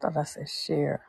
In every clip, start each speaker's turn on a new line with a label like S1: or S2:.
S1: Thought I said share.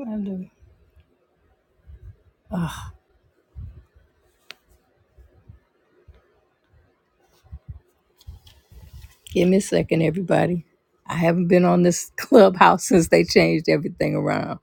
S1: I do. Give me a second, everybody. I haven't been on this clubhouse since they changed everything around.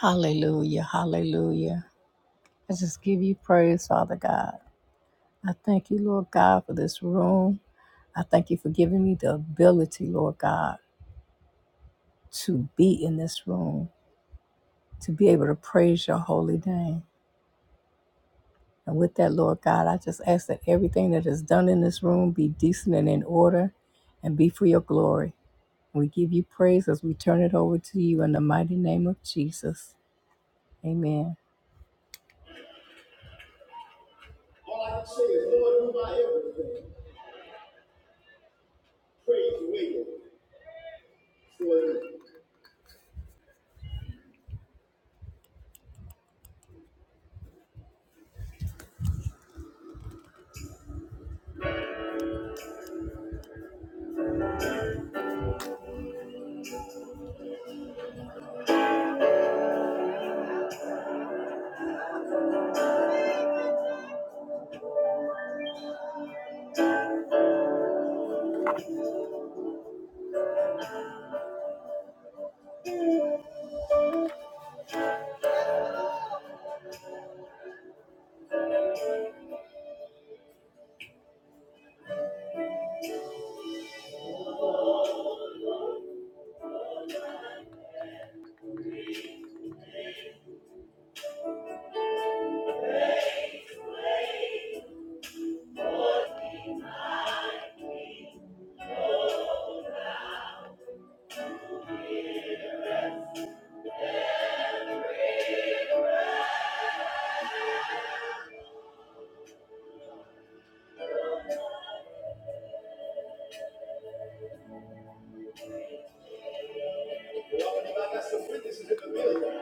S1: Hallelujah. Hallelujah. I just give you praise, Father God. I thank you, Lord God, for this room. I thank you for giving me the ability, Lord God, to be in this room, to be able to praise your holy name. And with that, Lord God, I just ask that everything that is done in this room be decent and in order and be for your glory. We give you praise as we turn it over to you in the mighty name of Jesus. Amen. All I can say is, Lord, do my everything. Praise the way you for you. Well, I believe I got some witnesses in the building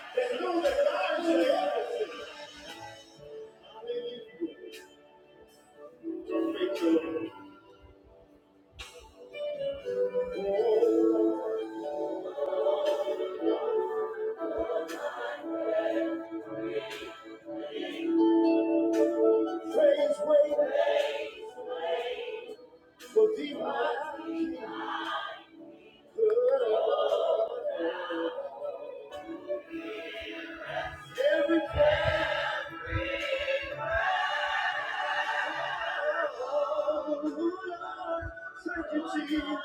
S1: that know that God is doing everything. Hallelujah. Don't your Lord. Oh, praise way for divine. good. Every praise. Oh Lord, thank you, Jesus,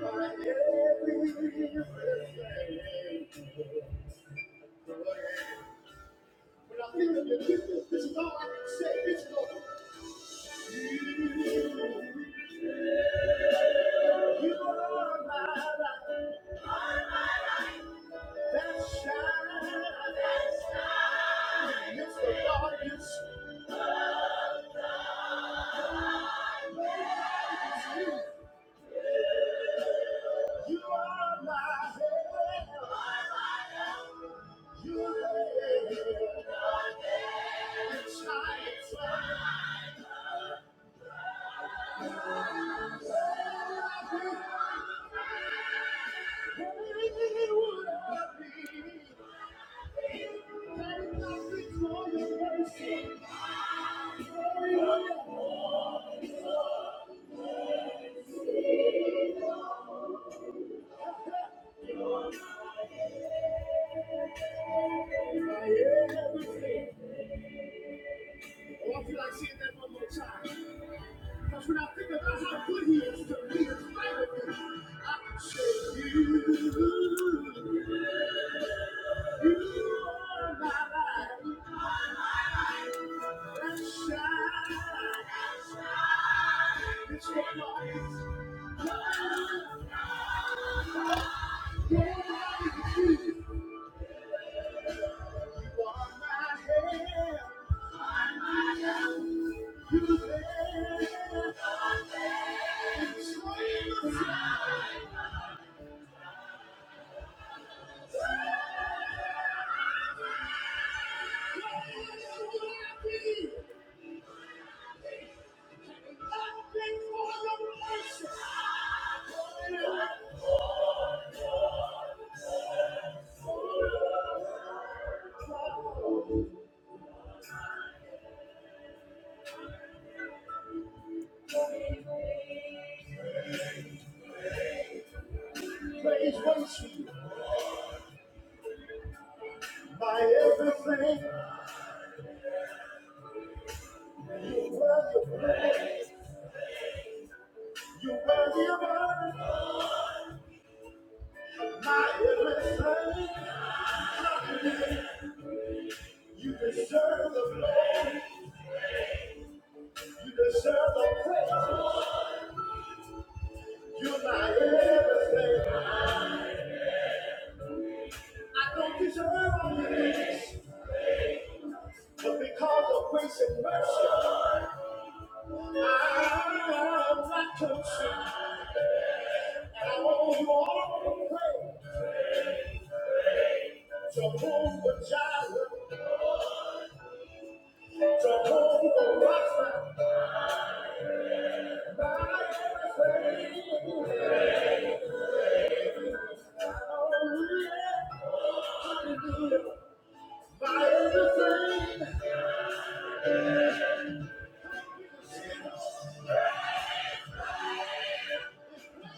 S1: I I When I think of the this is all I can say. It's Lord. You are my light. That shine. That shine. It's the Darkness, it's you. You are my help. You are my help. You are there. It's my I feel like seeing that one more time. Because when I think about how good he is to me, in spite of this, I can say, you, you are my light. That shine. It's what lies. Nobody but you. You are my help. Praise worship my everything. You worthy of praise. You worthy of honor. My everything. You deserve the praise. You deserve the praise. You're my everything. I don't deserve all of this, but because of grace and mercy, I'm not consumed. And I want you all to pray. Jehovah Jireh, Jehovah Rapha, my everything. Hallelujah, hallelujah, my everything.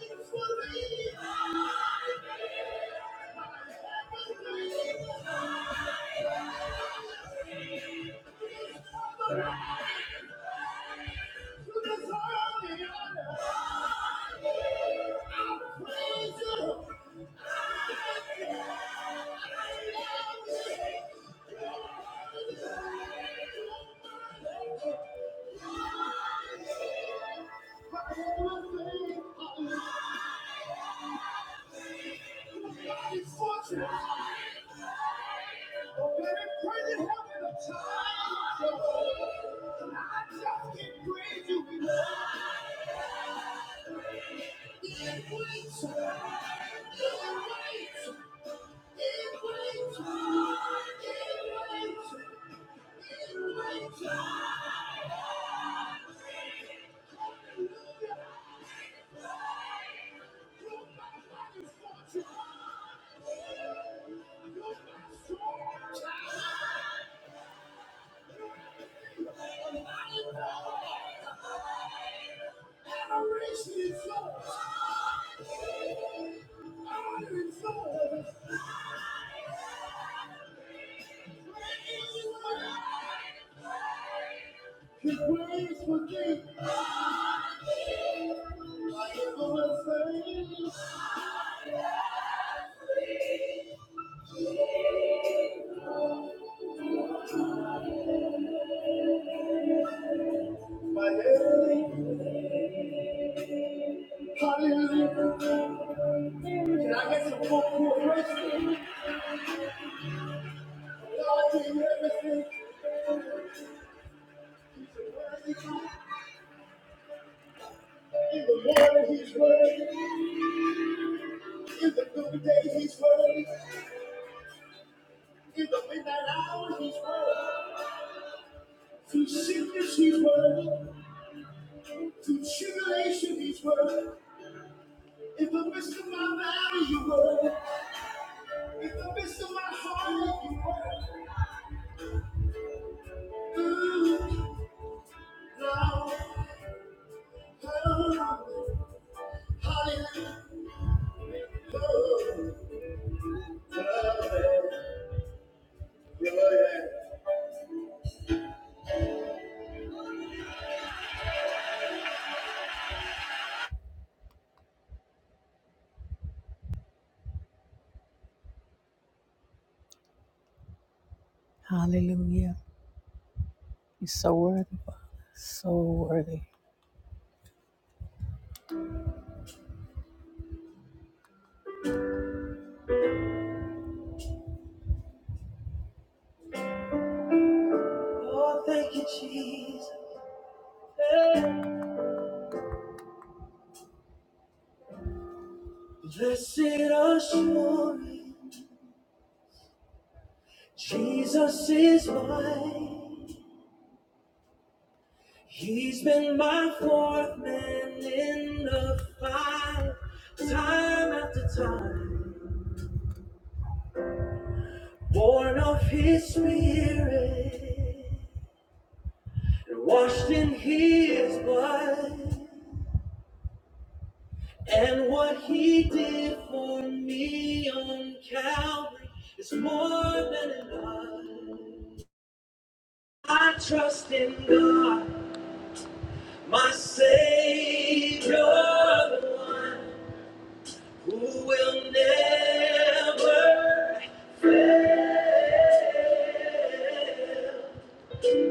S1: I just can't praise you enough. Adoration is yours. His ways forgive. I am the same. My enemy. Hallelujah. Can I get some more who are grateful? God did everything. He's worthy. In the morning, he's worthy. In the good day, he's worthy. In the midnight hour, he's worthy. Through sickness, he's worthy. Through tribulation, he's worthy. In the midst of my valley, you were. In the midst of my heart, you were. Ooh, now, oh, hallelujah. Hallelujah. You're so worthy, Father. So worthy. Oh, thank you, Jesus. Blessed assurance, Jesus is mine. He's been my fourth man in the fight, time after time, born of his spirit, and washed in his blood. And what he did for me on Calvary is more than enough. I trust in God, my Savior, who will never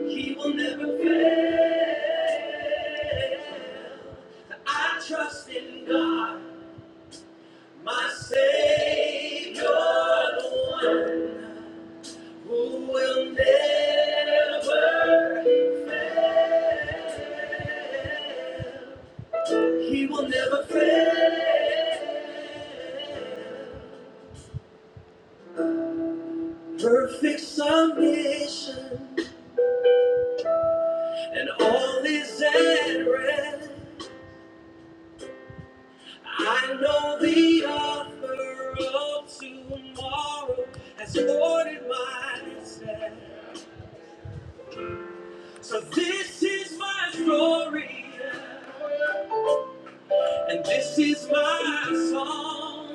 S1: He will never fail. I trust in God, my Savior, the one who will never, he will never fail. Perfect submission, and all is at rest. I know the author of tomorrow has ordered my steps. So this is my story. And this is my song,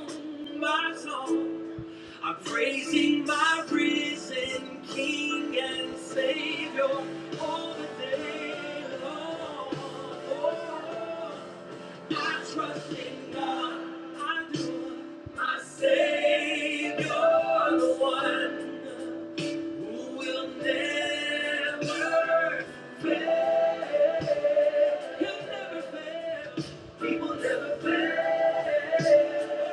S1: my song. I'm praising my risen King and Savior all the day long. Oh, I trust in God, I do. My Savior, the one will never fail. He'll never fail. He will never fail.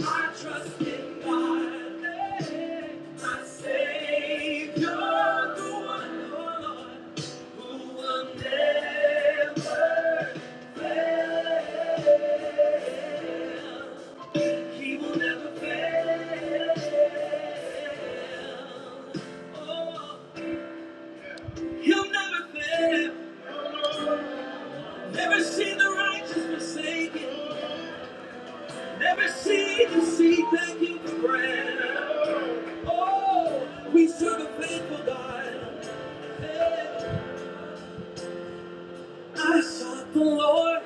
S1: I trust in God, my Savior, the one, oh Lord, who will never fail. He will never fail. Oh. He'll never fail. Never seen the righteous forsaken. Never seen the seed begging bread. Oh, we serve a faithful God. I sought the Lord,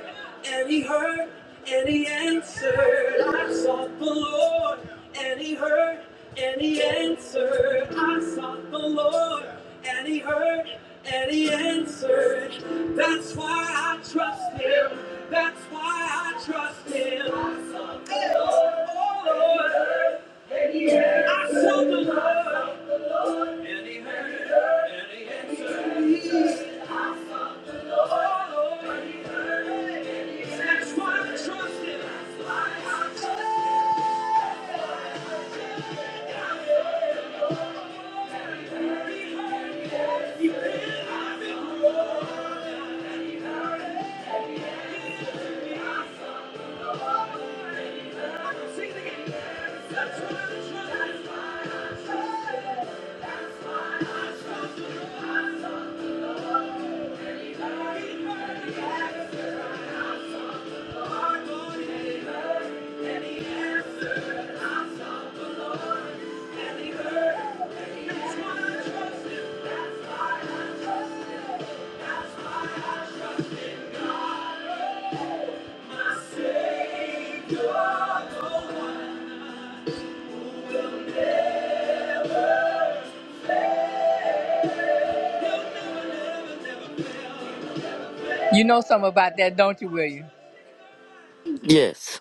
S1: and He heard, and He answered. I sought the Lord, and He heard, and He answered. I sought the Lord, and He heard, and He answered. That's why I trust Him. That's why I trust Him. I sought the Lord, oh Lord. And he heard. I sought the Lord, and he heard, and he answered. That's why I trust him. You know something about that, don't you, William?
S2: Yes.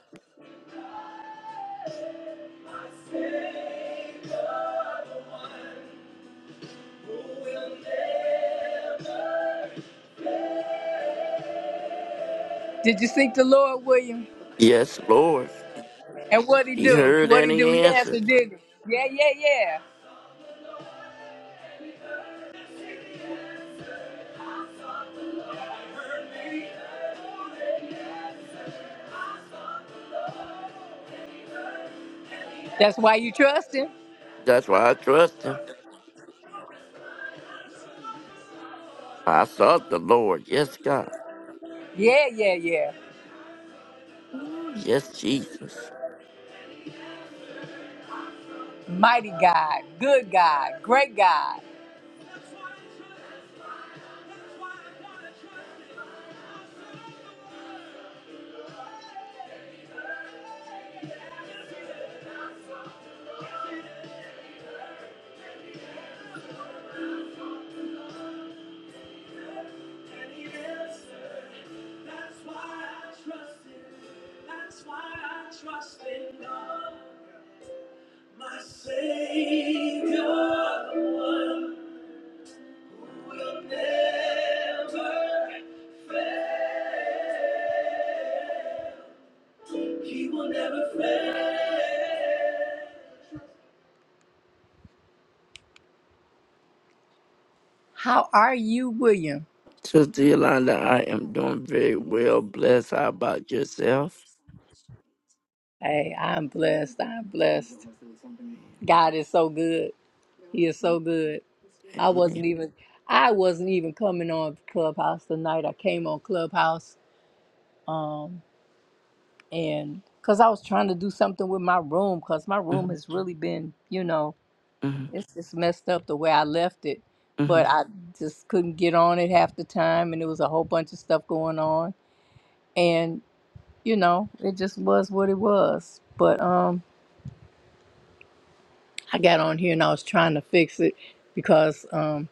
S1: Did you seek the Lord, William?
S2: Yes, Lord.
S1: And what he
S2: He
S1: do?
S2: heard
S1: What
S2: and
S1: he
S2: he
S1: do? He
S2: answered.
S1: answered, did he? Yeah, yeah, yeah. That's why you trust him.
S2: That's why I trust him. I sought the Lord. Yes, God.
S1: Yeah, yeah, yeah.
S2: Ooh, yes, Jesus.
S1: Mighty God, good God, great God. trust in God. My Savior, the one who will never, he will never fail. How are you, William?
S2: Sister Yolanda, I am doing very well. Blessed. How about yourself?
S1: Hey, I'm blessed. I'm blessed. God is so good. He is so good. I wasn't
S2: Amen.
S1: even I wasn't even coming on Clubhouse tonight. I came on Clubhouse um and cuz I was trying to do something with my room cuz my room
S2: Mhm,
S1: has really been, you know,
S2: mhm,
S1: it's just messed up the way I left it. But
S2: mhm.
S1: I just couldn't get on it half the time and there was a whole bunch of stuff going on and you know, it just was what it was. But um I got on here and I was trying to fix it because um,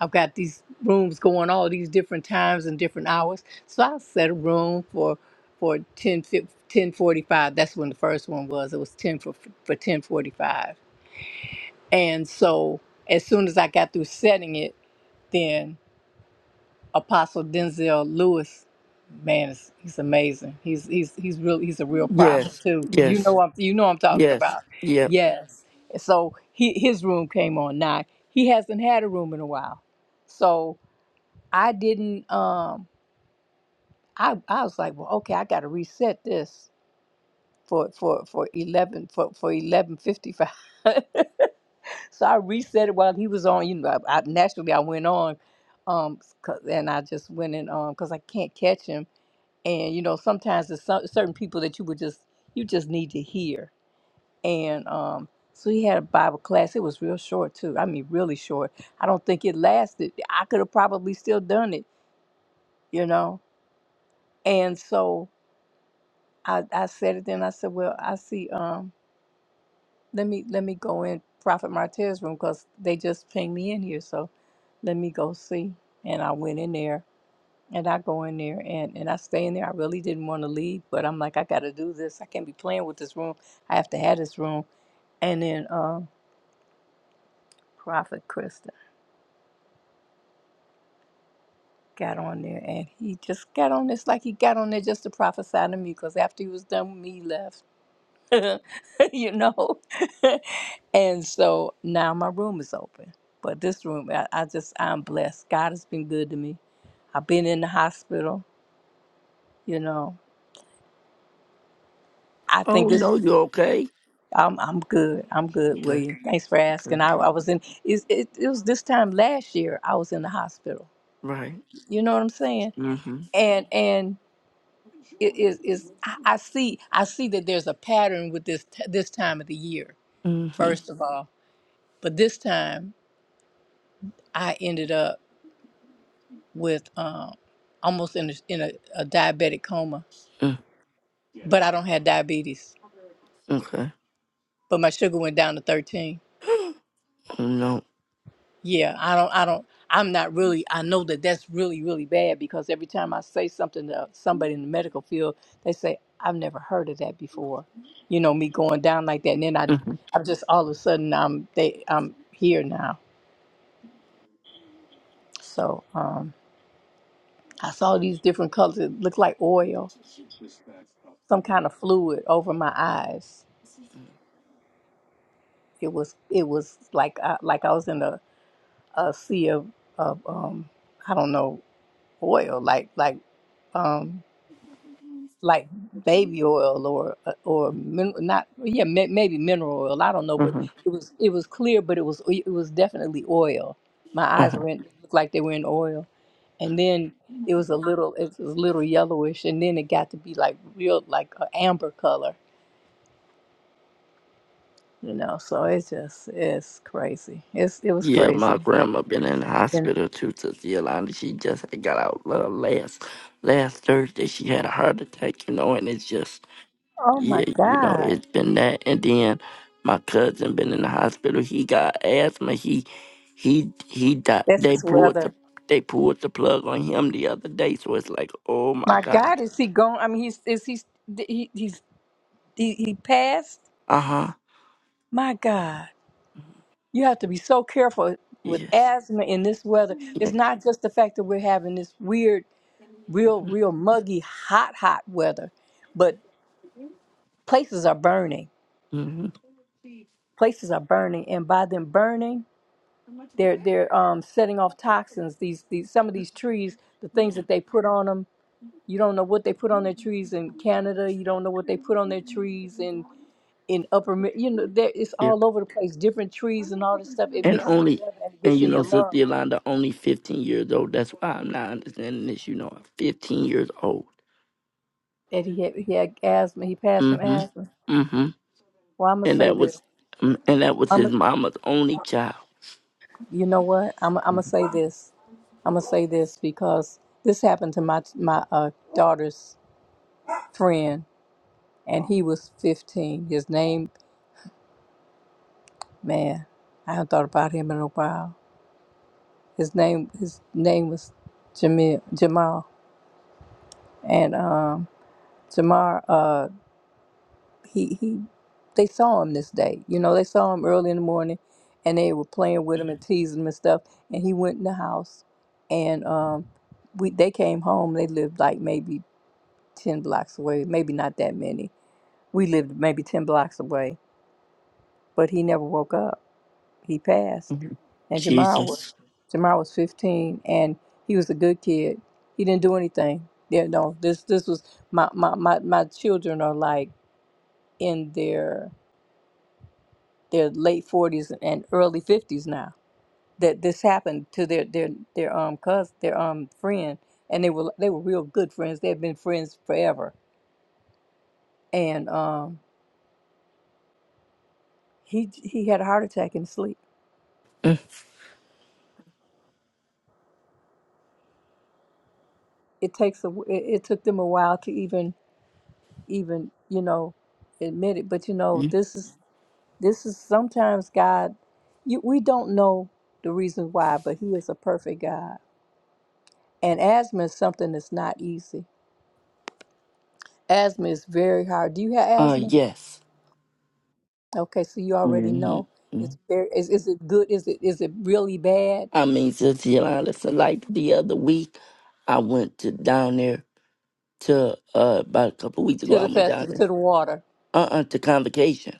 S1: I've got these rooms going all these different times and different hours. So I set a room for for 10, 1045. That's when the first one was. It was 10 for, for 1045. And so as soon as I got through setting it, then Apostle Denzel Lewis, man, is, he's amazing. He's he's he's real. He's a real prophet
S2: Yes,
S1: too. You
S2: yes,
S1: know I'm you know I'm talking
S2: yes,
S1: about.
S2: yeah.
S1: Yes. So he his room came on now. He hasn't had a room in a while. So I didn't um I I was like, well, okay, I gotta reset this for for for eleven for for eleven fifty five. so I reset it while he was on. You know, I, I naturally I went on, um, 'cause- and I just went in um because I can't catch him. And you know, sometimes there's some, certain people that you would just you just need to hear. And um, so he had a Bible class. It was real short too. I mean, really short. I don't think it lasted. I could have probably still done it. You know, and so. I, I said it then. I said, well, I see. Um, let me let me go in Prophet Martez's room because they just pinged me in here. So let me go see. And I went in there, and I go in there, and and I stay in there. I really didn't want to leave, but I'm like, I got to do this. I can't be playing with this room. I have to have this room. And then um, Prophet Krista got on there, and he just got on this like he got on there just to prophesy to me because after he was done with me, he left. you know? and so now my room is open. But this room, I, I just, I'm blessed. God has been good to me. I've been in the hospital, you know. I
S2: Oh,
S1: think
S2: no,
S1: it's,
S2: you okay?
S1: I'm, I'm good. I'm good,
S2: Okay,
S1: William. Thanks for asking.
S2: okay.
S1: I, I was in, it, it, it was this time last year I was in the hospital.
S2: Right.
S1: You know what I'm saying?
S2: Mm-hmm.
S1: And, and, it is is I, I see I see that there's a pattern with this t- this time of the year.
S2: Mm-hmm.
S1: First of all, but this time I ended up. with um, almost in, a, in a, a diabetic coma,
S2: Mm.
S1: but I don't have diabetes.
S2: Okay.
S1: But my sugar went down to 13.
S2: No.
S1: Yeah, I don't, I don't, I'm not really, I know that that's really, really bad because every time I say something to somebody in the medical field, they say, I've never heard of that before. You know, me going down like that. And then I,
S2: Mm-hmm.
S1: I'm just all of a sudden, I'm, they, I'm here now. So um, I saw these different colors. It looked like oil, some kind of fluid over my eyes It was it was like I, like I was in a, a sea of, of um I don't know oil like like um like baby oil or uh, or min, not yeah may, maybe mineral oil I don't know but it was it was clear but it was it was definitely oil. My eyes
S2: Mm-hmm.
S1: were in, looked like they were in oil and then it was a little it was a little yellowish and then it got to be like real like a amber color you know so it's just it's crazy it's it was
S2: Yeah, my
S1: crazy
S2: grandma been in the hospital too, Sister Yolanda. She just got out uh, last last Thursday. She had a heart attack, you know, and it's just
S1: Oh my
S2: yeah, you know,
S1: God,
S2: it's been that. And then my cousin been in the hospital. He got asthma. He he he died.
S1: that's
S2: They
S1: his
S2: pulled
S1: weather.
S2: the they pulled the plug on him the other day. So it's like, oh my
S1: My
S2: god.
S1: God, is he gone? I mean, he's is he's he, he's he, he passed.
S2: Uh huh.
S1: My God, you have to be so careful with
S2: Yes.
S1: asthma in this weather. It's
S2: Yeah.
S1: not just the fact that we're having this weird, real, real muggy, hot, hot weather, but places are burning.
S2: Mm-hmm.
S1: Places are burning, and by them burning, they're they're um, setting off toxins. These these some of these trees, the things that they put on them. You don't know what they put on their trees in Canada. You don't know what they put on their trees in in upper. Mi- You know, there, it's
S2: Yeah.
S1: all over the place. Different trees and all this stuff. It
S2: And
S1: mixes
S2: only
S1: together and it
S2: and
S1: gets
S2: you
S1: in
S2: know,
S1: your
S2: Sister
S1: lungs.
S2: Yolanda, only fifteen years old. That's why I'm not understanding this. You know, I'm fifteen years old.
S1: And he had he had asthma. He passed from
S2: Mm-hmm.
S1: asthma.
S2: Mm-hmm.
S1: Well, I'm gonna
S2: And
S1: say
S2: that
S1: this.
S2: was mm, and that was
S1: I'm
S2: his mama's only child.
S1: you know what? I'm I'm gonna say this. I'm gonna say this because this happened to my my uh, daughter's friend, and he was 15. His name, man, I haven't thought about him in a while. His name his name was Jamil, Jamal and um, Tamar, uh, he he, they saw him this day. You know, they saw him early in the morning, and they were playing with him and teasing him and stuff. And he went in the house, and um, we they came home. They lived like maybe ten blocks away, maybe not that many. We lived maybe ten blocks away, but he never woke up. He passed,
S2: Mhm.
S1: and Jamar was
S2: Jesus.
S1: Jamar was fifteen, and he was a good kid. He didn't do anything. Yeah, no, this this was my my my, my children are like in their their late forties and early fifties now. That this happened to their their their um cousin their um friend, and they were they were real good friends. They had been friends forever, and um he he had a heart attack in his sleep. It takes a wh- it, it took them a while to even even you know admit it, but you
S2: Mm-hmm.
S1: know this is this is sometimes God. You, we don't know the reason why, but He is a perfect God, and asthma is something that's not easy Asthma is very hard. Do you have
S2: Uh
S1: asthma?
S2: yes.
S1: Okay, so you already know.
S2: Mm-hmm. mm-hmm.
S1: It's very. Is, is it good? Is it is it really bad?
S2: I mean, Sister Yolanda, so like the other week I went to down there to uh about a couple weeks ago
S1: To
S2: I
S1: the
S2: went down
S1: festival,
S2: there.
S1: to the water.
S2: Uh uh to convocation.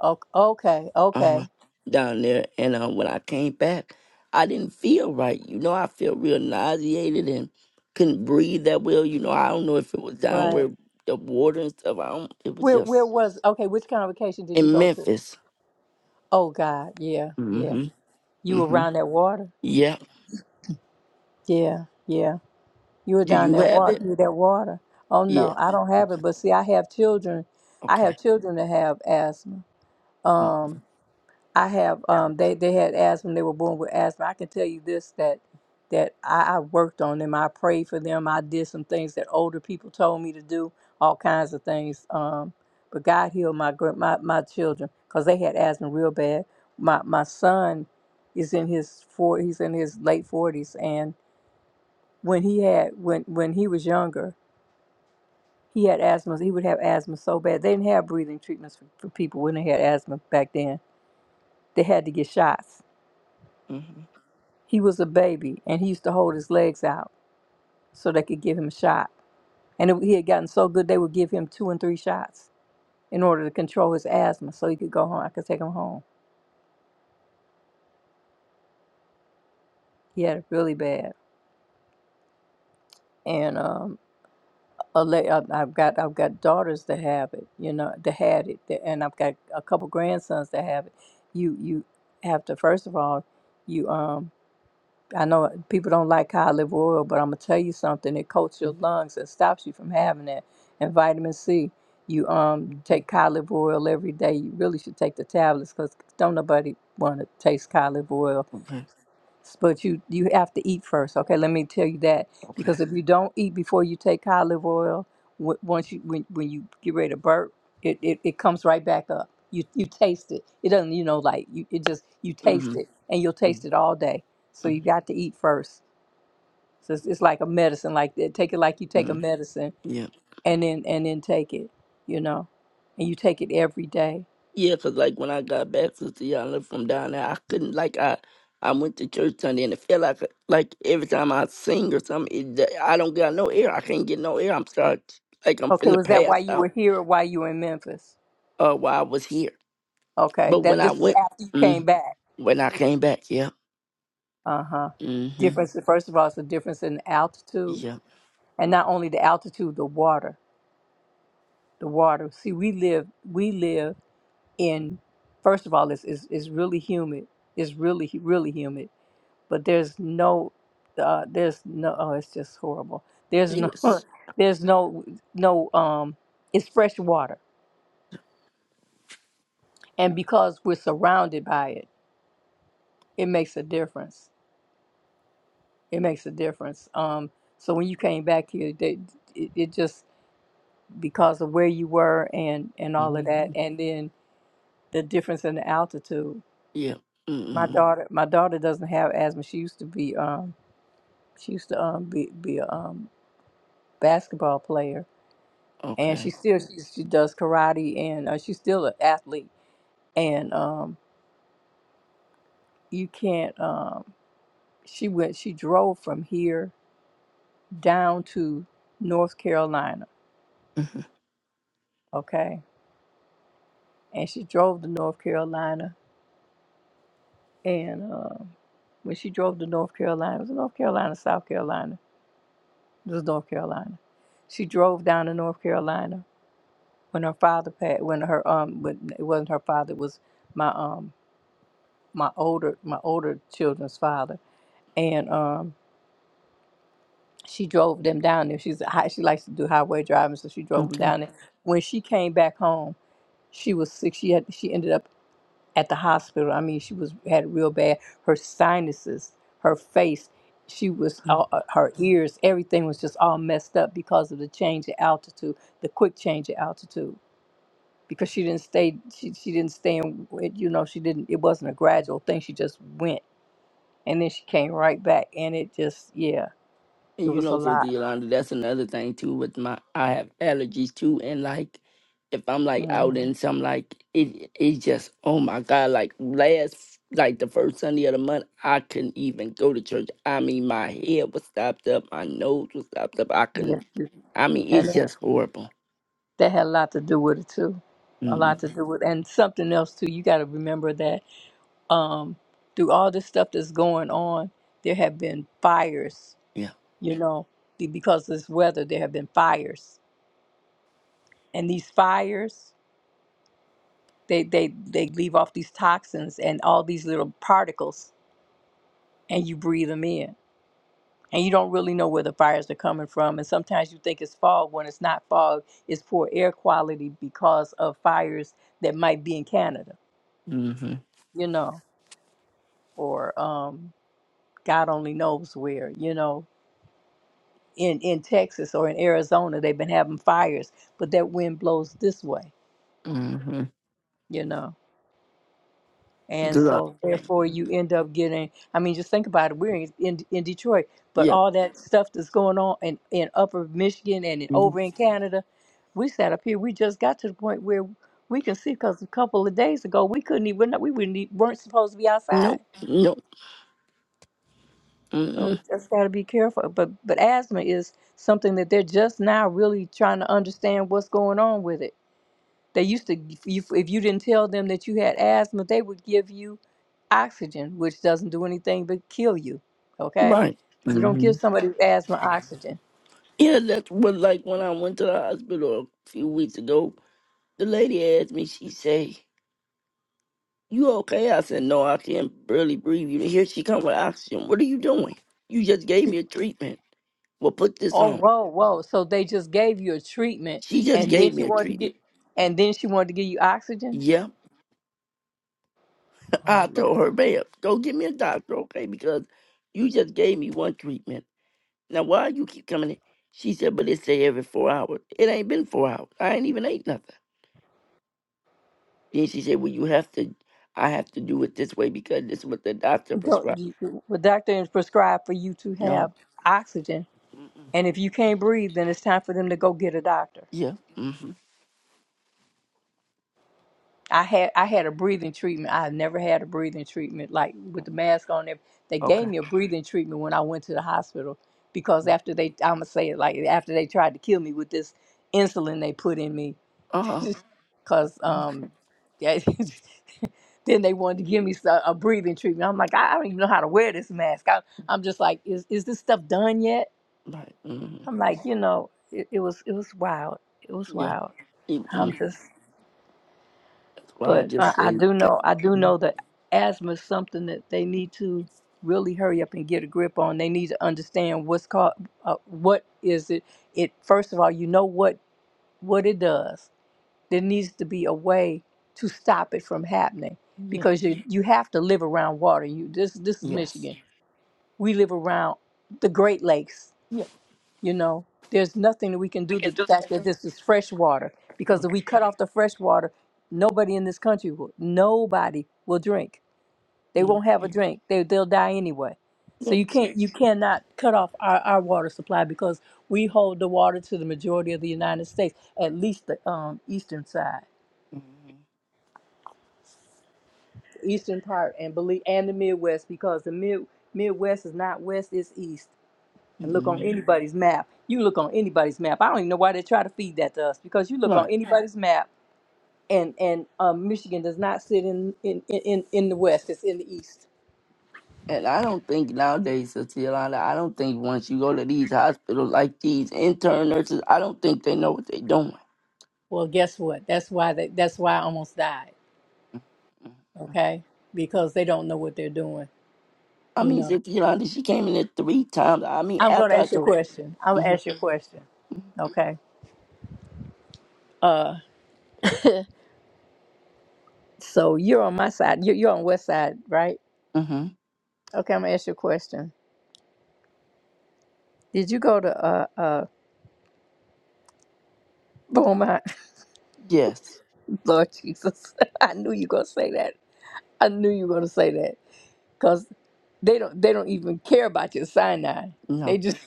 S1: O- Okay,
S2: uh,
S1: okay,
S2: down there. And uh, when I came back, I didn't feel right. You know, I felt real nauseated and couldn't breathe that well. You know, I don't know if it was down
S1: right.
S2: where the water and stuff. I don't. It was
S1: Where where
S2: just
S1: was? Okay, which convocation did you
S2: in
S1: go to?
S2: Memphis.
S1: Oh God, yeah, yeah.
S2: Mm-hmm.
S1: You were
S2: Mm-hmm.
S1: around that water.
S2: Yeah.
S1: Yeah, yeah. You were
S2: Do
S1: down
S2: you
S1: that
S2: have
S1: water.
S2: it?
S1: You were that water. Oh
S2: Yeah.
S1: no, I don't have
S2: Okay.
S1: it. But see, I have children. I have
S2: Okay.
S1: children that have asthma. Um, I have um they they had asthma they were born with asthma. I can tell you this that that I, I worked on them. I prayed for them. I did some things that older people told me to do, all kinds of things. Um, but God healed my gr- my my children because they had asthma real bad. My my son is in his four he's in his late forties and when he had when when he was younger he had asthma he would have asthma so bad they didn't have breathing treatments for, for people when they had asthma back then they had to get shots
S2: Mm-hmm.
S1: He was a baby, and he used to hold his legs out so they could give him a shot. And it, he had gotten so good, they would give him two and three shots in order to control his asthma so he could go home. I could take him home. He had it really bad. And um, a la- I- I've got I've got daughters that have it, you know, that had it, that- and I've got a couple grandsons that have it. You you have to first of all, you um I know people don't like olive oil, but I'm gonna tell you something. It coats your lungs and stops you from having that. And vitamin C, you um
S2: Mm hmm.
S1: take olive oil every day. You really should take the tablets because don't nobody want to taste olive oil
S2: Okay.
S1: but you you have to eat first. Okay, let me tell you that
S2: Okay.
S1: because if you don't eat before you take olive oil, w- once you when, when you get ready to burp, it, it, it comes right back up. You you taste it. It doesn't you know like you it just you
S2: Mm-hmm.
S1: taste it and you'll taste it
S2: Mm-hmm.
S1: all day. So you got to eat first. So it's, it's like a medicine like that. Take it like you take a
S2: mm-hmm.
S1: medicine
S2: Yeah.
S1: and then and then take it. You know, and you take it every day.
S2: Yeah, 'cause like when I got back, Sister Yana, from down there, I couldn't like I I went to church Sunday and it felt like like every time I sing or something, it, I don't got no air. I can't get no air. I'm start like I'm
S1: Okay,
S2: finna
S1: was that why
S2: pass
S1: you were
S2: out.
S1: here or why you were in Memphis?
S2: Uh, while I was here,
S1: Okay,
S2: but
S1: that
S2: when I
S1: this was
S2: went,
S1: after you came
S2: mm,
S1: back.
S2: when I came back, yeah,
S1: Uh-huh.
S2: mm-hmm,
S1: Difference, first of all, it's a difference in altitude.
S2: yeah,
S1: And not only the altitude, the water. The water. See, we live we live in first of all, it's it's, it's really humid. It's really really humid. But there's no uh, there's no oh, it's just horrible. There's no
S2: yes,
S1: there's no no um it's fresh water. And because we're surrounded by it, it makes a difference. It makes a difference. Um so when you came back here, they, it, it just because of where you were and and all of that
S2: mm-hmm,
S1: and then the difference in the altitude
S2: yeah,
S1: my
S2: mm-hmm,
S1: daughter my daughter doesn't have asthma she used to be um she used to um be, be a um, basketball player and she
S2: okay,
S1: still she, she does karate and uh, she's still an athlete and um you can't um she went she drove from here down to north carolina
S2: hmm
S1: okay and she drove to north carolina And uh, when she drove to North Carolina, it was North Carolina, South Carolina? It was North Carolina. She drove down to North Carolina when her father passed. When her um, when it wasn't her father, it was my um, my older my older children's father. And um, she drove them down there. She's a high, she likes to do highway driving, so she drove them
S2: okay.
S1: down there. When she came back home, she was sick. She had she ended up at the hospital. I mean, she was had it real bad. Her sinuses, her face, she was uh, uh, her ears, everything was just all messed up because of the change in altitude, the quick change in altitude. Because she didn't stay, she she didn't stay in. You know, she didn't. It wasn't a gradual thing. She just went, and then she came right back, and it just yeah, it
S2: And you
S1: was a
S2: know, Sister
S1: lot.
S2: Yolanda, that's another thing too with my I have allergies too and like if I'm like out
S1: hmm
S2: in some like it it's just oh my god, like last like the first Sunday of the month I couldn't even go to church. I mean my head was stopped up, my nose was stopped up, I
S1: Yes,
S2: couldn't
S1: it-
S2: I mean
S1: and
S2: it's
S1: that
S2: just horrible.
S1: that had a lot to do with it too. A
S2: Mm,
S1: lot to do with, and something else too. You got to remember that um, through all this stuff that's going on, there have been fires,
S2: yeah.
S1: you know, be- because of this weather, there have been fires. And these fires, they, they, they leave off these toxins and all these little particles, and you breathe them in. And you don't really know where the fires are coming from. And sometimes you think it's fog when it's not fog, it's poor air quality because of fires that might be in Canada,
S2: Mm-hmm.
S1: you know, or um, God only knows where, you know in in Texas or in Arizona, they've been having fires, but that wind blows this way,
S2: Mm-hmm.
S1: you know. And so Right. therefore you end up getting I mean just think about it. We're in in, in Detroit, but
S2: Yeah.
S1: all that stuff that's going on in in upper Michigan and in,
S2: Mhm.
S1: over in Canada, we sat up here, we just got to the point where we can see because a couple of days ago we couldn't even we wouldn't e- weren't supposed to be outside.
S2: Nope. Nope.
S1: So we
S2: Mm-mm.
S1: just got to be careful. But but asthma is something that they're just now really trying to understand what's going on with it They used to, if you if you didn't tell them that you had asthma, they would give you oxygen, which doesn't do anything but kill you. Okay,
S2: Right.
S1: you don't give somebody with asthma oxygen.
S2: Yeah, that's what like when I went to the hospital a few weeks ago, the lady asked me, she say, You okay? I said, No, I can't barely breathe. You here she come with oxygen. What are you doing? You just gave me a treatment. Well put this
S1: Oh,
S2: on.
S1: whoa, whoa! So they just gave you a treatment,
S2: She just
S1: and then
S2: gave me
S1: she
S2: a
S1: wanted to
S2: treatment.
S1: get, and then she wanted to give you oxygen.
S2: Yeah.
S1: Oh
S2: I told
S1: Lord!
S2: her, babe, go get me a doctor, okay? Because you just gave me one treatment. Now why you keep coming in? She said, But it say every four hours. It ain't been four hours. I ain't even ate nothing. Then she said, "Well, you have to. I have to do it this way because this is what the doctor
S1: Don't
S2: prescribed."
S1: you, you- the doctor is prescribed for you to have
S2: No.
S1: oxygen,
S2: Mm,
S1: and if you can't breathe, then it's time for them to go get a doctor.
S2: Yeah. hmm
S1: I had I had a breathing treatment. I never had a breathing treatment like with the mask on. There, they gave
S2: Okay.
S1: me a breathing treatment when I went to the hospital because after they, I'm gonna say it like after they tried to kill me with this insulin they put in me,
S2: Uh huh.
S1: because
S2: Okay.
S1: um, yeah, then they wanted to give me so- a breathing treatment. I'm like, I, I don't even know how to wear this mask. I, I'm just like, is is this stuff done yet?
S2: Right. hmm
S1: I'm like, you know, it, it was it was wild. It was
S2: Yeah.
S1: wild. I'm
S2: Mm-mm.
S1: just.
S2: That's why I
S1: But uh,
S2: just
S1: I
S2: say
S1: do
S2: that.
S1: know, I do
S2: mm,
S1: know that asthma is something that they need to really hurry up and get a grip on. They need to understand what's called, uh, what is it? It first of all, you know what what it does. There needs to be a way to stop it from happening
S2: Yeah.
S1: because you you have to live around water. You this this is
S2: Yes.
S1: Michigan. We live around the Great Lakes
S2: Yeah.
S1: you know, there's nothing that we can do to the fact that this is fresh water because
S2: Right.
S1: if we cut off the fresh water, nobody in this country will, nobody will drink. They
S2: mm,
S1: won't have a drink. They they'll die anyway. So
S2: Yep.
S1: you can't you cannot cut off our, our water supply because we hold the water to the majority of the United States, at least the um, eastern side,
S2: Mm-hmm.
S1: eastern part, and believe and the Midwest because the mid Midwest is not west, it's east and look on
S2: hmm
S1: anybody's map. You look on anybody's map. I don't even know why they try to feed that to us because you look
S2: Right.
S1: on anybody's map, and and um, Michigan does not sit in in, in in the West. It's in the East.
S2: And I don't think nowadays, Sister Yolanda, I don't think once you go to these hospitals like these intern nurses, I don't think they know what they're doing.
S1: Well, guess what? That's why they, that's why I almost died.
S2: Mm-hmm.
S1: Okay, because they don't know what they're doing.
S2: I
S1: You
S2: mean,
S1: know.
S2: Sister Yolanda, she came in there three times. I mean,
S1: I'm gonna
S2: after I
S1: ask you a
S2: told.
S1: question. I'm gonna
S2: hmm
S1: ask you a question. Okay. Uh, so you're on my side. You're, you're on West Side, right?
S2: hmm
S1: Okay, I'm gonna ask you a question. Did you go to uh uh Beaumont?
S2: Yes.
S1: Lord Jesus. I knew you gonna say that. I knew you were gonna say that. Cause they don't they don't even care about your Sinai. They
S2: No.
S1: just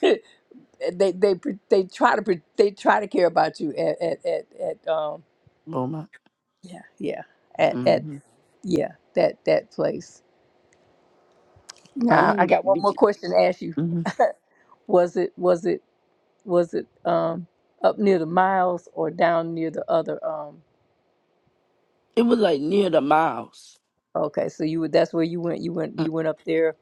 S1: they they pre- they try to pre- they try to care about you at at at, at um
S2: Beaumont.
S1: yeah yeah at at
S2: hmm
S1: yeah that that place.
S2: I
S1: Now I
S2: mean,
S1: got one more question to ask you.
S2: mm-hmm.
S1: was it was it was it um up near the miles or down near the other um
S2: it was like near the miles.
S1: okay so you would that's where you went you went
S2: Mm.
S1: you went up there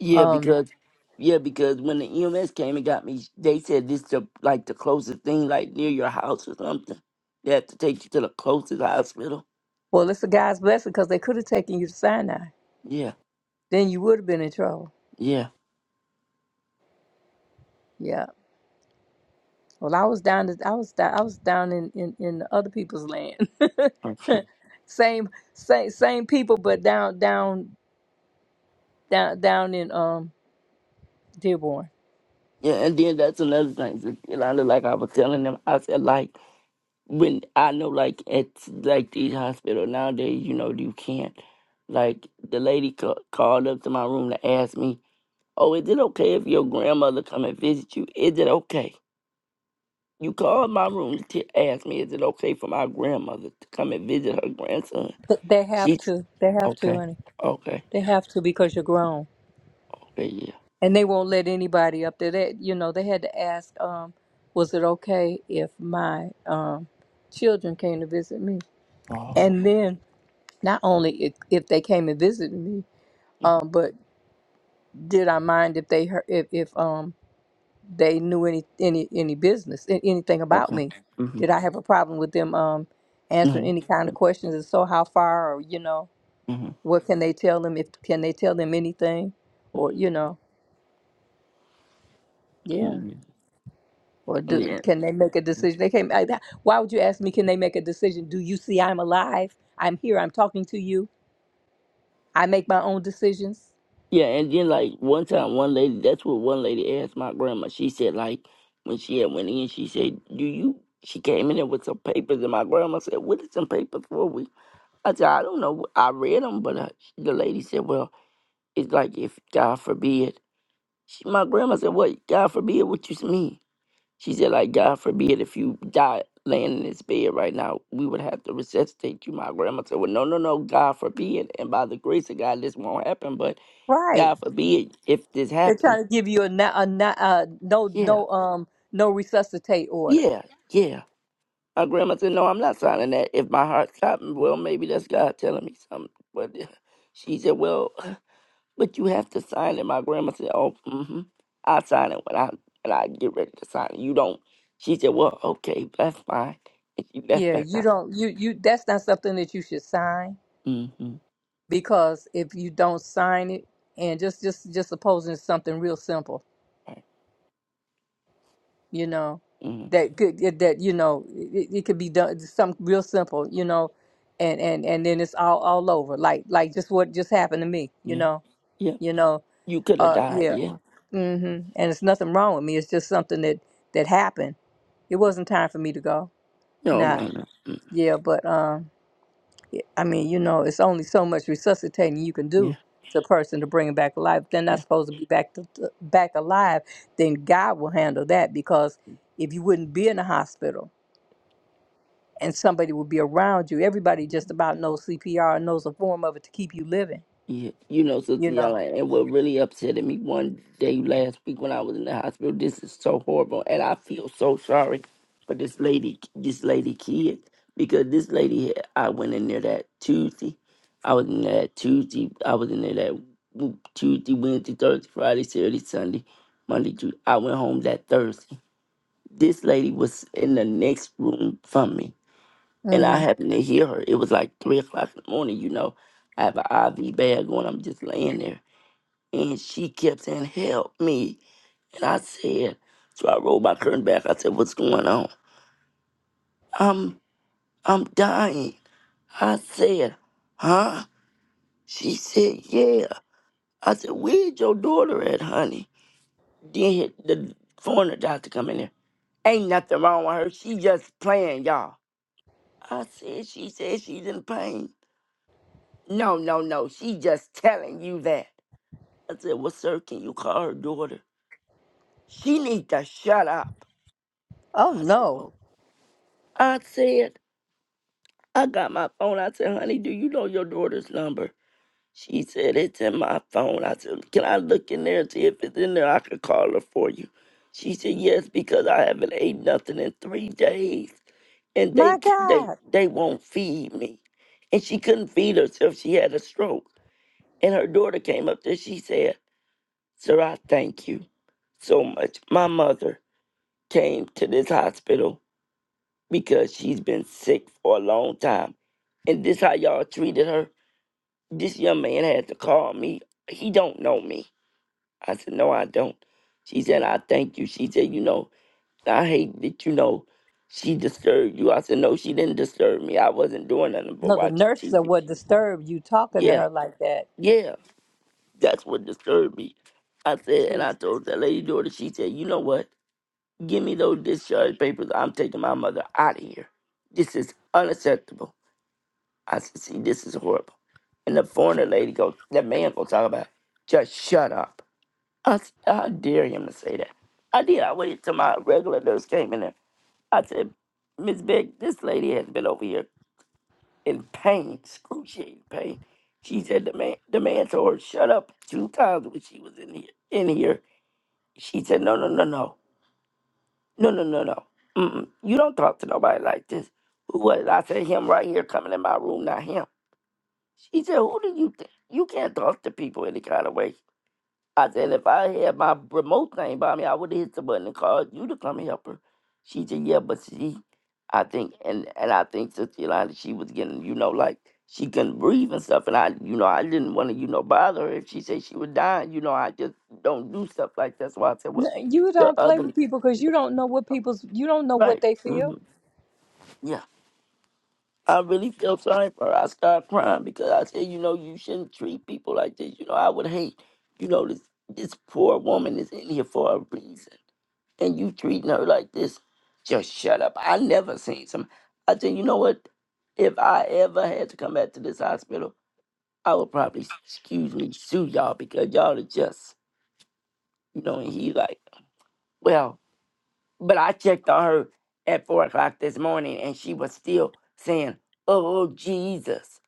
S2: Yeah,
S1: um.
S2: because yeah, because when the EMS came and got me, they said this the like the closest thing, like near your house or something. They had to take you to the closest hospital.
S1: Well, it's a God's blessing because they could have taken you to Sinai.
S2: Yeah.
S1: Then you would have been in trouble.
S2: Yeah.
S1: Yeah. Well, I was down. I was down. I was down in in, in other people's land.
S2: Okay.
S1: same same same people, but down down down down in um Dearborn.
S2: Yeah, and then that's another thing. Sister Yolanda, like I was telling them, I said like. when I know like at like these hospital nowadays, you know, you can't. Like the lady ca- called up to my room to ask me, "Oh, is it okay if your grandmother come and visit you? Is it okay?" You called my room to t- ask me, "Is it okay for my grandmother to come and visit her grandson?"
S1: Th- They have
S2: She's
S1: to. They have to,
S2: okay,
S1: honey.
S2: okay,
S1: They have to because you're grown,
S2: okay, yeah.
S1: and they won't let anybody up there. That you know, they had to ask. Um, was it okay if my um children came to visit me?
S2: Oh,
S1: And then not only if, if they came and visited me, um, but did I mind if they heard, if, if um they knew any any any business a- anything about
S2: okay.
S1: me?
S2: Mhm.
S1: Did I have a problem with them um answering
S2: Mhm.
S1: any kind of questions? If so, how far or you know what can they tell them? If can they tell them anything, or you know yeah.
S2: Mhm.
S1: Or do,
S2: Mhm.
S1: can they make a decision? They came. I- that- Why would you ask me? Can they make a decision? Do you see I'm alive? I'm here. I'm talking to you. I make my own decisions.
S2: Yeah, and then like one time, one lady. That's what one lady asked my grandma. She said like when she had went in, she said, "Do you?" She came in there with some papers, and my grandma said, "What is some papers for?" We I said, "I don't know. I read them, but uh, the lady said, well, it's like if God forbid." She, my grandma said, "What? God forbid? What you mean?" She said, like, God forbid if you die laying in this bed right now, we would have to resuscitate you. My grandma said, Well, no, no, no, God forbid. And by the grace of God, this won't happen. But
S1: Right.
S2: God forbid if this
S1: They're
S2: happened.
S1: trying to give you a, na- a, na- uh no
S2: Yeah,
S1: no um no resuscitate order.
S2: yeah, yeah. My grandma said, No, I'm not signing that. If my heart stopping, well, maybe that's God telling me something. But uh, she said, Well, but you have to sign it. My grandma said, Oh, mm-hmm. I'll sign it when I when I get ready to sign it. You don't. She said, Well, okay, that's fine. And she left
S1: Yeah,
S2: back out.
S1: you don't you you that's not something that you should sign
S2: Mm-hmm.
S1: because if you don't sign it and just just just supposing it's something real simple, you know,
S2: mm
S1: that could that you know it, it could be done something real simple, you know, and and and then it's all all over like like just what just happened to me, you
S2: Yeah.
S1: know,
S2: Yeah.
S1: you know,
S2: You could have
S1: uh
S2: died.
S1: yeah,
S2: Yeah.
S1: mm-hmm. and it's nothing wrong with me. It's just something that that happened. It wasn't time for me to go.
S2: No,
S1: Nah,
S2: no, no. Mm.
S1: yeah, but um, y- I mean, you know, it's only so much resuscitating you can
S2: Yeah.
S1: do to a person to bring them back alive. If they're not
S2: Yeah.
S1: supposed to be back to, to- back alive, then God will handle that because
S2: Mm.
S1: if you wouldn't be in the hospital and somebody would be around you, everybody just about knows CPR and knows a form of it to keep you living.
S2: Yeah. You know, Sister
S1: You know,
S2: Yala, and what really upset me one day last week when I was in the hospital, this is so horrible. And I feel so sorry for this lady, this lady kid, because this lady, had- I went in there that Tuesday. I was in there that Tuesday. I was in there that w- Tuesday, Wednesday, Thursday, Friday, Saturday, Sunday, Monday, Tuesday. I went home that Thursday this lady was in the next room from me, and
S1: Mm-hmm.
S2: I happened to hear her. It was like three o'clock in the morning, you know. I have an IV bag on. I'm just laying there, and she kept saying, "Help me!" And I said, so I rolled my curtain back. I said, "What's going on?" I'm I'm dying. I said, "Huh?" She said, "Yeah." I said, "Where's your daughter at, honey?" Then the foreigner doctor come in there. Ain't nothing wrong with her. She just playing, y'all. I said, she said she's in pain. No, no, no. She just telling you that. I said, well, sir, can you call her daughter? She need to shut up.
S1: Oh
S2: I said,
S1: no.
S2: oh. I said, I got my phone. I said, honey, do you know your daughter's number? She said, it's in my phone. I said, can I look in there and see if it's in there? I could call her for you. She said, yes, because I haven't ate nothing in three days. And
S1: My
S2: they, they,
S1: God.
S2: they won't feed me. And she couldn't feed herself. She had a stroke. And her daughter came up there. She said, Sir, I thank you so much. My mother came to this hospital because she's been sick for a long time. And this how y'all treated her. This young man had to call me. He don't know me. I said, No, I don't. She said, I thank you. She said, you know, I hate that you know she disturbed you. I said, No, she didn't disturb me. I wasn't doing nothing but
S1: No, the
S2: watching
S1: nurses are
S2: TV.
S1: what disturbed you talking to
S2: Yeah,
S1: her like that.
S2: yeah. That's what disturbed me. I said, and I
S1: No,
S2: told that lady daughter, she said, you know what? Give me those discharge papers. I'm taking my mother out of here. This is unacceptable. I said, see, this is horrible. And the foreigner lady goes, that man gonna talk about, it. just shut up. I said, how dare him to say that? I did. I waited till my regular nurse came in there. I said, Miss Beck, this lady has been over here in pain, excruciating pain. She said the man the man told her shut up two times when she was in here in here She said, no, no, no, no, no, no, no, no. Mm-mm. You don't talk to nobody like this. Who was it? I said, him right here coming in my room, not him. She said, who do you think? You can't talk to people any kind of way. I said, if I had my remote thing by me, I would have hit the button and called you to come and help her. She said, yeah, but she, I think, and, and I think Sister Yolanda, she was getting, you know, like, she couldn't breathe and stuff. And I, you know, I didn't want to, you know, bother her. If she said she was dying, you know, I just don't do stuff like that. So I said, well,
S1: You
S2: the
S1: don't play
S2: other.
S1: with people because you don't know what people's you don't know what
S2: Right.
S1: they
S2: hmm
S1: feel.
S2: Yeah. I really feel sorry for her. I start crying because I said, you know, you shouldn't treat people like this. You know, I would hate, you know, this this poor woman is in here for a reason. And you treating her like this. Just shut up. I never seen some I said, you know what? If I ever had to come back to this hospital, I would probably excuse me, sue y'all because y'all are just, you know, and he like, well, But I checked on her at four o'clock this morning and she was still saying, Oh, Jesus.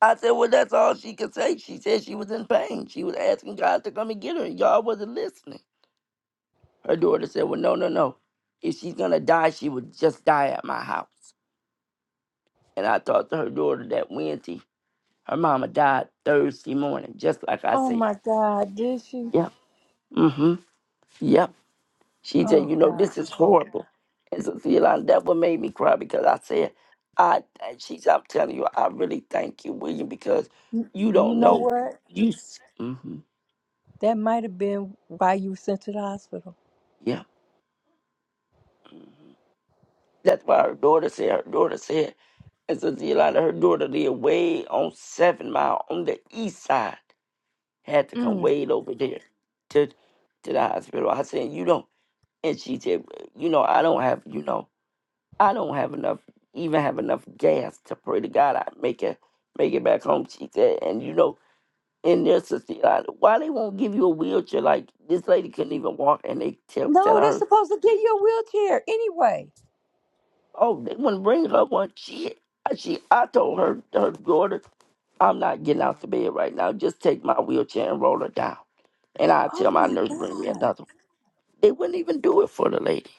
S2: I said, Well, that's all she could say. She said she was in pain. She was asking God to come and get her, and y'all wasn't listening. Her daughter said, Well, no, no, no. If she's going to die, she would just die at my house. And I talked to her daughter that Wednesday. Her mama died Thursday morning, just like I
S1: Oh
S2: said.
S1: my God, did she?
S2: Yep. Mm hmm. Yep. She said,
S1: Oh
S2: you know,
S1: God.
S2: this is horrible. And so, see, Yolanda, that what made me cry because I said, I, and she said, I'm telling you, I really thank you, William, because you
S1: You
S2: don't
S1: know
S2: know.
S1: what?
S2: You, mm-hmm,
S1: That might have been why you were sent to the hospital.
S2: yeah. That's why her daughter said, her daughter said, and so, see, Yolanda, her daughter lived way on Seven Mile on the east side, had to come
S1: Mm.
S2: way over there to, to the hospital. I said, you don't. And she said, you know, I don't have, you know. I don't have enough, even have enough gas to pray to God I make it, make it back home. She said, and you know, in their society, why they won't give you a wheelchair? Like this lady couldn't even walk, and they tell
S1: No,
S2: telling
S1: they're
S2: her,
S1: supposed to give you a wheelchair anyway.
S2: oh, they wouldn't bring her one. She, she, I told her her daughter, I'm not getting out the bed right now. Just take my wheelchair and roll her down, and I tell
S1: Oh
S2: my
S1: my
S2: nurse bring me
S1: God.
S2: another. one." They wouldn't even do it for the lady.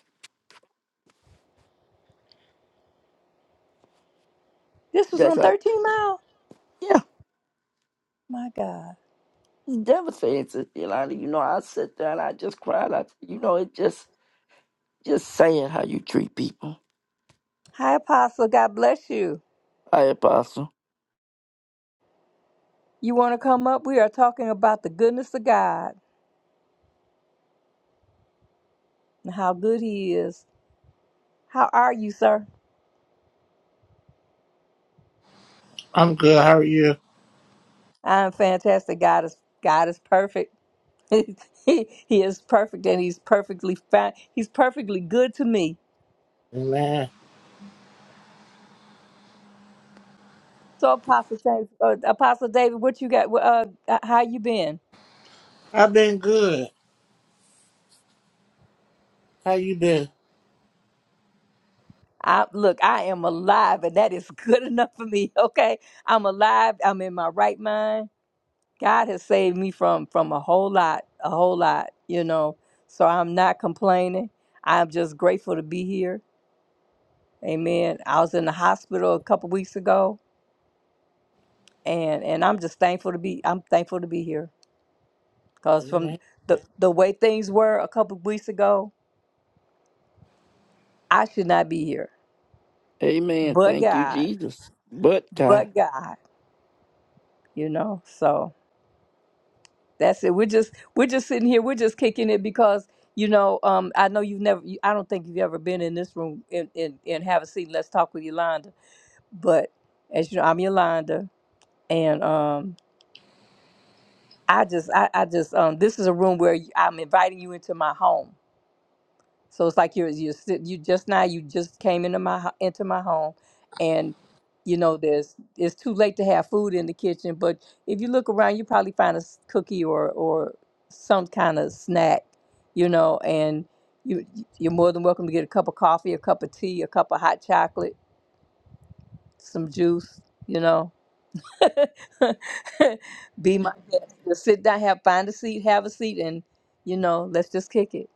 S1: This was
S2: That's
S1: on
S2: her.
S1: 13 Mile?
S2: Yeah,
S1: My God.
S2: it's devastating, Sister Yolanda. You know, I sit there and I just cried. I, you know, it just Just saying how you treat people.
S1: Hi, Apostle. God bless you.
S2: Hi, Apostle.
S1: You want to come up? We are talking about the goodness of God. and how good he is. How are you, sir?
S3: I'm good. How are you?
S1: I'm fantastic. God is God is perfect. he, he is perfect and he's perfectly fine. He's perfectly good to me.
S3: Amen.
S1: So Apostle David, uh, Apostle David, what you got? Uh, uh, how you been?
S3: I've been good. How you been?
S1: I, look, I am alive, and that is good enough for me. Okay, I'm alive. I'm in my right mind. God has saved me from from a whole lot, a whole lot. You know, so I'm not complaining. I'm just grateful to be here Amen. I was in the hospital a couple weeks ago, and and I'm just thankful to be I'm thankful to be here because from
S3: Amen.
S1: the the way things were a couple weeks ago, I should not be here.
S2: Amen.
S1: But
S2: Thank you,
S1: God,
S2: Jesus. But God.
S1: but God, you know. So that's it. We're just we're just sitting here. We're just kicking it because you know um I know you've never. You, I don't think you've ever been in this room and and and have a seat. and Let's talk with Yolanda. But as you know, I'm Yolanda, and um I just, I, I just, um, this is a room where you- I'm inviting you into my home. So it's like you're, you're, sit- you just now, you just came into my, ho- into my home, and you know, there's, it's too late to have food in the kitchen. But if you look around, you probably find a s- cookie or, or some kind of snack, you know, and you, you're more than welcome to get a cup of coffee, a cup of tea, a cup of hot chocolate, some juice, you know. Be my guest. Just sit down, have find a seat, have a seat, and you know, let's just kick it.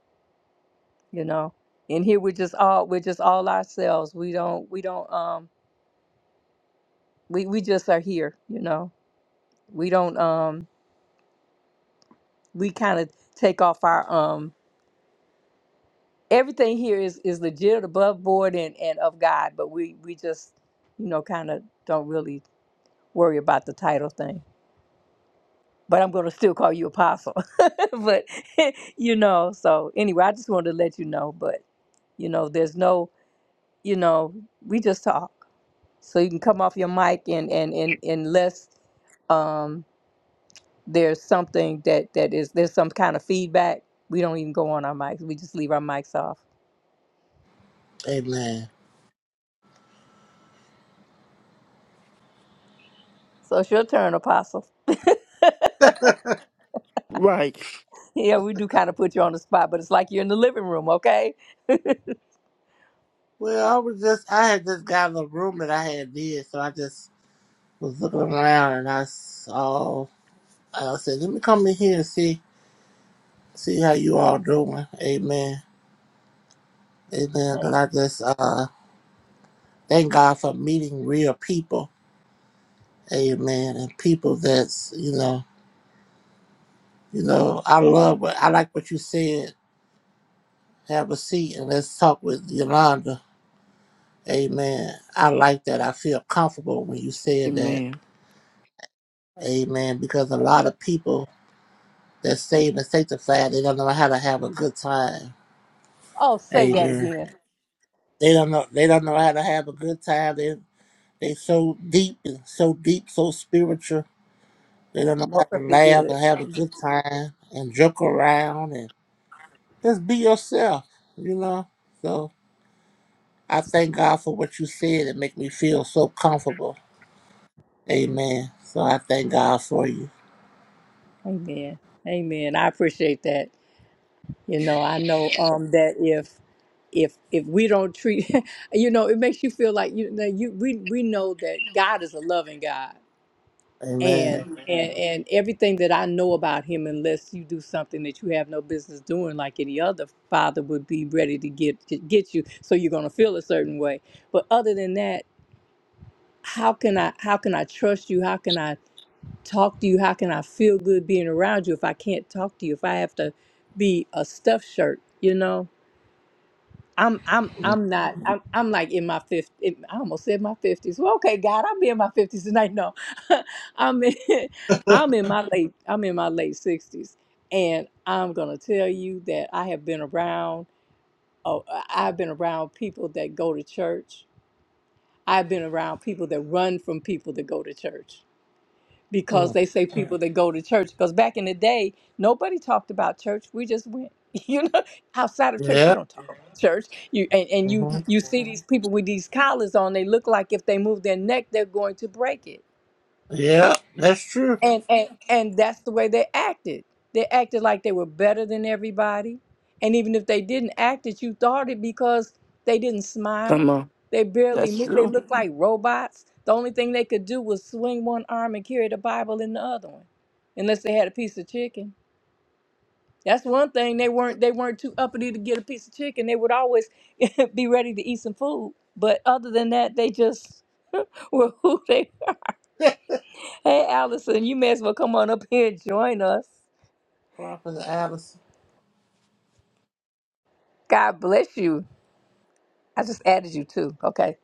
S1: You know, and here we're just all we're just all ourselves. We don't we don't um we we just are here. You know, we don't um we kind of take off our um everything here is is legit, above board, and and of God. But we we just you know kind of don't really worry about the title thing. but I'm going to still call you apostle. but you know, so anyway, I just wanted to let you know. But you know, there's no, you know, we just talk. So you can come off your mic and and and unless um, there's something that that is there's some kind of feedback, we don't even go on our mics. We just leave our mics off.
S3: Amen.
S1: So it's your turn, apostle.
S2: Right.
S1: yeah, we do kind of put you on the spot, but it's like you're in the living room, okay?
S3: Well, I was just, I had just gotten a room that I had did, so I just was looking around and I saw, I said, let me come in here and see, see how you all doing. Amen. Amen. And
S1: Hey.
S3: I just, uh, thank God for meeting real people. Amen. And people that's, you know, you know, I love what, I like what you said. Have a seat and let's talk with Yolanda Amen. I like that. I feel comfortable when you said that.
S2: Amen.
S3: Amen. Because a lot of people that's saved and sanctified, they don't know how to have a good time.
S1: Oh, say that
S3: Amen.
S1: again.
S3: They don't know. They don't know how to have a good time. They they so deep and so deep, so spiritual. They don't know how to
S1: Perfectly
S3: laugh
S1: good.
S3: and have a good time and joke around and just be yourself. You know. So I thank God for what you said. It make me feel so comfortable. Amen. So I thank God for you.
S1: Amen. Amen. I appreciate that. You know, I know um that if if if we don't treat you know, it makes you feel like you that you we we know that God is a loving God.
S3: Amen.
S1: And and and everything that I know about him unless you do something that you have no business doing like any other father would be ready to get to get you so you're going to feel a certain way. But other than that, how can I how can I trust you? How can I talk to you? How can I feel good being around you if I can't talk to you? If I have to be a stuffed shirt, you know? I'm I'm I'm not I'm I'm like in my fifth I almost said my fifties. Well, okay, God, I'll be in my fifties tonight. No, I'm in I'm in my late I'm in my late sixties, and I'm gonna tell you that I have been around. Oh, I've been around people that go to church. I've been around people that run from people that go to church. because
S3: Mm.
S1: they say people that go to church. Because back in the day, nobody talked about church. We just went. You know, outside of church, you
S3: Yeah.
S1: don't talk about church. You and, and you
S3: hmm
S1: you see these people with these collars on. They look like if they move their neck, they're going to break it
S3: Yeah, that's true.
S1: and and and that's the way they acted. They acted like they were better than everybody, and even if they didn't act it, you thought it because they didn't
S2: Come
S1: smile.
S2: on.
S1: They barely
S2: That's
S1: moved. They
S2: true.
S1: looked like robots. The only thing they could do was swing one arm and carry the Bible in the other one, unless they had a piece of chicken. That's one thing they weren't. They weren't too uppity to get a piece of chicken. They would always be ready to eat some food. But other than that, they just were who they. Hey, Allison, you may as well come on up here and join us.
S3: Prophet Alice.
S1: God bless you. I just added you too. Okay.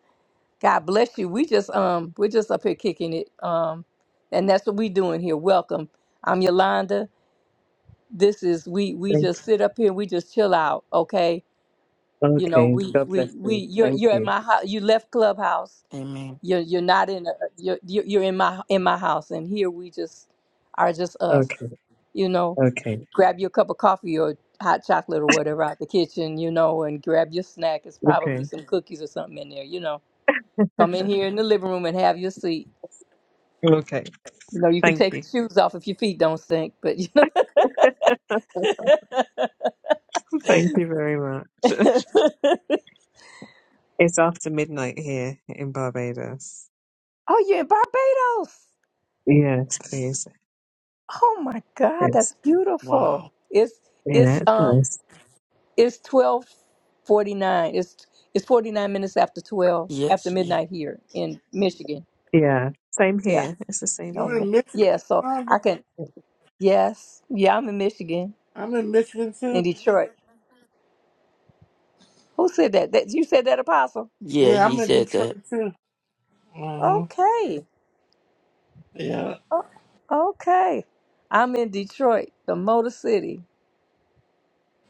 S1: God bless you. We just um we're just up here kicking it. Um and that's what we doing here. Welcome. I'm Yolanda. This is we we
S4: Thank-
S1: just sit up here, we just chill out, okay? You know,
S4: Okay.
S1: we
S4: God
S1: we
S4: bless
S1: we
S4: you.
S1: you're
S4: Thank
S1: you're at
S4: you.
S1: my house. You left clubhouse.
S2: Amen.
S1: You're you're not in a, you're you're you're in my in my house and here we just are just us.
S4: Okay.
S1: You know.
S4: Okay.
S1: grab you a cup of coffee or hot chocolate or whatever out the kitchen, you know, and grab your snack. It's
S4: Okay.
S1: probably some cookies or something in there, you know. Come in here in the living room and have your seat.
S4: Okay.
S1: You know, you can
S4: Thank
S1: take
S4: you.
S1: your shoes off if your feet don't stink, but you know.
S4: Thank you very much. It's after midnight here in Barbados.
S1: oh, you're in Barbados.
S4: Yes, please.
S1: Oh my God,
S4: Yes.
S1: that's beautiful.
S2: Wow.
S1: It's
S4: Yeah.
S1: it's
S4: It's
S1: um
S4: nice.
S1: it's twelve forty nine. It's it's forty nine minutes after twelve after
S2: Yes. Yeah.
S1: midnight here in Michigan.
S4: Yeah. Same
S1: Yeah.
S4: here. It's the same
S3: You
S4: here.
S3: in
S1: Okay.
S3: Michigan?
S1: Yeah. So
S3: Rhonda?
S1: I can Yes. Yeah, I'm in Michigan,
S3: I'm in Michigan too.
S1: in Detroit. Who said that? That you said that, Apostle?
S2: Yeah,
S3: Yeah,
S2: he
S3: I'm in
S2: said that.
S3: Detroit too. Uh huh.
S1: Okay.
S3: Yeah.
S1: O- Okay. I'm in Detroit, the Motor City.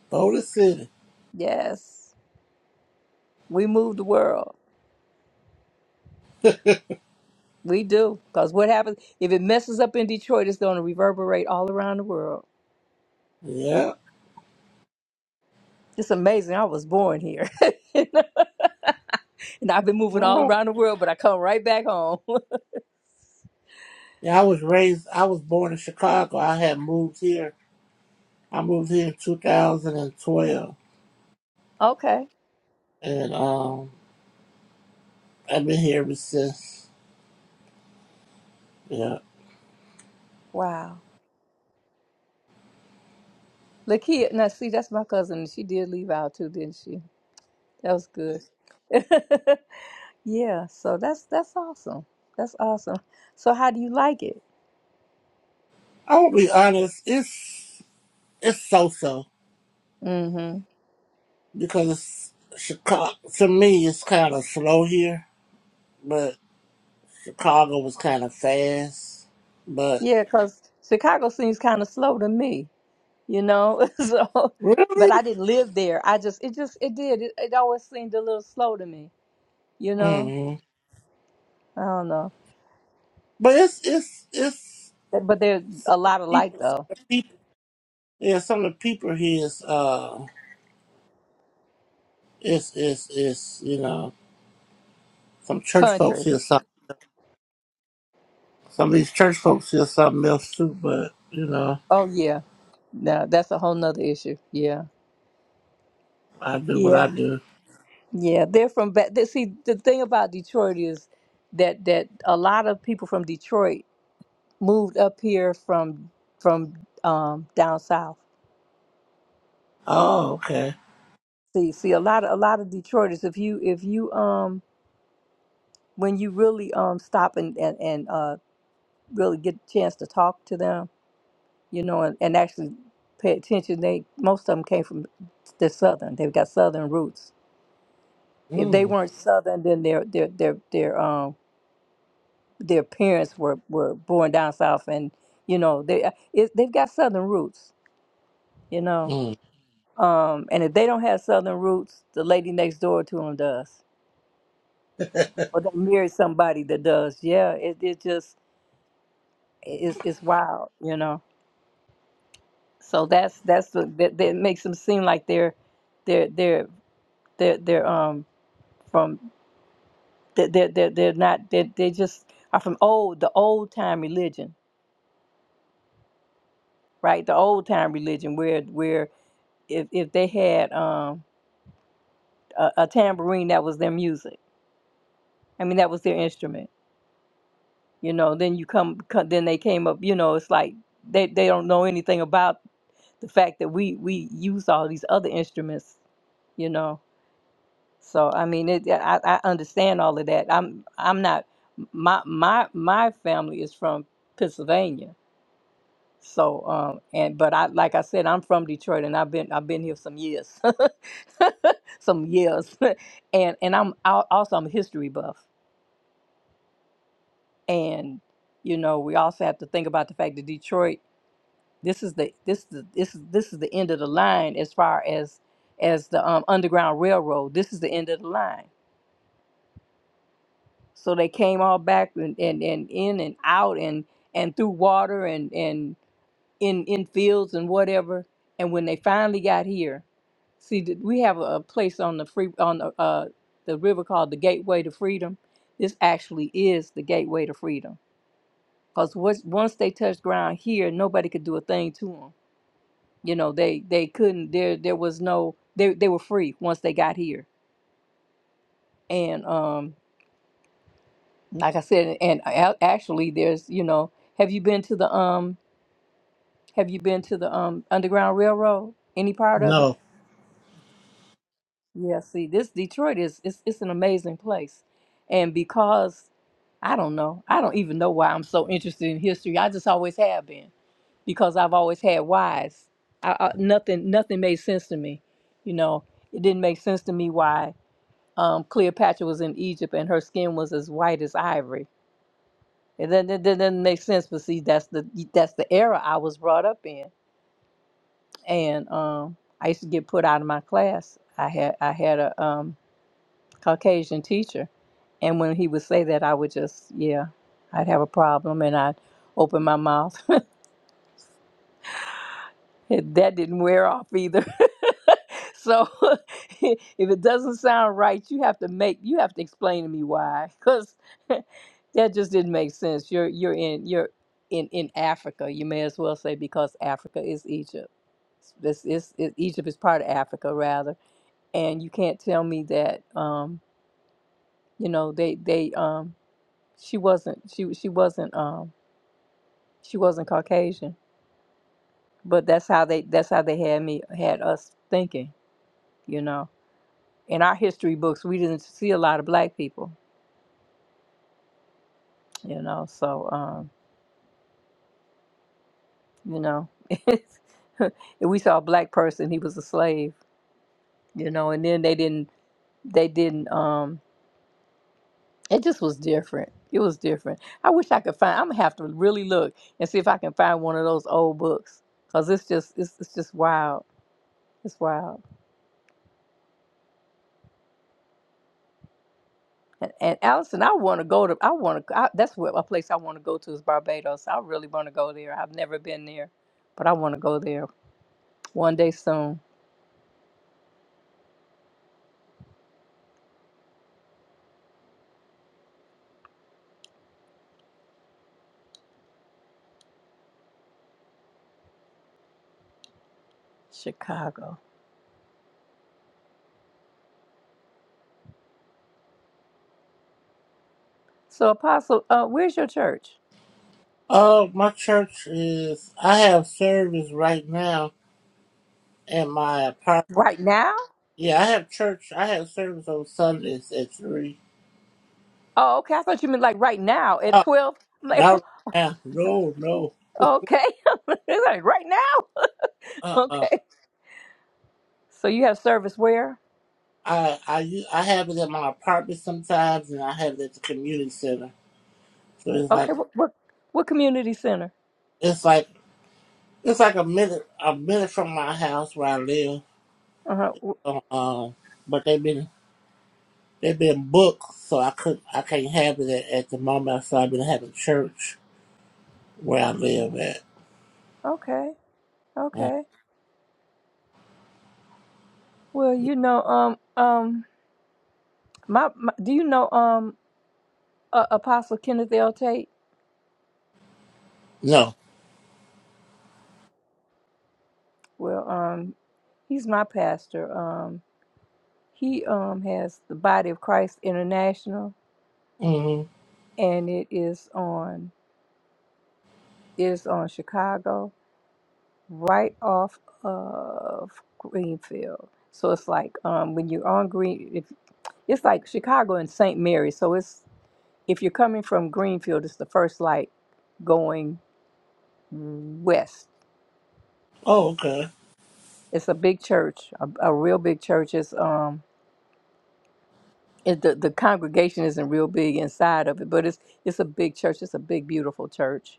S3: Boulder City.
S1: Yes. We move the world. We do. Because what happens if it messes up in Detroit, it's going to reverberate all around the world.
S3: Yeah.
S1: It's amazing. I was born here. and I've been moving all
S3: Alright.
S1: around the world, but I come right back home.
S3: Yeah, I was raised I was born in Chicago. I had moved here. I moved here in two thousand and twelve.
S1: okay.
S3: And um I've been here ever since. Yeah.
S1: Wow. Lakia, now see, that's my cousin. She did leave out too, didn't she? That was good. yeah, so that's that's awesome. That's awesome. So how do you like it?
S3: I will be honest, it's it's so so.
S1: Mm-hmm.
S3: because Chicago to me it's kind of slow here, but Chicago was kind of fast. But
S1: Yeah, because Chicago seems kind of slow to me, you know. so, but
S3: really,
S1: I didn't live there. I just it just it did. It, it always seemed a little slow to me, you know.
S3: hmm
S1: I don't know,
S3: but it's it's it's
S1: but, but there's
S3: some
S1: a
S3: of
S1: lot of
S3: the
S1: light
S3: people, some
S1: though.
S3: of the people, yeah, some of the people here is uh, it's it's it's you know some church folks
S1: Country.
S3: here, some some of these church folks here something else too. But you know,
S1: Oh yeah. No, that's a whole nother issue. Yeah.
S3: I do what
S1: Yeah.
S3: I do.
S1: Yeah, they're from back. They, see, the thing about Detroit is that that a lot of people from Detroit moved up here from from um, down south.
S3: Oh, okay.
S1: See, see, a lot of a lot of Detroiters. If you if you um when you really um stop and and, and uh really get a chance to talk to them, you know, and, and actually pay attention, they most of them came from the southern. They've got southern roots. If they
S3: Mm.
S1: weren't southern, then they're they're they're they're um their parents were were born down south and you know they uh, it, they've got southern roots you know
S3: Mm.
S1: um and if they don't have southern roots the lady next door to them does or they marry somebody that does yeah it, it just it's it's wild you know so that's that's what that, that makes them seem like they're they're they're they're, they're um from they're they're, they're they're not they they just are from old the old time religion right the old time religion where where if if they had um a, a tambourine that was their music. I mean, that was their instrument. You know, then you come, co- then they came up. You know, it's like they they don't know anything about the fact that we we use all these other instruments. You know, so I mean, it, yeah, I I understand all of that. I'm I'm not my my my family is from Pennsylvania. So um and but I like I said I'm from Detroit and I've been I've been here some years, some years, and and I'm al- also I'm a history buff and you know we also have to think about the fact that Detroit this is the this is the, this is this is the end of the line as far as as the um, underground railroad this is the end of the line so they came all back and, and, and in and out and and through water and and in in fields and whatever and when they finally got here see th- we have a, a place on the free on the, uh, the river called the gateway to freedom this actually is the gateway to freedom Cause once once they touched ground here, nobody could do a thing to them. You know, they they couldn't. There there was no. They they were free once they got here. And um, like I said, and a- actually, there's you know, have you been to the um, have you been to the um Underground Railroad? Any part of it?
S3: No,
S1: Yeah, see, this Detroit is it's it's an amazing place. And because I don't know, I don't even know why I'm so interested in history. I just always have been because I've always had whys. I, I, nothing nothing made sense to me. You know, it didn't make sense to me why um, Cleopatra was in Egypt and her skin was as white as ivory. It doesn't, it doesn't make sense, but see, that's the that's the era I was brought up in. And um, I used to get put out of my class. I had I had a um, Caucasian teacher. And when he would say that, I would just, yeah, I'd have a problem and I'd open my mouth. that didn't wear off either. so if it doesn't sound right, you have to make, you have to explain to me why. Because that just didn't make sense. You're, you're in, you're in, in Africa. You may as well say because Africa is Egypt. This is, it, Egypt is part of Africa rather. And you can't tell me that, um, you know, they, they, um, She wasn't. She she wasn't. Um, she wasn't Caucasian. But that's how they. That's how they had me. Had us thinking. You know, in our history books, we didn't see a lot of black people. You know, so um, you know, if we saw a black person, he was a slave. You know, and then they didn't. They didn't. Um, it just was different. It was different. I wish I could find. I'm gonna have to really look and see if I can find one of those old books because it's just. It's, it's just wild. It's wild. And, and Allison, I want to go to. I want to. I, that's what a place I want to go to is Barbados. I really want to go there. I've never been there, but I want to go there one day soon. Chicago. So, Apostle, uh, where's your church
S3: Oh, my church is. I have service right now at my apartment.
S1: right now?
S3: Yeah, I have church. I have service on Sundays at three.
S1: Oh, okay. I thought you meant like right now at
S3: Oh,
S1: twelve. I'm like,
S3: not right now. No, no.
S1: okay, like right now.
S3: Uh, uh
S1: Okay. So you have service where?
S3: I, I, u- I have it at my apartment sometimes, and I have it at the community center. So it's
S1: Okay.
S3: like,
S1: What? What, what community center?
S3: it's like, it's like a minute, a minute from my house where I live.
S1: Uh huh.
S3: So, um, but they've been, they've been booked, so I could, I can't have it at, at the moment. So I've been having church where I live at.
S1: Okay. Okay. Well, you know, um, um, my, my do you know, um. uh, Apostle Kenneth L. Tate.
S3: No.
S1: Well, um, he's my pastor. Um, he um has the Body of Christ International,
S3: hmm
S1: and it is on it is on Chicago, right off of Greenfield. So it's like um when you're on Green, if, it's like Chicago and St. Mary. So it's if you're coming from Greenfield, it's the first light going west.
S3: Oh, okay.
S1: It's a big church, a, a real big church. It's um it, the, the congregation isn't real big inside of it, but it's it's a big church. It's a big, beautiful church.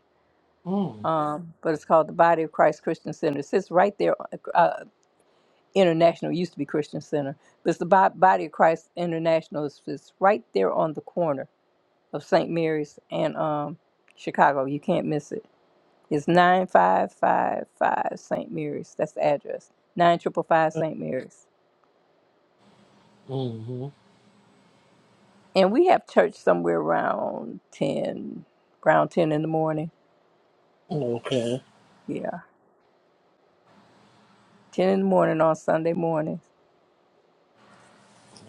S3: Mm.
S1: Um, but it's called the Body of Christ Christian Center. It sits right there. Uh, International it used to be Christian Center, but it's the Bo- Body of Christ International. It's, it's right there on the corner of St. Mary's and um, Chicago. You can't miss it. It's nine five five five St. Mary's. That's the address. Nine triple five St. Mary's.
S3: hmm
S1: And we have church somewhere around ten, around ten in the morning.
S3: Okay.
S1: Yeah. 10 in the morning on Sunday morning.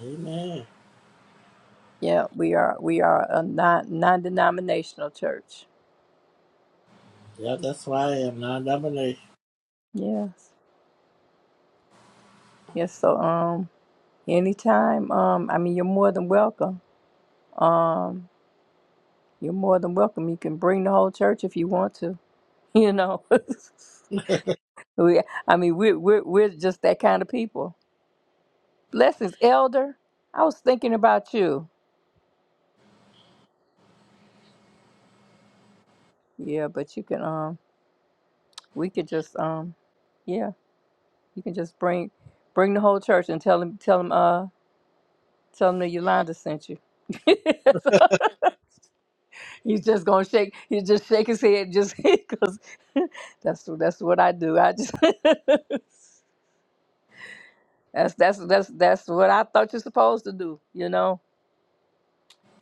S3: Amen.
S1: Yeah, we are we are a non non denominational church.
S3: Yeah, that's why I am non-domination.
S1: Yes. Yes, so um anytime, um I mean you're more than welcome. Um you're more than welcome. You can bring the whole church if you want to, you know. we I mean we we're we're just that kind of people. Blessings, elder. I was thinking about you. Yeah, but you can um we could just um yeah, you can just bring bring the whole church and tell them tell them Tell him that Yolanda sent you. he's just gonna shake. He just shake his head, just because that's that's what I do. I just that's that's that's that's what I thought you're supposed to do. You know.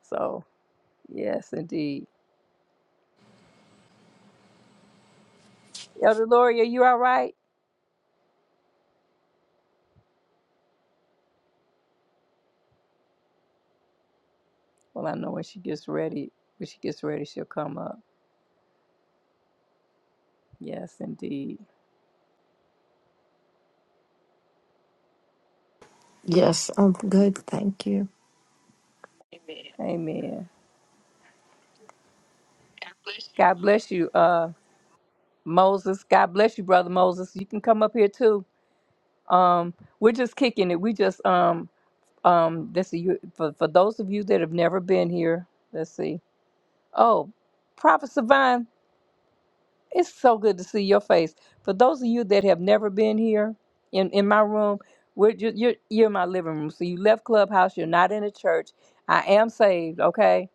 S1: So yes, indeed. Elder Lori, are you all right? Well, I know when she gets ready. When she gets ready, she'll come up. Yes, indeed.
S5: Yes, I'm good. Thank you.
S1: Amen. God bless you, uh, Moses. God bless you, brother Moses. You can come up here too. Um, we're just kicking it. We just um Um, this you for for those of you that have never been here. Let's see. Oh, Prophet Savine, it's so good to see your face. For those of you that have never been here in in my room, we're you you're, you're in my living room. So you left Clubhouse. You're not in a church. I am saved. Okay.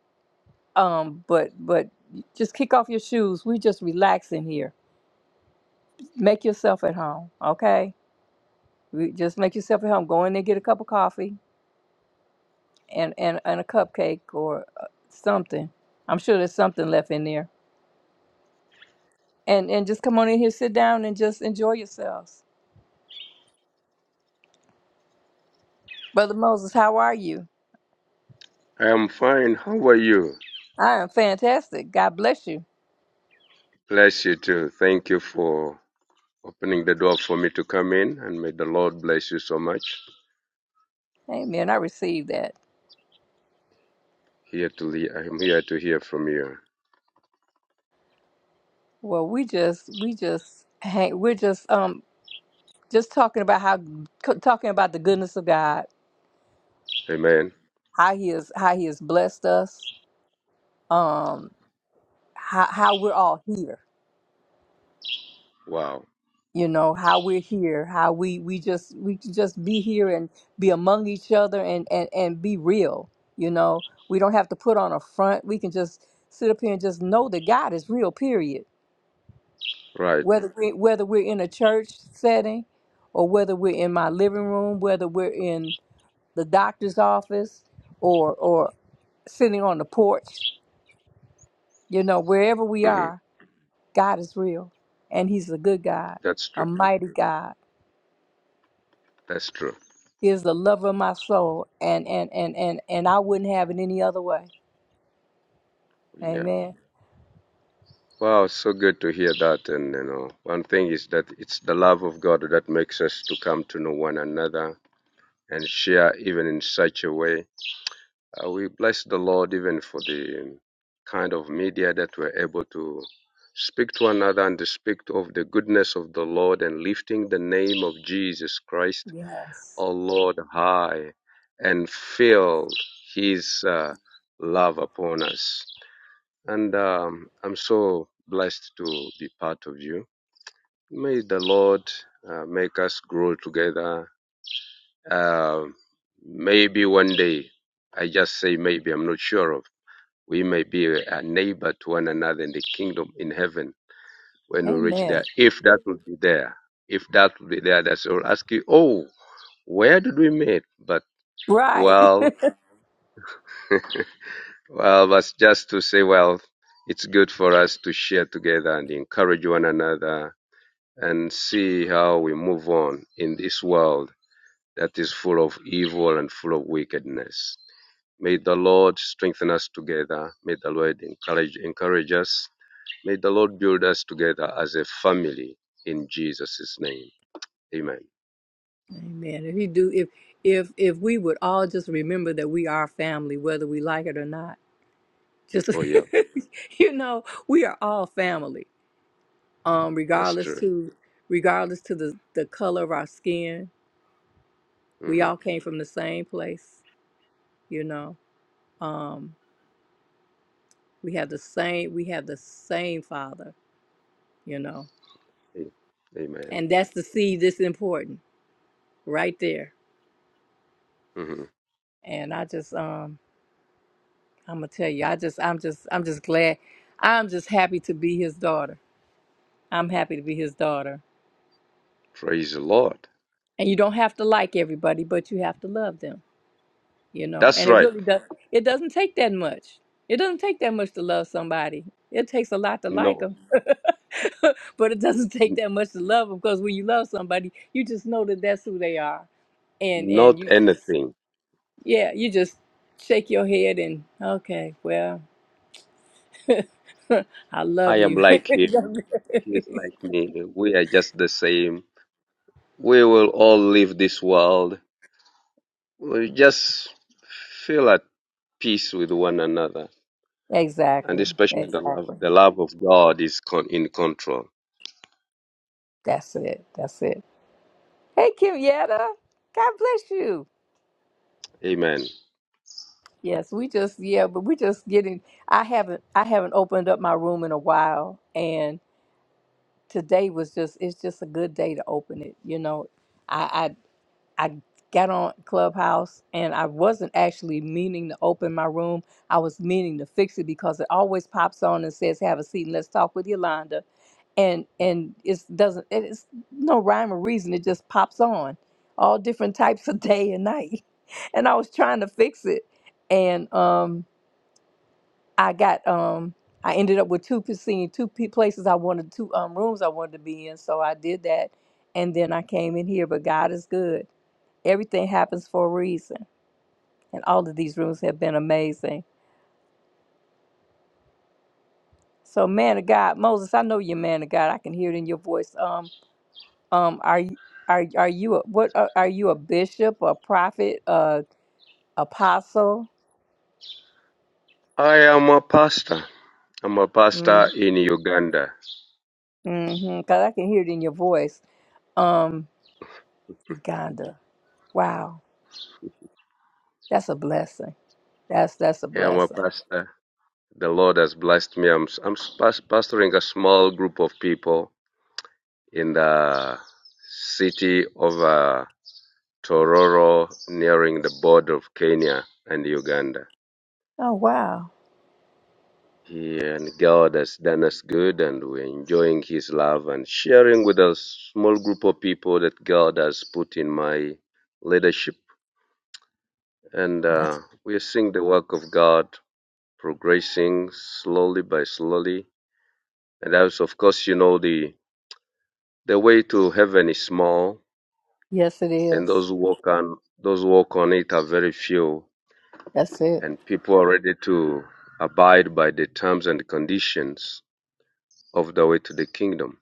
S1: Um, but but just kick off your shoes. We just relaxing here. Make yourself at home. Okay. We just make yourself at home. Go in there, get a cup of coffee and and, and a cupcake or uh, something. I'm sure there's something left in there. And and just come on in here, sit down, and just enjoy yourselves. Brother Moses, how are you?
S6: I am fine. How are you?
S1: I am fantastic. God bless you.
S6: Bless you too. Thank you for opening the door for me to come in, and may the Lord bless you so much.
S1: Amen. I received that.
S6: Here to le- I'm here to hear from you.
S1: Well, we just we just hang, we're just um just talking about how c- talking about the goodness of God,
S6: Amen.
S1: how He is how He has blessed us, um how how we're all here
S6: Wow.
S1: you know how we're here how we we just we can just be here and be among each other and and and be real you know we don't have to put on a front we can just sit up here and just know that god is real period
S6: Right.
S1: whether we, whether we're in a church setting or whether we're in my living room whether we're in the doctor's office or or sitting on the porch you know wherever we
S6: hmm
S1: are god is real and he's a good god
S6: That's
S1: a
S6: true.
S1: mighty god
S6: That's true.
S1: He is the lover of my soul, and and and and and I wouldn't have it any other way.
S6: Yeah.
S1: Amen.
S6: Wow. So good to hear that. And you know, one thing is that it's the love of God that makes us to come to know one another and share even in such a way. Uh, we bless the Lord even for the kind of media that we're able to speak to another and to speak of the goodness of the Lord and lifting the name of Jesus Christ,
S1: Yes.
S6: our Lord, high and feel His uh, love upon us. And um, I'm so blessed to be part of you. May the Lord uh, make us grow together. Uh, maybe one day, I just say maybe, I'm not sure of we may be a neighbor to one another in the kingdom in heaven when we reach there,
S1: Amen.
S6: if that will be there. If that will be there, that's all. Ask you, oh, where did we meet? But,
S1: Right.
S6: well, well, that's just to say, well, it's good for us to share together and encourage one another and see how we move on in this world that is full of evil and full of wickedness. May the Lord strengthen us together. May the Lord encourage encourage us May the Lord build us together as a family in Jesus' name. Amen.
S1: Amen. If he do, if if if we would all just remember that we are family, whether we like it or not. Just
S6: Oh, yeah,
S1: you know, we are all family. Um,
S6: that's
S1: regardless
S6: true.
S1: to regardless to the the color of our skin, we
S6: hmm
S1: all came from the same place. You know, um, we have the same we have the same father. You know
S6: Amen.
S1: And that's the seed that's important right there.
S6: hmm
S1: And I just um I'm gonna tell you, I just I'm just I'm just glad I'm just happy to be his daughter. I'm happy to be his daughter.
S6: Praise the Lord.
S1: And you don't have to like everybody, but you have to love them, you know.
S6: That's
S1: And it
S6: right.
S1: really does it doesn't take that much. It doesn't take that much to love somebody. It takes a lot to like
S6: No,
S1: them. but it doesn't take
S6: n-
S1: that much to love them because when you love somebody, you just know that that's who they are. And and
S6: not
S1: you just
S6: anything.
S1: Yeah, you just shake your head and okay, well, I
S6: I
S1: love
S6: am
S1: you.
S6: like him. He is like me. We are just the same. We will all leave this world. We just feel at peace with one another. And
S1: exactly.
S6: especially the love,
S1: Exactly.
S6: the love of God is con- in control.
S1: That's it. That's it. Hey Kim Yetta, God bless you.
S6: Amen.
S1: Yes, we just yeah, but we just getting I haven't I haven't opened up my room in a while and today was just it's just a good day to open it, you know. I. I got on Clubhouse and I wasn't actually meaning to open my room. I was meaning to fix it because it always pops on and says, "Have a seat and let's talk with Yolanda," and and it doesn't. It's no rhyme or reason. It just pops on, all different types of day and night. And I was trying to fix it, and um, I got um, I ended up with two p- seeing two pe- places I wanted two um rooms I wanted to be in, so I did that, and then I came in here. But God is good Everything happens for a reason. And all of these rooms have been amazing. So man of God, Moses, I know you're a man of God. I can hear it in your voice. Um, um, are you are are you a, what are, are you a bishop, a prophet, a apostle?
S6: I am a pastor. I'm a pastor
S1: Mm,
S6: in Uganda.
S1: mm-hmm. Cause I can hear it in your voice. Um, Uganda. Wow, that's a blessing. That's that's a
S6: I am a
S1: blessing.
S6: pastor. The Lord has blessed me. I'm, I'm pas- pastoring a small group of people in the city of uh, Tororo, nearing the border of Kenya and Uganda.
S1: Oh wow.
S6: Yeah, and God has done us good, and we're enjoying His love and sharing with a small group of people that God has put in my leadership. And
S1: That's,
S6: uh, we are seeing the work of God progressing slowly by slowly. And as of course you know the the way to heaven is small
S1: yes, it
S6: and those
S1: is.
S6: who walk on those who walk on it are very few
S1: That's it.
S6: and people are ready to abide by the terms and conditions of the way to the kingdom.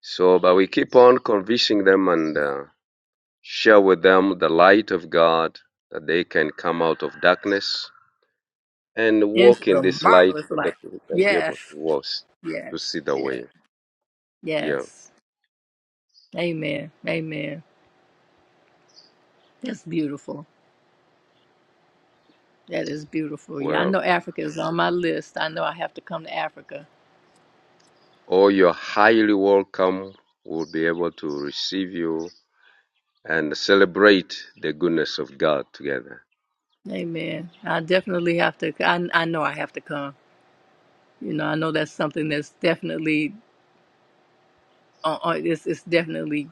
S6: So but we keep on convincing them and uh, share with them the light of God that they can come out of darkness and
S1: Into
S6: walk in
S1: the
S6: this light
S1: marvelous
S6: so that
S1: light.
S6: we can be able to
S1: Yes,
S6: walk
S1: yes,
S6: to see the
S1: yes,
S6: way. Yeah.
S1: yes. Amen. Amen. That's beautiful. That is beautiful. Yeah, I know
S6: welcome.
S1: Africa is on my list. I know I have to come to Africa.
S6: Or you're highly welcome. We'll be able to receive you and celebrate the goodness of God together.
S1: Amen. I definitely have to. I, I know I have to come. You know, I know that's something that's definitely on. on it's, it's definitely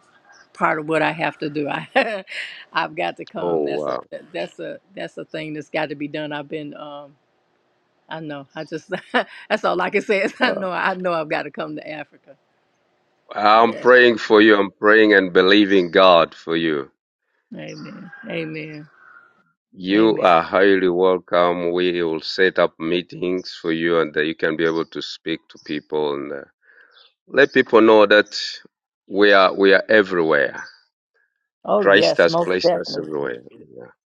S1: part of what I have to do. I, I've got to come.
S6: Oh,
S1: That's a
S6: wow.
S1: that's a that's a thing that's got to be done. I've been. Um, I know. I just that's all I can say is I
S6: wow.
S1: know. I know I've got to come to Africa.
S6: I'm
S1: Yeah.
S6: praying for you. I'm praying and believing God for you.
S1: Amen. Amen.
S6: You
S1: Amen.
S6: are highly welcome. We will set up meetings for you and that you can be able to speak to people and uh, let people know that we are, we are everywhere.
S1: Oh,
S6: Christ
S1: yes,
S6: has
S1: most
S6: placed us
S1: definitely.
S6: everywhere.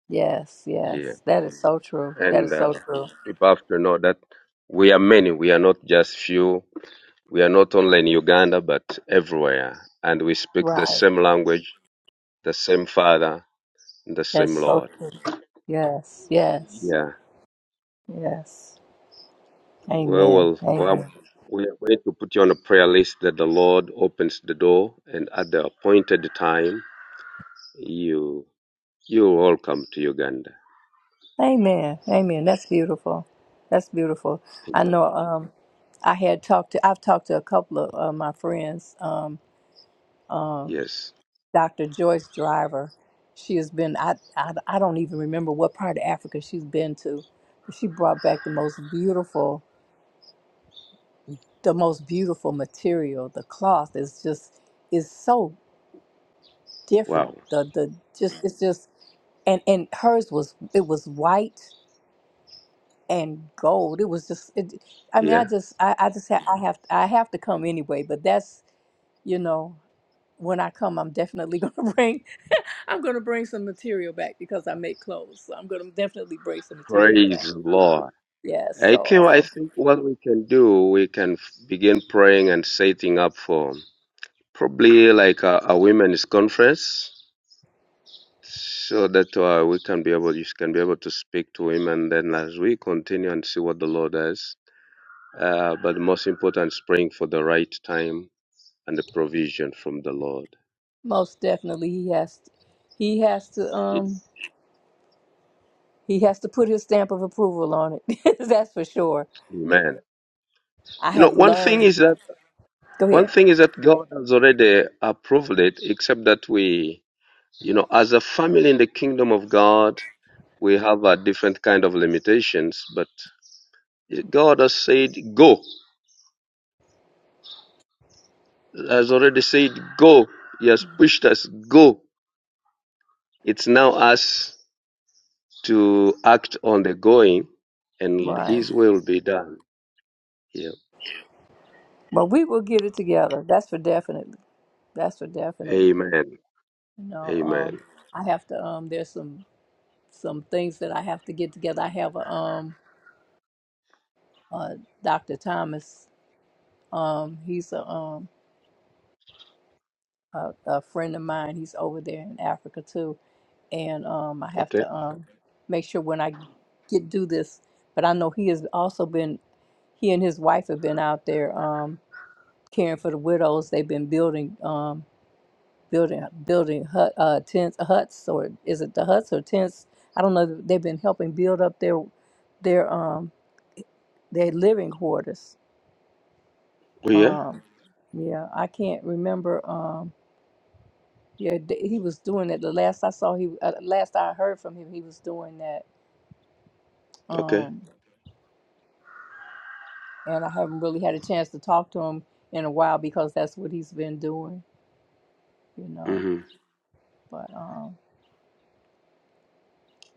S1: Yes,
S6: Yeah.
S1: yes. That is so true. That
S6: and
S1: is
S6: uh,
S1: so true.
S6: people have to know that we are many. We are not just few. We are not only in Uganda, but everywhere, and we speak the
S1: Right.
S6: same language, the same Father, and the
S1: That's
S6: same
S1: so
S6: Lord.
S1: true. Yes, yes,
S6: Yeah,
S1: yes.
S6: we
S1: Amen.
S6: will. Well,
S1: Amen.
S6: we are going to put you on a prayer list that the Lord opens the door, and at the appointed time, you you all come to Uganda.
S1: Amen. Amen. That's beautiful. That's beautiful. I
S6: Amen.
S1: know um I had talked to I've talked to a couple of uh, my friends um um
S6: Yes.
S1: Dr. Joyce Driver. She has been I, I I don't even remember what part of Africa she's been to, but she brought back the most beautiful the most beautiful material. The cloth is just is so different.
S6: Wow.
S1: The the just it's just and and hers was it was white and gold. It was just it, I mean
S6: Yeah.
S1: I just I, I just ha- I have I have to come anyway. But that's you know when I come I'm definitely gonna bring I'm gonna bring some material back because I make clothes. So I'm gonna definitely bring some material back.
S6: Praise the Lord.
S1: Yeah. So
S6: Ikeo, I
S1: um,
S6: think what we can do, we can f- begin praying and setting up for probably like a, a women's conference, so that uh, we can be able, you can be able to speak to him, and then as we continue and see what the Lord does. Uh, but the most important is praying for the right time and the provision from the Lord.
S1: most definitely he has to, he has to um He has to put his stamp of approval on it. That's for sure.
S6: Amen.
S1: I
S6: You know,
S1: have
S6: one thing
S1: learned.
S6: is that
S1: Go
S6: one
S1: ahead.
S6: thing is that God has already approved it, except that we You know, as a family in the kingdom of God, we have a different kind of limitations, but God has said, go. Has already said, go. He has pushed us, go. It's now us to act on the going and
S1: Right.
S6: His will be done. Yeah.
S1: But we will get it together. That's for definite. That's for definite.
S6: Amen.
S1: You know, um,
S6: Amen.
S1: I have to. Um, there's some some things that I have to get together. I have a um, uh, Dr. Thomas. Um, he's a um, a, a friend of mine. He's over there in Africa too, and um, I have
S6: Okay.
S1: to um, make sure when I get do this. But I know he has also been he and his wife have been out there um, caring for the widows. They've been building um, building building hut, uh, tents uh, huts or is it the huts or tents? I don't know. They've been helping build up their their um, their living quarters.
S6: We are?
S1: Um, yeah, I can't remember. Um, yeah, th- he was doing it. The last I saw, he uh, last I heard from him, he was doing that.
S6: Okay.
S1: Um, and I haven't really had a chance to talk to him in a while because that's what he's been doing, you know.
S6: hmm
S1: But um,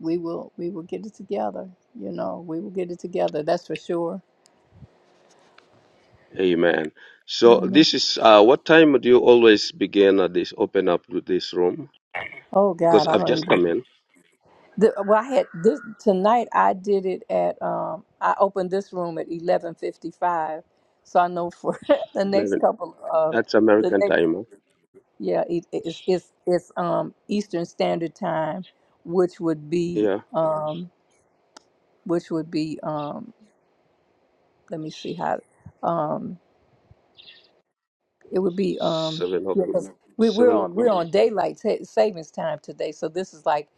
S1: we will we will get it together. You know, we will get it together. That's for sure.
S6: Amen. So
S1: Amen.
S6: this is, uh, what time do you always begin at this, open up to this room?
S1: Oh
S6: Because
S1: God, I
S6: I've
S1: don't
S6: just
S1: even.
S6: come in,
S1: The, well, I had this tonight. I did it at. Um, I opened this room at eleven fifty five, so I know for the next
S6: 11,
S1: couple of
S6: That's
S1: the
S6: American
S1: next.
S6: time. Huh?
S1: Yeah, it, it's it's it's um Eastern Standard Time, which would be
S6: Yeah,
S1: um which would be um let me see how um It would be um
S6: seven
S1: yeah,
S6: o'clock.
S1: 'cause we we're
S6: Seven
S1: on we're
S6: o'clock.
S1: on daylight sa- savings time today, so this is like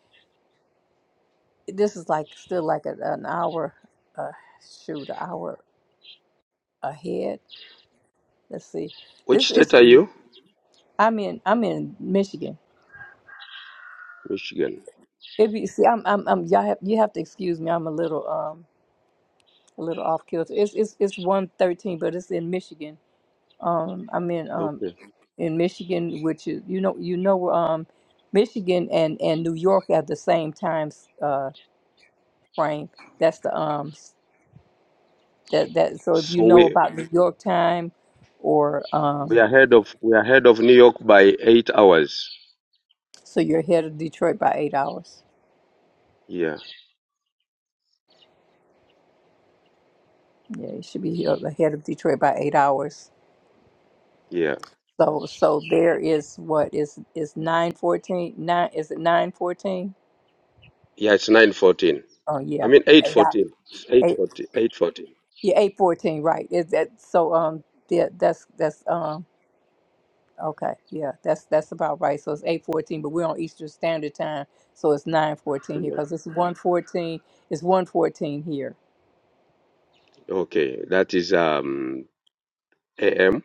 S1: this is like still like a, an hour, uh, shoot, an hour ahead. Let's see,
S6: Which
S1: this
S6: state
S1: is
S6: are you?
S1: I'm in I'm in Michigan.
S6: Michigan.
S1: It be see I'm I'm, I'm y'all have you have to excuse me. I'm a little um a little off kilter. It's it's it's one thirteen, but it's in Michigan. Um, I'm in um
S6: Okay.
S1: in Michigan, which is you know you know um Michigan and and New York have the same times uh, frame. That's the um s- that that so if you
S6: So
S1: know
S6: we
S1: about New York time or
S6: we
S1: um
S6: are ahead of we are ahead of New York by eight hours.
S1: so you're ahead of Detroit by eight hours.
S6: Yeah,
S1: Yeah, you should be here ahead of Detroit by eight hours.
S6: yeah,
S1: So so there is what is is nine fourteen nine is it nine fourteen?
S6: yeah. It's nine fourteen.
S1: Oh
S6: I
S1: yeah.
S6: mean eight
S1: Eight, hou-
S6: fourteen. It's eight
S1: eight
S6: forty. Eight fourteen.
S1: yeah, eight fourteen, right. Is that so um yeah, that's that's um Okay, yeah, that's that's about right. So it's eight fourteen, but we're on Eastern Standard Time, so it's nine fourteen here
S6: Yeah.
S1: because it's one fourteen. It's one fourteen here
S6: Okay. That is um a.m.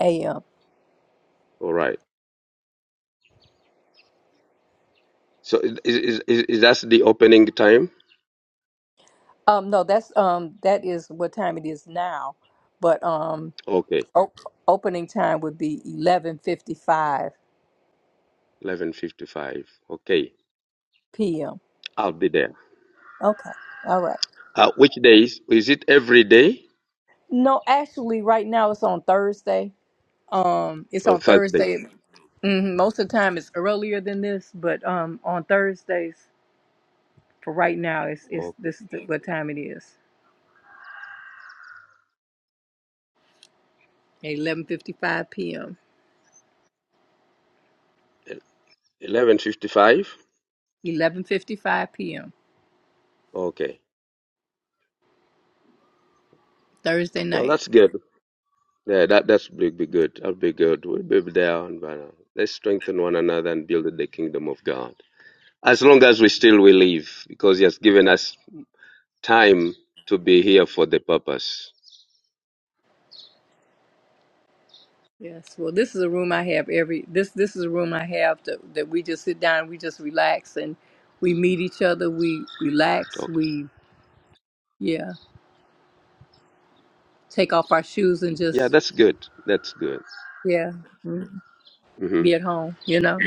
S1: a.m.
S6: All right. So is is is, is that the opening time?
S1: Um, no, that's um that is what time it is now, but um
S6: Okay.
S1: op- opening time would be eleven fifty five
S6: Eleven fifty five. Okay.
S1: p.m.
S6: I'll be there.
S1: Okay, all right.
S6: Uh, which days? Is it every day?
S1: No, actually, right now it's on Thursday. Um, it's
S6: Oh,
S1: on
S6: Thursday.
S1: Thursday. hmm Most of the time it's earlier than this, but um on Thursdays For right now, it's it's
S6: Okay.
S1: this is the, what time it is. 11:55 p.m.
S6: Eleven fifty-five.
S1: 11:55 p.m.
S6: Okay.
S1: Thursday
S6: Well,
S1: night.
S6: that's good. Yeah, that that's be, be good. That'll be good. We'll be there, and uh, let's strengthen one another and build the kingdom of God. As long as we still we live, because He has given us time to be here for the purpose.
S1: Yes. Well, this is a room I have every this this is a room I have that that we just sit down, we just relax and we meet each other, we relax,
S6: Okay.
S1: we yeah, take off our shoes and
S6: Yeah,
S1: just
S6: that's good. That's good.
S1: yeah,
S6: hmm
S1: be at home, you know.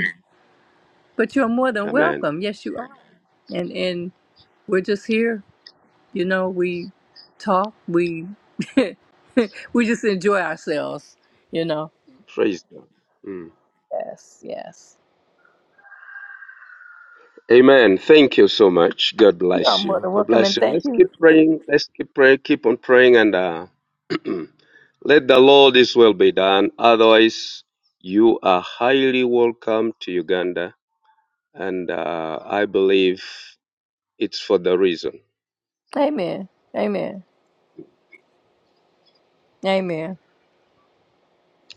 S1: But you're more than
S6: Amen.
S1: welcome. Yes, you are. And and we're just here You know, we talk, we we just enjoy ourselves, you know.
S6: Praise God. Mm.
S1: Yes, yes.
S6: Amen. Thank you so much. God
S1: You are
S6: bless
S1: more
S6: you.
S1: than
S6: God
S1: welcome
S6: bless
S1: and
S6: you.
S1: thank
S6: Let's
S1: you.
S6: keep praying. Let's keep praying. Keep on praying and. Uh, Let the Lord's will be done. Otherwise, you are highly welcome to Uganda, and uh, I believe it's for the reason.
S1: Amen. Amen. Amen.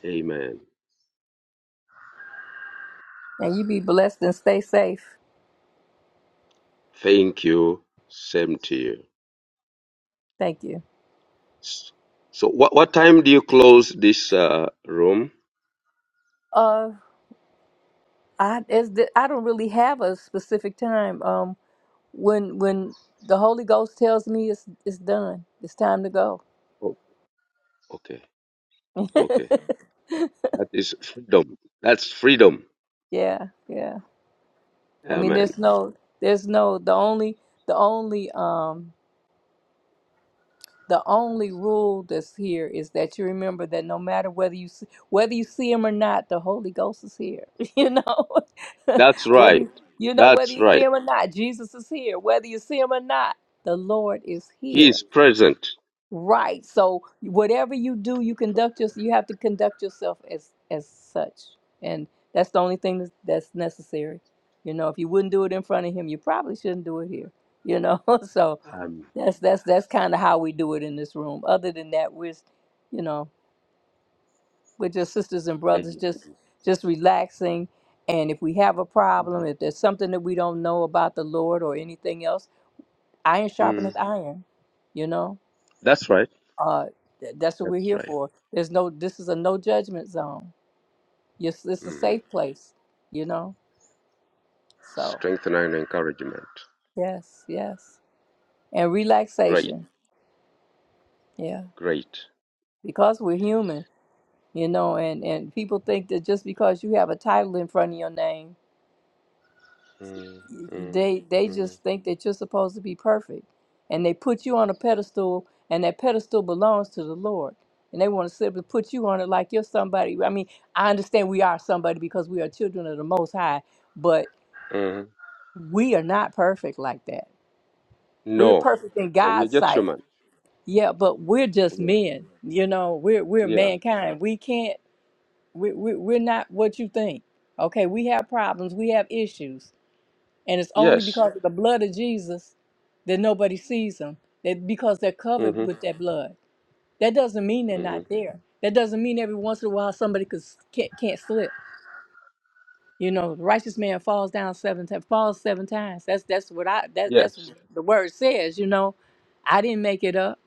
S6: Amen.
S1: And you be blessed and stay safe.
S6: Thank you. Same to you.
S1: Thank you.
S6: S- So, what, what time do you close this uh, room?
S1: Uh I as the, I don't really have a specific time. Um when when the Holy Ghost tells me it's it's done. It's time to go.
S6: Oh, okay, okay. That is freedom. That's freedom.
S1: yeah, yeah. I mean
S6: Amen.
S1: there's no there's no the only the only um the only rule that's here is that you remember that no matter whether you see, whether you see him or not, the Holy Ghost is here. You know,
S6: That's
S1: whether
S6: right.
S1: you, you know whether
S6: That's
S1: you see
S6: right.
S1: him or not, Jesus is here. Whether you see him or not, the Lord is
S6: He
S1: here.
S6: is present.
S1: Right. So whatever you do, you conduct yourself. You have to conduct yourself as as such, and that's the only thing that's, that's necessary. You know, if you wouldn't do it in front of him, you probably shouldn't do it here. You know, so
S6: Um,
S1: that's that's that's kind of how we do it in this room. Other than that, we're, s- you know, we're just sisters and brothers,
S6: amen.
S1: just just relaxing. And if we have a
S6: Mhm.
S1: problem, if there's something that we don't know about the Lord or anything else, iron
S6: Mm,
S1: sharpeneth iron. You know,
S6: that's right.
S1: uh, th- that's what we're
S6: That's
S1: here
S6: right.
S1: for. There's no, this is a no judgment zone. Yes, it's a
S6: Mm-hmm.
S1: safe place. You know, so
S6: strength and encouragement.
S1: yes, yes, and
S6: Great,
S1: relaxation. Yeah,
S6: great.
S1: because we're human. you know and and people think that just because you have a title in front of your name
S6: Mm, mm,
S1: they they
S6: mm,
S1: just think that you're supposed to be perfect and they put you on a pedestal and that pedestal belongs to the lord and they want to simply put you on it like you're somebody i mean i understand we are somebody because we are children of the most high but
S6: mhm.
S1: we are not perfect like that we're
S6: No,
S1: perfect in
S6: no, we are
S1: god's
S6: just
S1: sight
S6: human.
S1: yeah but we're just
S6: We are,
S1: men you know we're we're
S6: yeah,
S1: mankind we can't We, we, we're not what you think. Okay, we have problems, we have issues, and it's only
S6: yes,
S1: because of the blood of Jesus that nobody sees them. That because they're covered
S6: hmm
S1: with that blood. That doesn't mean they're
S6: hmm
S1: not there. That doesn't mean every once in a while somebody could, s- can't can't slip. You know, the righteous man falls down seven times. Falls seven times. That's that's what I that that's
S6: yes.
S1: what the word says. You know, I didn't make it up.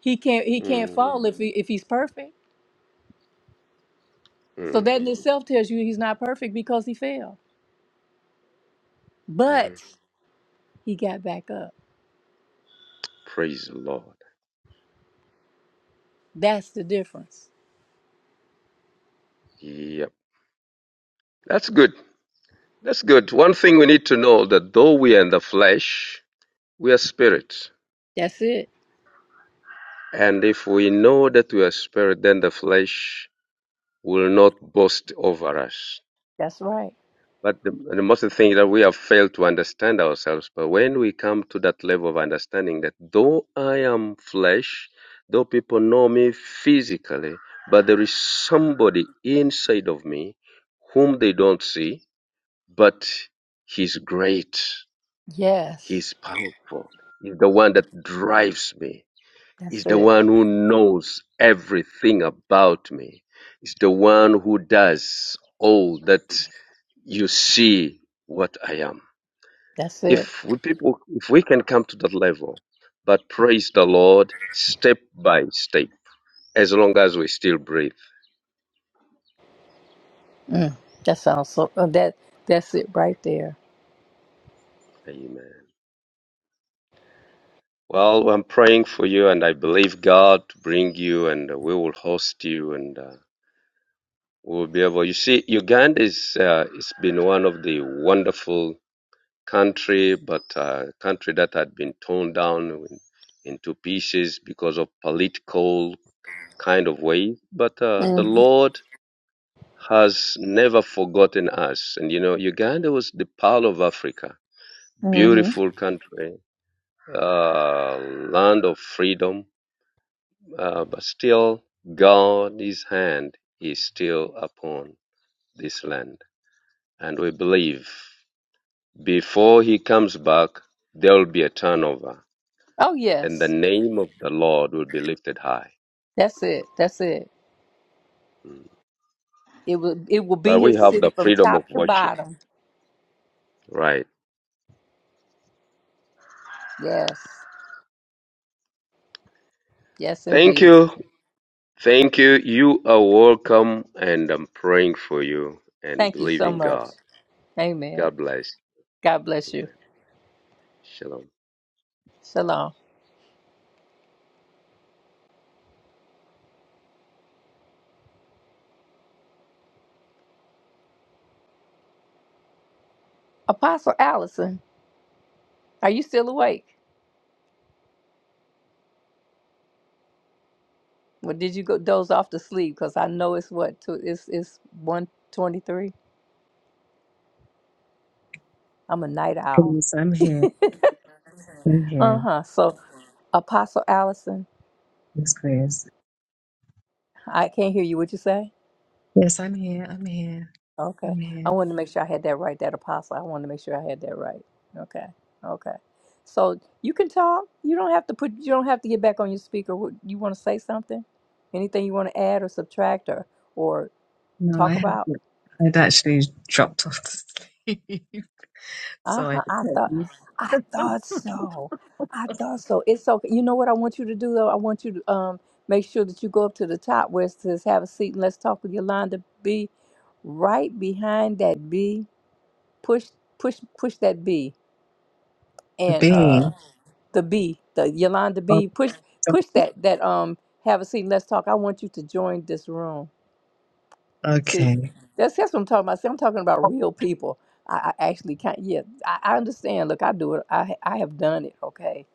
S1: He can't he can't
S6: Mm,
S1: fall if he if he's perfect. So
S6: mm,
S1: that in itself tells you he's not perfect because he fell. But
S6: hmm
S1: He got back up.
S6: Praise the Lord.
S1: That's the difference.
S6: Yep, that's good. That's good. One thing we need to know that though we are in the flesh, we are spirit,
S1: That's it.
S6: and if we know that we are spirit, then the flesh will not boast over us.
S1: That's right.
S6: But the, the most thing that we have failed to understand ourselves. But when we come to that level of understanding that though I am flesh, though people know me physically, but there is somebody inside of me whom they don't see, but he's great,
S1: Yes.
S6: he's powerful, he's the one that drives me,
S1: That's
S6: he's the
S1: it.
S6: one who knows everything about me, he's the one who does all that you see what I am.
S1: That's it.
S6: If we people, if we can come to that level, but praise the Lord step by step, as long as we still breathe.
S1: Mm. That sounds so. uh, that that's it right there.
S6: Amen. Well, I'm praying for you, and I believe God to bring you, and we will host you, and uh, we will be able. You see, Uganda is uh, it's been one of the wonderful country, but uh, country that had been torn down in, into pieces because of political kind of way, but uh, the
S1: Mm-hmm.
S6: Lord has never forgotten us. And you know, Uganda was the pearl of Africa,
S1: hmm
S6: beautiful country, uh, land of freedom, uh, but still, God, His hand is still upon this land. And we believe before He comes back, there will be a turnover,
S1: Oh
S6: and the
S1: yes.
S6: name of the Lord will be lifted high.
S1: That's it. That's it.
S6: Mm.
S1: It will. It will be
S6: But we
S1: his
S6: have
S1: city
S6: the
S1: from
S6: freedom of
S1: top to
S6: worship,
S1: bottom.
S6: right?
S1: Yes. Yes,
S6: Thank
S1: indeed.
S6: you. Thank you. You are welcome, and I'm praying for you and
S1: Thank you so
S6: believing
S1: much.
S6: God.
S1: Amen.
S6: God bless.
S1: God bless you.
S6: Amen. Shalom.
S1: Shalom. Apostle Allison, are you still awake? Well, did you go doze off to sleep? Because I know it's what two, it's it's one twenty three. I'm a night owl.
S4: Please, I'm here. I'm
S1: Uh
S4: here.
S1: huh. So Apostle Allison,
S4: Yes, please.
S1: I can't hear you. What you say?
S4: Yes, I'm here. I'm here.
S1: Okay.
S4: I'm
S1: I
S4: here.
S1: wanted to make sure I had that right. That Apostle. I wanted to make sure I had that right. Okay. Okay. So you can talk. You don't have to put. You don't have to get back on your speaker. What- You want to say something? Anything you want to add or subtract or or
S4: No, I
S1: talk
S4: had
S1: about?
S4: I'd actually dropped off to sleep, so I
S1: Uh-huh.
S4: just
S1: I
S4: had
S1: thought
S4: to
S1: I thought so. I thought so. It's okay. You know what I want you to do though? I want you to um make sure that you go up to the top where it says have a seat and let's talk with Yolanda B. Right behind that B. Push push push that B and
S4: be.
S1: uh the B, the Yolanda
S4: Oh,
S1: B. Push push
S4: it's
S1: that that um have a seat and let's talk. I want you to join this room. See,
S4: okay.
S1: that's that's what I'm talking about. See, I'm talking about real people. I, I actually can't. Yeah, I, I understand. Look, I do it. I ha- I have done it. Okay,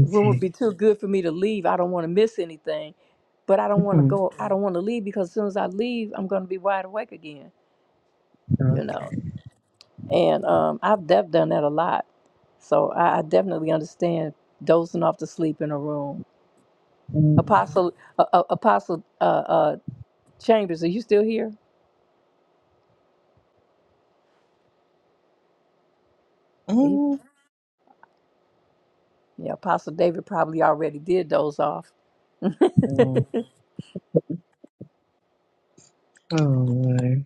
S1: the room would be too good for me to leave. I don't want to miss anything, but I don't want to
S4: Mhm.
S1: go. I don't want to leave because as soon as I leave, I'm going to be wide awake again. You know,
S4: Okay.
S1: and um, I've def- done that a lot. So I, I definitely understand dozing off to sleep in a room.
S4: Mm,
S1: Apostle, uh, uh, Apostle uh, uh, Chambers, are you still here?
S4: mm,
S1: Yeah, Apostle David probably already did those off. it's
S4: mm. Oh, Lord.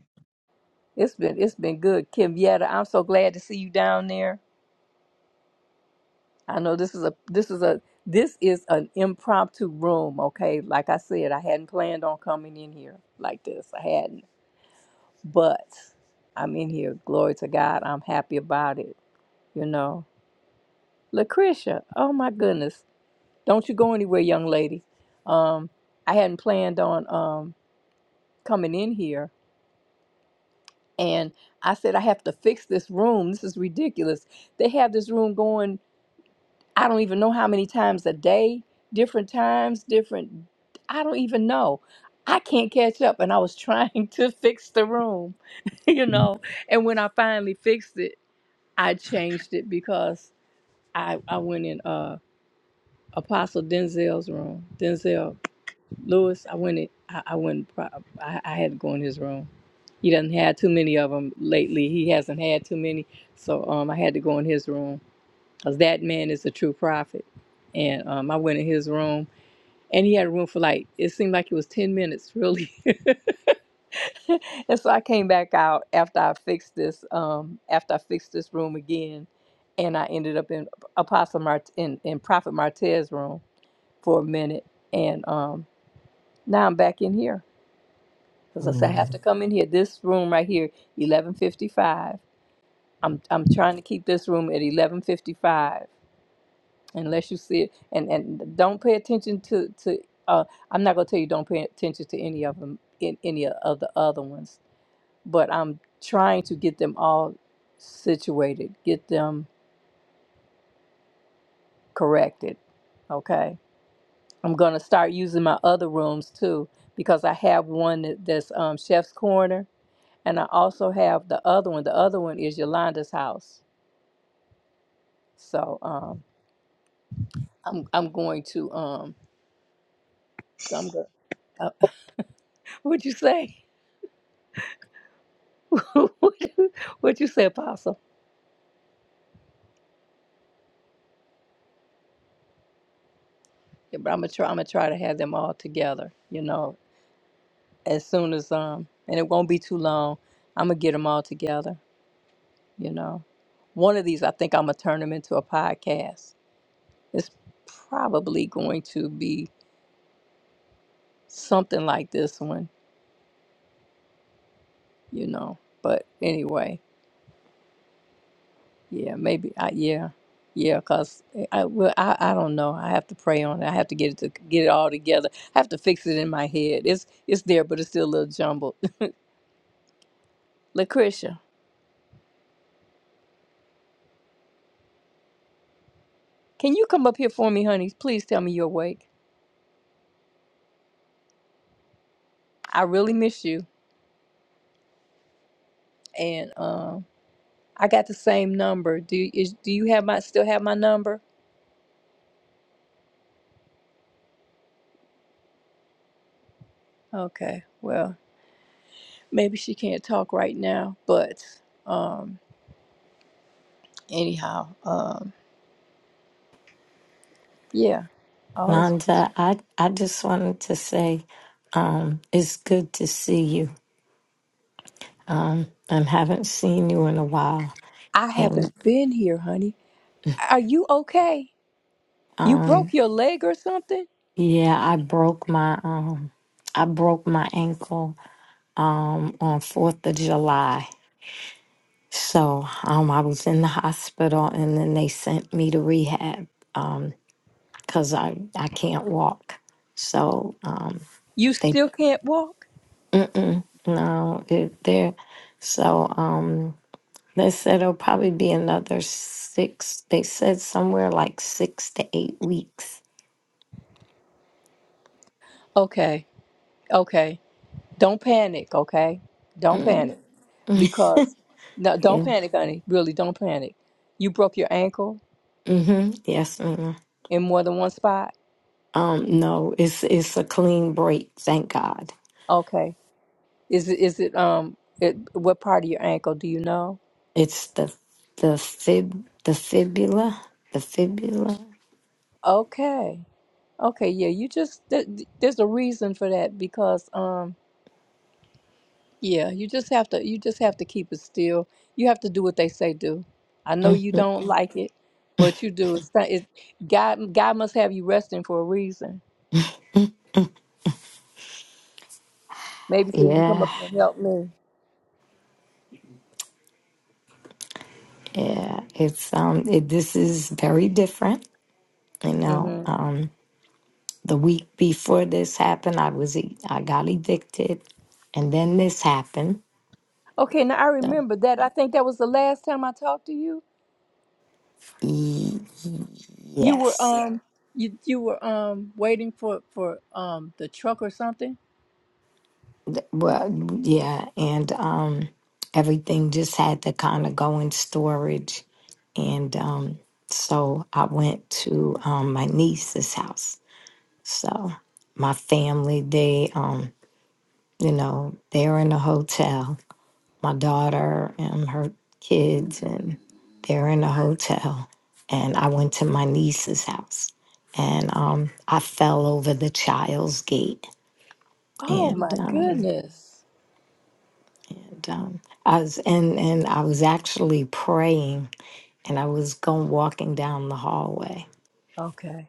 S1: been it's been good, Kim Yetta. I'm so glad to see you down there. I know this is a this is a this is an impromptu room. Okay, like I said, I hadn't planned on coming in here like this. I hadn't, but I'm in here. Glory to God. I'm happy about it. You know, Lucretia. Oh my goodness, don't you go anywhere, young lady. Um, I hadn't planned on um coming in here, And I said, I have to fix this room. This is ridiculous. They have this room going, I don't even know how many times a day, different times, different, I don't even know. I can't catch up. And I was trying to fix the room, you know. And when I finally fixed it, I changed it because I, I went in uh, Apostle Denzel's room. Denzel Lewis, I went. in- I, I went. pro- I, I had to go in his room. He doesn't had too many of them lately. He hasn't had too many, so um, I had to go in his room because that man is a true prophet. And um, I went in his room, and he had a room for like it seemed like it was ten minutes, really. and so I came back out after I fixed this. Um, after I fixed this room again, and I ended up in Apostle Mart in, in Prophet Martez's room for a minute, and um, now I'm back in here Because I said, I have
S4: Mm.
S1: to come in here. This room right here, 1155. I'm, I'm trying to keep this room at 1155. Unless you see it. And, and don't pay attention to, to uh, I'm not going to tell you don't pay attention to any of them, in, any of the other ones. But I'm trying to get them all situated, get them corrected. Okay. I'm going to start using my other rooms too because I have one that, that's um, Chef's Corner and I also have the other one. The other one is Yolanda's house. So um, I'm I'm going to um I'm go- uh, what'd you say? what'd you say, Apostle? Yeah, but I'm gonna try I'm gonna try to have them all together. You know, as soon as um and it won't be too long. I'm gonna get them all together. You know, one of these I think I'm gonna turn them into a podcast. It's probably going to be something like this one. You know, but anyway. Yeah, maybe. I, yeah, yeah. Cause eh, I, well, I, I don't know. I have to pray on it. I have to get it to get it all together. I have to fix it in my head. It's it's there, but it's still a little jumbled. Lucretia, can you come up here for me, honey? Please tell me you're awake. I really miss you, and um, I got the same number. Do is do you have my still have my number? Okay. Well, maybe she can't talk right now, but um, anyhow, um, yeah. All is
S5: Londa, I, I just wanted to say um, it's good to see you. Um, I haven't seen you in a while.
S1: I
S5: And
S1: haven't been here, honey. Are you okay? You broke
S5: um,
S1: your leg or something?
S5: yeah, I broke my um, I broke my ankle um, on 4th of July. So um, I was in the hospital and then they sent me to rehab because I, I can't walk. So um,
S1: You
S5: they.
S1: still can't walk?
S5: Mm-mm, no, it there. So um, they said it'll probably be another six. They said somewhere like six to eight weeks.
S1: Okay. Okay. Don't panic, okay? Don't
S5: Mm,
S1: panic because no, don't
S5: yeah.
S1: panic, honey. Really, don't panic. You broke your ankle
S5: Mm-hmm. Yes, ma'am.
S1: in more than one spot?
S5: Um, no, it's it's a clean break. Thank God.
S1: Okay. Is it is it um it, what part of your ankle do you know?
S5: It's the the fib the fibula the fibula.
S1: Okay. Okay, yeah, you just th- th- there's a reason for that because um Yeah, you just have to you just have to keep it still. You have to do what they say do. I know
S5: hmm
S1: you don't like it, but you do. It's not, it, God God must have you resting for a reason. Maybe so you can come
S5: Yeah,
S1: up here and help me.
S5: yeah. It's um. It, this is very different. You know.
S1: hmm
S5: Um. The week before this happened, I was e- I got evicted, and then this happened.
S1: Okay, now I
S5: So,
S1: remember that. I think that was the last time I talked to you.
S5: e-
S1: You were Yeah.
S5: yes,
S1: um you you were um waiting for for um the truck or something.
S5: Th- well, yeah, and um, everything just had to kind of go in storage, and um, so I went to um, my niece's house. So my family, they, um, you know, they're in a hotel my daughter and her kids, and they're in a hotel. And I went to my niece's house, and um, I fell over the child's gate,
S1: Oh
S5: and,
S1: my
S5: um,
S1: goodness.
S5: and um, I was and and I was actually praying, and I was going walking down the hallway,
S1: Okay.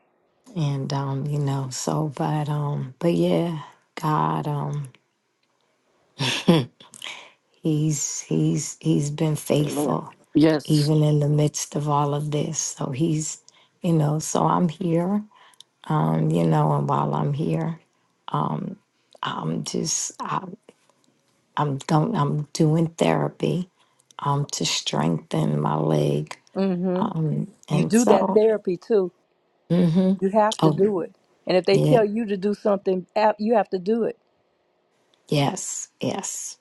S5: and um, you know, so but um, but yeah, God, um, he's he's he's been
S2: Amen.
S5: faithful
S2: Yes.
S5: even in the midst of all of this. So he's, you know, so I'm here, um, you know, and while I'm here, I'm just, I, I'm going, I'm doing therapy, um, to strengthen my leg,
S1: Mm-hmm.
S5: um,
S1: You
S5: and
S1: do that
S5: so,
S1: therapy too.
S5: mm-hmm.
S1: You have to
S5: oh
S1: do it. And if they
S5: yeah,
S1: tell you to do something, ap- you have to do it.
S5: yes, yes,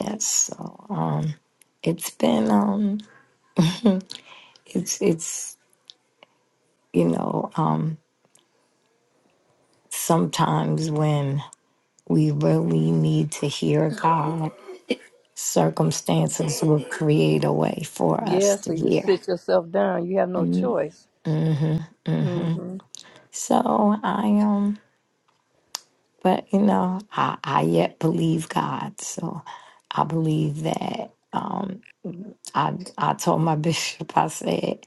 S5: yes. So, um, it's been, um, it's, it's, you know, um, sometimes when we really need to hear God circumstances will create a way for us
S1: Yeah,
S5: to
S1: so you
S5: hear.
S1: sit yourself down. You have no choice. hmm
S5: So I um, but you know, I, I yet believe God. So I believe that um, I I told my bishop, I said,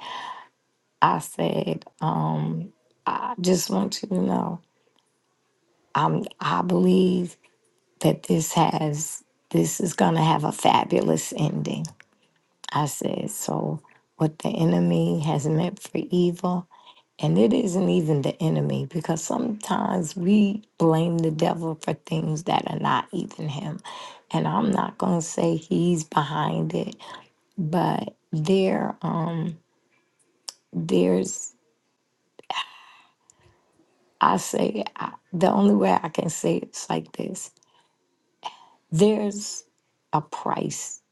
S5: I said, um, I just want you to know, I'm I believe that this has this is gonna have a fabulous ending. I said so. What the enemy has meant for evil, And it isn't even the enemy because sometimes we blame the devil for things that are not even him. And I'm not going to say he's behind it, but there um there's I say I, the only way I can say it's like this. There's a price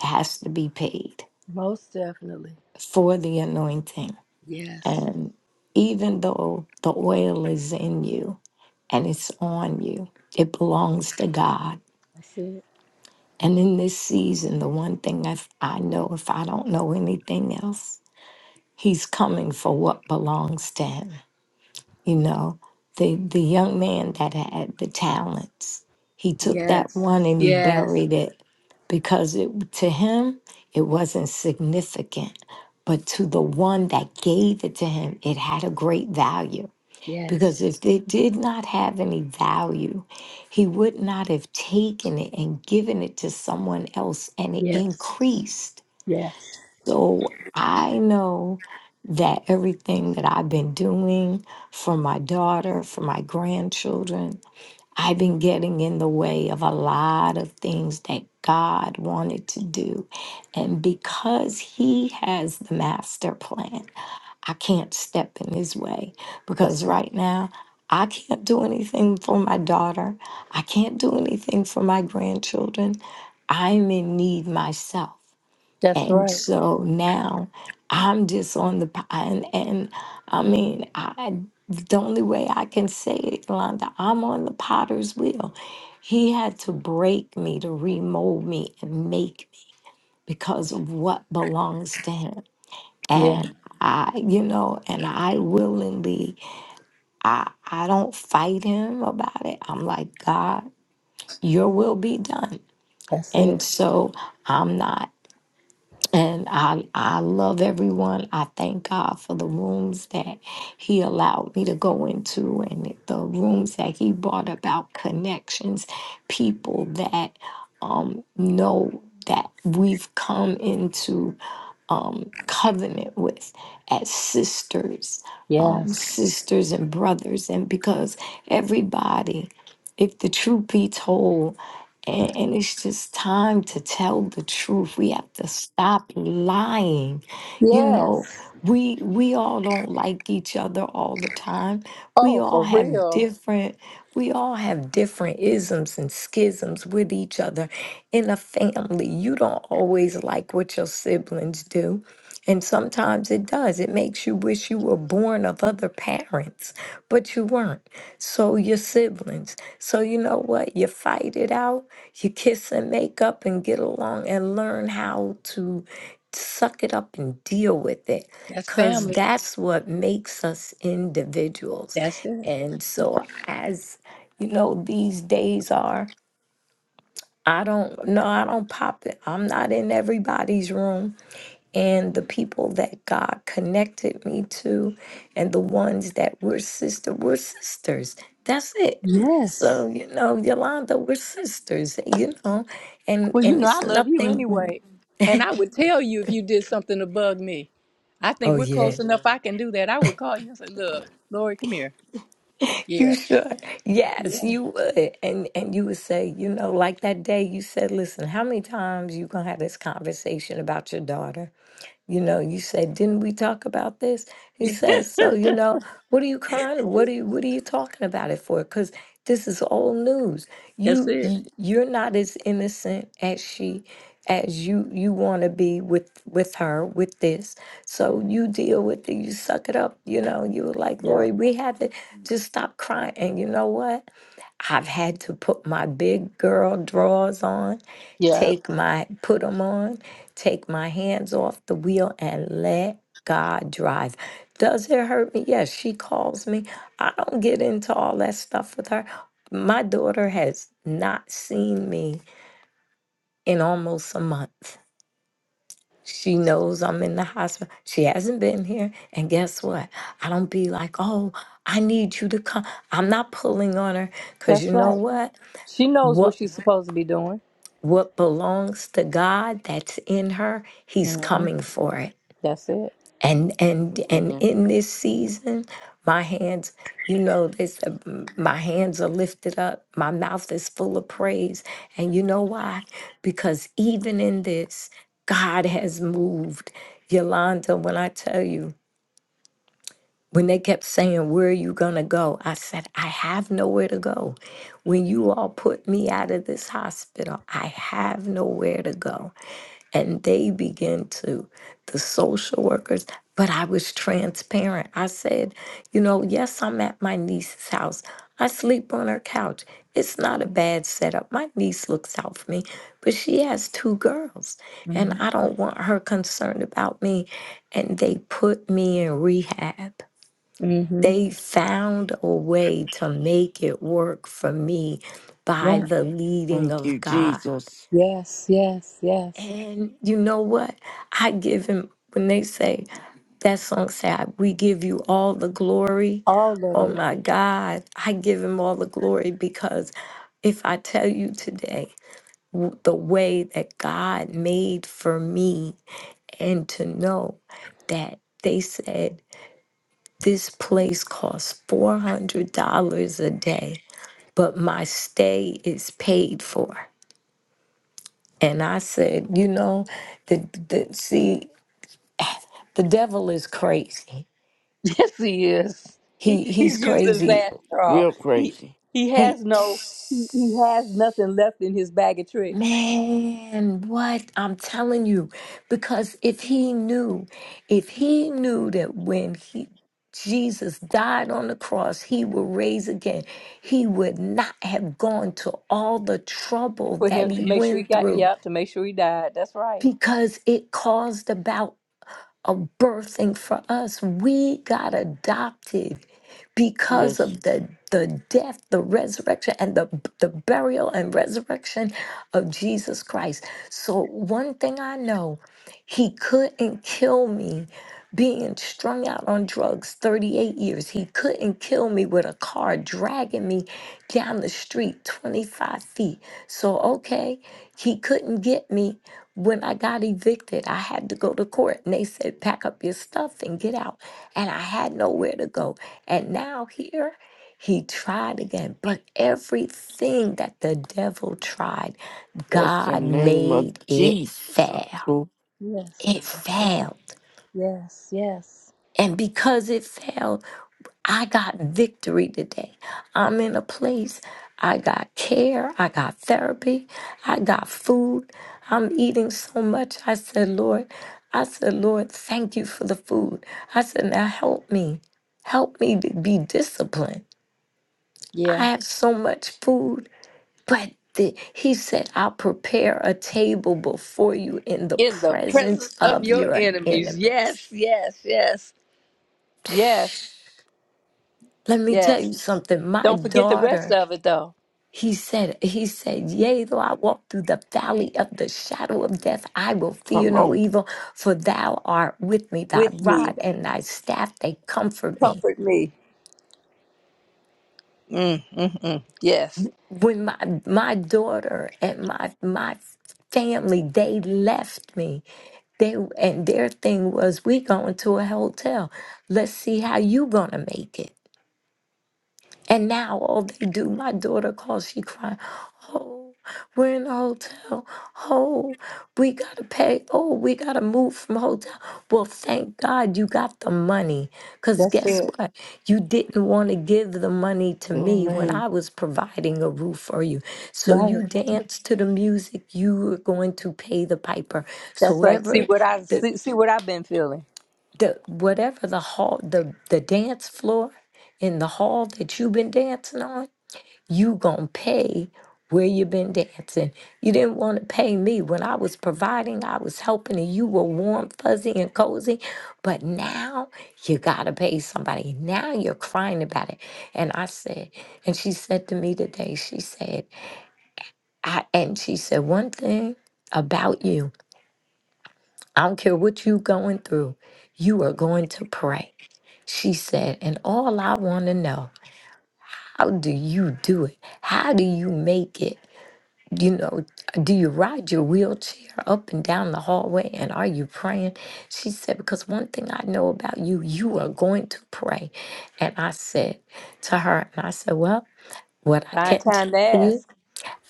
S5: that has to be paid
S1: Most definitely.
S5: for the anointing.
S1: Yes.
S5: And even though the oil is in you and it's on you, it belongs to God
S1: That's it.
S5: And in this season, the one thing I, I know, if I don't know anything else, he's coming for what belongs to him. You know, the, the young man that had the talents, he took that
S1: Yes.
S5: one and he
S1: Yes.
S5: buried it because it, to him, it wasn't significant. But to the one that gave it to him, it had a great value. Because
S1: Yes.
S5: if they did not have any value, he would not have taken it and given it to someone else and it
S1: Yes.
S5: increased.
S1: Yes.
S5: So I know that everything that I've been doing for my daughter, for my grandchildren, I've been getting in the way of a lot of things that God wanted to do. And because he has the master plan, I can't step in his way because
S1: That's it.
S5: right now I can't do anything for my daughter. I can't do anything for my grandchildren. I'm in need myself.
S1: That's
S5: And
S1: right.
S5: so now I'm just on the, p- and, and I mean, I, the only way I can say it, Yolanda, I'm on the potter's wheel. He had to break me to remold me and make me because of what belongs to him
S1: Yeah.
S5: and I, you know, and I willingly, I, I don't fight him about it. I'm like, God, your will be done.
S1: That's
S5: And
S1: it.
S5: so I'm not. And I, I love everyone. I thank God for the rooms that He allowed me to go into and the rooms that He brought about connections, people that um, know that we've come into um, covenant with as sisters, um,
S1: Yes.
S5: sisters and brothers. And because everybody, if the truth be told, and, and it's just time to tell the truth. We have to stop lying. You know,
S1: Yes.
S5: we we all don't like each other all the time. We
S1: Oh,
S5: all
S1: for
S5: have
S1: real.
S5: different we all have different isms and schisms with each other in a family. You don't always like what your siblings do. And sometimes it does. It makes you wish you were born of other parents, but you weren't. So your siblings. So you know what? You fight it out, you kiss and make up and get along and learn how to suck it up and deal with it.
S1: That's
S5: Cause
S1: family.
S5: that's what makes us individuals.
S1: That's it.
S5: And so as you know, these days are, I don't no, I don't pop it. I'm not in everybody's room and the people that God connected me to and the ones that were sister were sisters. That's it.
S1: Yes.
S5: So, you know, Yolanda, we're sisters, you know, and
S1: Well, you
S5: and
S1: know, I
S5: it's
S1: love you
S5: nothing
S1: anyway. And I would tell you if you did something to bug me. I think
S5: oh
S1: we're close
S5: yeah.
S1: Mhm. enough. I can do that. I would call you and say, look, Lori, come here. Yeah.
S5: You should. Yes,
S1: Yeah.
S5: you would. And and you would say, you know, like that day you said, listen, how many times you gonna have this conversation about your daughter? You know, you said, didn't we talk about this? He says, so you know, what are you crying? What are you what are you talking about it for? Because this is old news.
S1: That's
S5: You
S1: it.
S5: you- you're not as innocent as she as you you want to be with with her with this. So you deal with it. You suck it up. You know, you were like,
S1: Yeah.
S5: Lori, we had to just stop crying. And you know what? I've had to put my big girl drawers on,
S1: Yeah.
S5: take my put them on, take my hands off the wheel and let God drive. Does it hurt me? Yes, she calls me. I don't get into all that stuff with her. My daughter has not seen me in almost a month. She knows I'm in the hospital. She hasn't been here. And guess what? I don't be like, oh, I need you to come. I'm not pulling on her because
S1: That's
S5: you know
S1: right.
S5: what?
S1: She knows what
S5: What
S1: she's supposed to be doing.
S5: what belongs to God that's in her, He's
S1: hmm
S5: coming for it.
S1: That's it.
S5: and and and
S2: Amen.
S5: in this season my hands you know this my hands are lifted up my mouth is full of praise and you know why because even in this god has moved yolanda when i tell you when they kept saying where are you going to go i said i have nowhere to go when you all put me out of this hospital i have nowhere to go and they began to the social workers but i was transparent i said you know yes i'm at my niece's house i sleep on her couch it's not a bad setup my niece looks out for me but she has two girls and
S1: hmm
S5: i don't want her concerned about me and they put me in rehab
S1: hmm
S5: they found a way to make it work for me by
S1: Yeah.
S5: the leading
S2: Thank you,
S5: of god
S2: Jesus.
S1: Yes. Yes. Yes.
S5: and you know what? I give him when they say that song said, "We give you all the glory."
S1: All of
S5: Oh
S1: it.
S5: my God, I give him all the glory because if I tell you today w- the way that God made for me, and to know that they said this place costs four hundred dollars a day, but my stay is paid for. And I said, you know, the, the see The devil is crazy.
S1: Yes, he is. He,
S5: He he's
S1: he's used as
S5: crazy.
S1: that straw.
S2: Real
S1: He
S2: crazy.
S1: he
S5: He
S1: has no he, he has nothing left in his bag of tricks.
S5: man, what I'm telling you, because if he knew, if he knew that when he Jesus died on the cross, he would raise again. He would not have gone to all the trouble
S1: for
S5: that
S1: him to
S5: he
S1: make sure he
S5: went
S1: got
S5: through
S1: yeah to make sure he died that's right
S5: because it caused about of birthing for us. We got adopted because
S2: Yes.
S5: of the the death, the resurrection, and the the burial and resurrection of Jesus Christ. So one thing I know, He couldn't kill me being strung out on drugs 38 years. He couldn't kill me with a car dragging me down the street 25 feet. So, okay, he couldn't get me when I got evicted. I had to go to court and they said, pack up your stuff and get out. And I had nowhere to go. And now here, he tried again. But everything that the devil tried,
S2: That's the
S5: God
S2: name of
S5: made it
S2: Jesus.
S5: fail.
S2: Uncle.
S1: yes
S5: It
S1: That's it.
S5: failed.
S1: yes yes
S5: And because it failed, I got victory today. I'm in a place. I got care. I got therapy. I got food. I'm eating so much. I said, Lord, I said, Lord, thank you for the food. I said, now help me. Help me to be disciplined. I
S1: yeah
S5: have so much food, but the, he said, I'll prepare a table before you in the
S1: in the presence
S5: presence
S1: of
S5: of
S1: your
S5: your
S1: enemies
S5: enemy.
S1: yes yes yes yes
S5: Let me tell
S1: yes
S5: you something. My
S1: don't forget the rest
S5: daughter
S1: of it though
S5: He said, He said, Yea, though I walk through the valley of the shadow of death, I will fear
S2: Come
S5: no
S2: on.
S5: evil, for thou art with me, thy
S1: with me
S5: rod and thy staff, they comfort me.
S1: comfort me mm, mm, mm. yes
S5: When my my daughter and my my family, they left me. They and their thing was we going to a hotel. Let's see how you gonna make it. And now all they do, my daughter calls, she crying, oh, we're in the hotel. Oh, we gotta pay. Oh, we gotta move from hotel. Well, thank God you got the money. Cause
S1: that's
S5: guess
S1: it
S5: what? You didn't want to give the money to me when
S2: Amen.
S5: I was providing a roof for you. So
S1: right
S5: you danced to the music, you were going to pay the piper.
S1: that's
S5: So
S1: right see
S5: ever
S1: what i
S5: the
S1: see, see what i've been feeling
S5: the whatever the hall the the dance floor in the hall that you've been dancing on you gonna pay where you been dancing. You didn't want to pay me when I was providing, I was helping, and you were warm, fuzzy, and cozy. But now you gotta pay somebody. Now you're crying about it. And I said, and she said to me today, she said, I and she said one thing about you. I don't care what you going through, you are going to pray. She said, and all I want to know, how do you do it? How do you make it? You know, do you ride your wheelchair up and down the hallway and are you praying? She said, Because one thing I know about you, you are going to pray. And I said to her, and I said, Well, what I
S1: find
S5: can
S1: time to
S5: tell you
S1: ask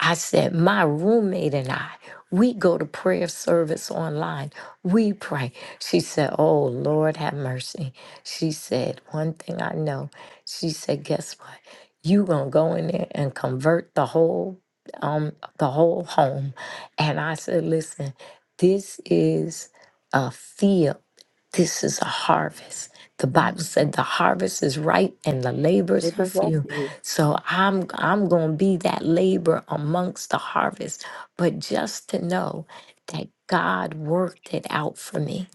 S5: I said, my roommate and I, we go to prayer service online. We pray. She said, Oh, Lord, have mercy. She said, One thing I know. She said, Guess what? You gonna go in there and convert the whole um the whole home. And I said, Listen, this is a field this is a harvest. The
S1: mm.
S5: Bible said the harvest is ripe and the
S1: they
S5: labors are
S1: present
S5: few.
S1: to you
S5: So I'm I'm going to be that labor amongst the harvest, but just to know that God worked it out for me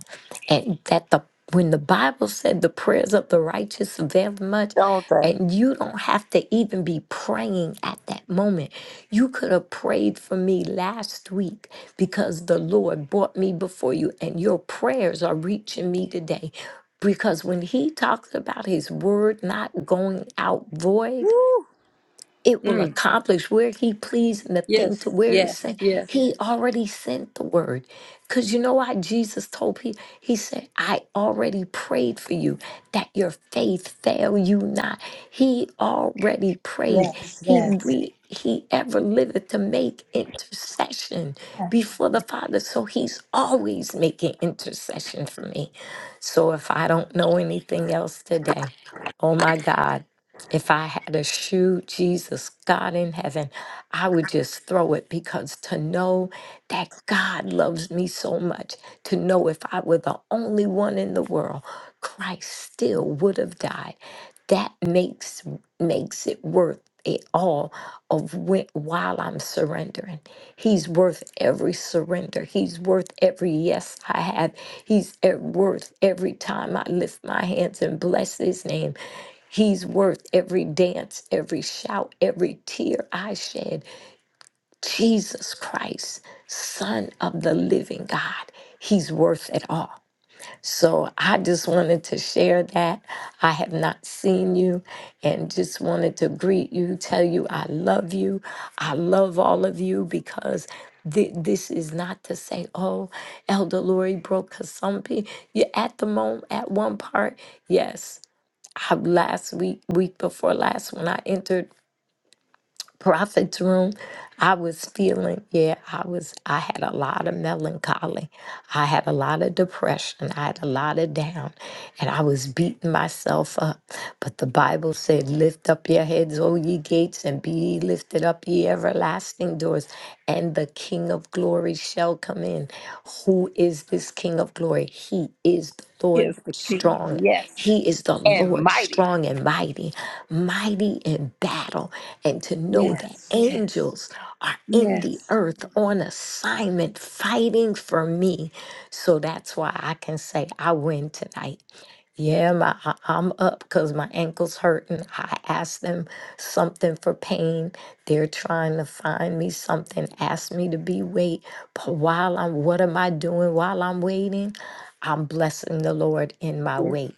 S5: and that the when the Bible said the prayers of the righteous avail much,
S1: don't they
S5: and you don't have to even be praying at that moment. You could have prayed for me last week because the Lord brought me before you, and your prayers are reaching me today. Because when he talks about his word not going out void,
S1: Woo.
S5: it will
S1: Mm.
S5: accomplish where he pleased and the thing to
S1: yes
S5: where it
S1: yes
S5: sent.
S1: yes
S5: He already sent the word. Because you know why Jesus told Peter? He said, I already prayed for you that your faith fail you not. He already prayed.
S1: Yes,
S5: He
S1: yes,
S5: re- he ever liveth to make intercession
S1: yes,
S5: before the Father. So he's always making intercession for me. So if I don't know anything else today, oh my God. If I had a shoe, Jesus, God in heaven, I would just throw it because to know that God loves me so much, to know if I were the only one in the world, Christ still would have died that makes makes it worth it all of when, while I'm surrendering. He's worth every surrender. He's worth every yes I have. He's e- worth every time I lift my hands and bless his name. He's worth every dance, every shout, every tear I shed. Jesus Christ, Son of the living God, he's worth it all. So I just wanted to share that. I have not seen you and just wanted to greet you, tell you I love you. I love all of you because thi- this is not to say, oh, Elder Lori broke because some people, you at the moment, at one part, yes. I, last week, week before last, when I entered prophet's room, I was feeling, yeah, I was, I had a lot of melancholy. I had a lot of depression. I had a lot of down, and I was beating myself up. But the Bible said, Lift up your heads, O ye gates, and be ye lifted up, ye everlasting doors, and the King of glory shall come come in. Who is this King of glory? He is the
S1: He
S5: Lord
S1: is the King.
S5: strong.
S1: Yes.
S5: He is the
S1: And
S5: Lord
S1: mighty.
S5: strong and mighty, mighty in battle. And to know that
S1: yes, yes,
S5: angels are in the
S1: yes.
S5: earth on assignment fighting for me. So that's why I can say I win tonight. Yeah, my, I- I'm up because my ankle's hurting. I asked them something for pain. They're trying to find me something, ask me to be wait. But while I'm, what am I doing while I'm waiting? I'm blessing the Lord in my
S1: yes.
S5: wait.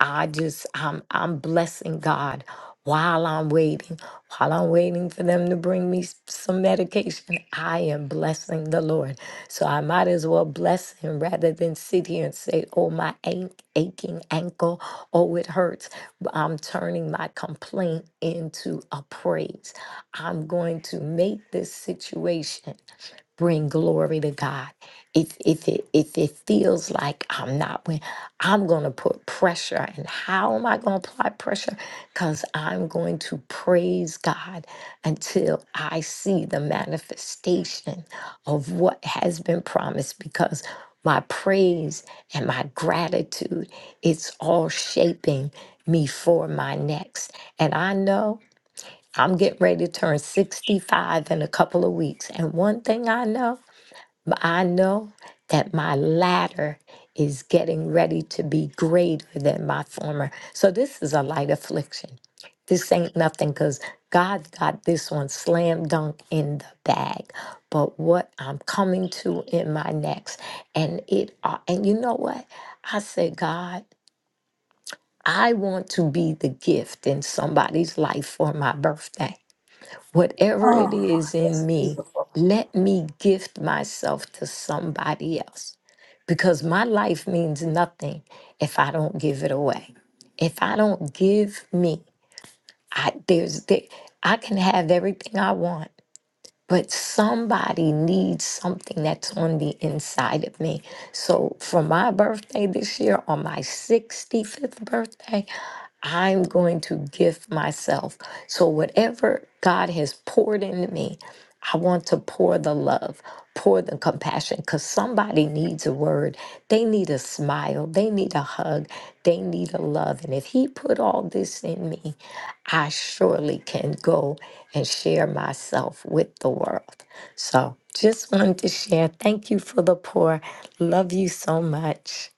S5: I just I'm I'm blessing God while I'm waiting, while I'm waiting for them to bring me s- some medication. I am blessing the Lord. So I might as well bless him rather than sit here and say, oh my ache, aching ankle, oh it hurts. But I'm turning my complaint into a praise. I'm going to make this situation bring glory to God. If if it if it feels like I'm not win, I'm gonna put pressure. And how am I gonna apply pressure? Because I'm going to praise God until I see the manifestation of what has been promised. Because my praise and my gratitude, it's all shaping me for my next. And I know I'm getting ready to turn 65 in a couple of weeks. And one thing I know. I know that my latter is getting ready to be greater than my former. So this is a light affliction. This ain't nothing because God's got this one slam dunk in the bag. But what I'm coming to in my next, and it, uh, and you know what? I said, God, I want to be the gift in somebody's life for my birthday. Whatever it
S1: Oh,
S5: is in
S1: that's
S5: me,
S1: beautiful.
S5: let me gift myself to somebody else because my life means nothing if I don't give it away. If I don't give me, I there's there, I can have everything I want, but somebody needs something that's on the inside of me. So for my birthday this year, on my 65th birthday, I'm going to gift myself. So whatever God has poured into me, I want to pour the love pour the compassion because somebody needs a word. They need a smile. They need a hug. They need a love. And if He put all this in me, I surely can go and share myself with the world. So just wanted to share. Thank you for the pour. Love you so much.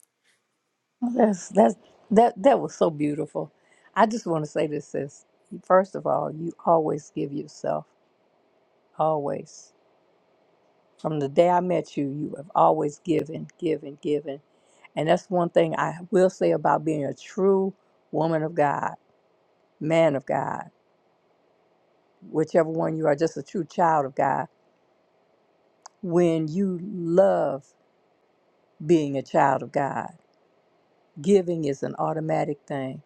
S1: That's that's that that was so beautiful. I just want to say this, sis. First of all, you always give yourself. Always. From the day I met you, you have always given, given, given. And that's one thing I will say about being a true woman of God, man of God, whichever one you are, just a true child of God. when you love being a child of God. Giving is an automatic thing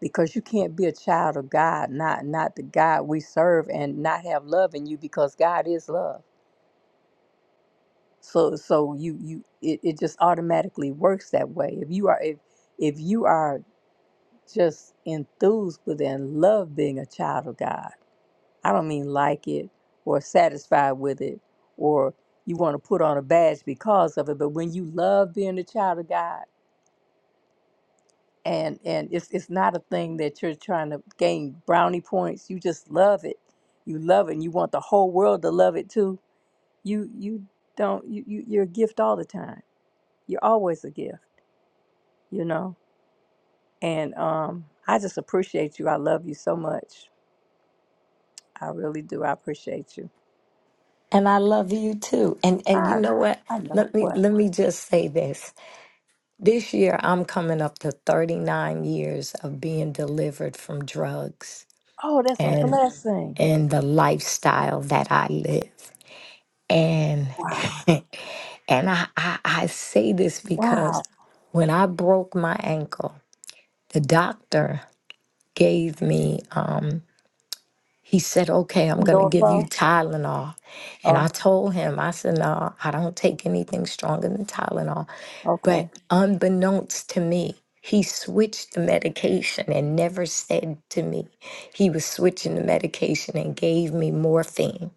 S1: because you can't be a child of God, not not the God we serve, and not have love in you because God is love. So so you you it, it just automatically works that way. If you are if if you are just enthused with and love being a child of God, I don't mean like it or satisfied with it or you want to put on a badge because of it, but when you love being a child of God and and it's it's not a thing that you're trying to gain brownie points. You just love it. You love it, and you want the whole world to love it too. You you don't you, you you're a gift all the time. You're always a gift, you know. And um, I just appreciate you. I love you so much. I really do. I appreciate you.
S5: And I love you too. And and you
S1: I
S5: know what?
S1: I know
S5: Let me
S1: what.
S5: let me just say this. This year I'm coming up to 39 years of being delivered from drugs.
S1: Oh, that's a
S5: And
S1: blessing.
S5: and the lifestyle that I live. And
S1: Wow.
S5: and I, I I say this because
S1: Wow.
S5: when I broke my ankle, the doctor gave me um, he said, "Okay, I'm going to give you
S1: Norfolk.
S5: Tylenol." And I
S1: Oh,
S5: told him, I said, "No, I don't take anything stronger than Tylenol."
S1: okay.
S5: But unbeknownst to me, he switched the medication and never said to me he was switching the medication and gave me morphine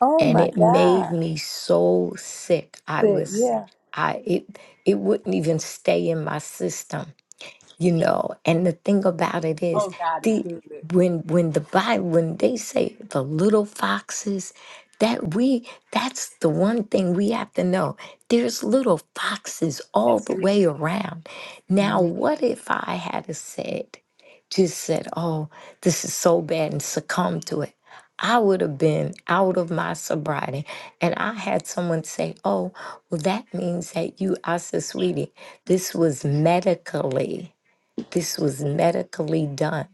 S1: Oh
S5: and
S1: my
S5: it made
S1: God.
S5: me so sick. I
S1: Said,
S5: was,
S1: yeah.
S5: I it it wouldn't even stay in my system you know and the thing about it is
S1: Oh, God is
S5: the
S1: good.
S5: when when the bible when they say the little foxes that we that's the one thing we have to know there's little foxes all
S1: That's
S5: the
S1: who
S5: way around now
S1: Mhm.
S5: what if i had a said just said oh this is so bad and succumbed to it I would have been out of my sobriety. And I had someone say, Oh, well, that means that you, I said, sweetie, this was medically. This was medically done.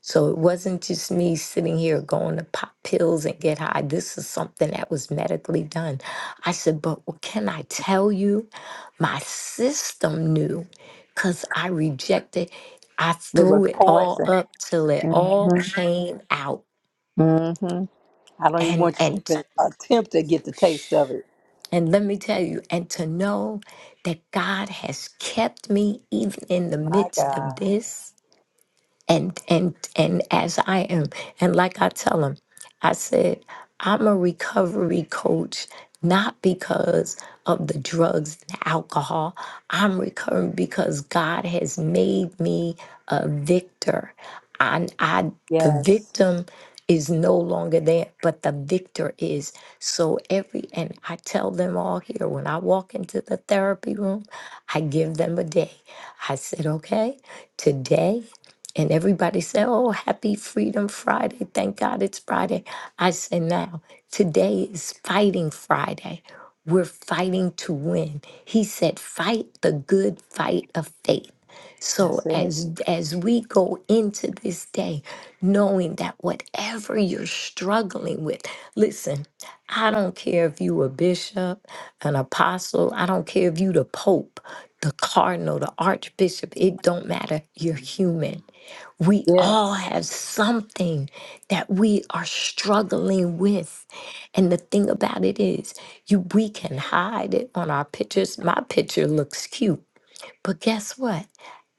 S5: So it wasn't just me sitting here going to pop pills and get high. This is something that was medically done. I said, but what can I tell you? My system knew because I rejected. I
S1: It was
S5: threw it all
S1: poison.
S5: up till it all
S1: Mm-hmm.
S5: came out.
S1: hmm I don't even
S5: And
S1: want you to
S5: and
S1: even attempt to get the taste of it.
S5: and let me tell you, and to know that God has kept me even in the
S1: My
S5: midst of
S1: God.
S5: this and and and as I am, and like I tell them, I said I'm a recovery coach not because of the drugs and alcohol. I'm recovering because God has made me a victor. I, I the
S1: Yes.
S5: victim is no longer there, but the victor is. So every and I tell them all here when I walk into the therapy room, I give them a day. I said, okay, today. And everybody said, Oh, happy Freedom Friday. Thank God it's Friday. I say now, today is Fighting Friday. We're fighting to win. He said, Fight the good fight of faith. So
S1: That's it.
S5: as as we go into this day, knowing that whatever you're struggling with, listen, I don't care if you a bishop, an apostle, I don't care if you the pope, the cardinal, the archbishop, it don't matter. You're human. We all
S1: Yes.
S5: have something that we are struggling with. And the thing about it is, you we can hide it on our pictures. My picture looks cute, but guess what?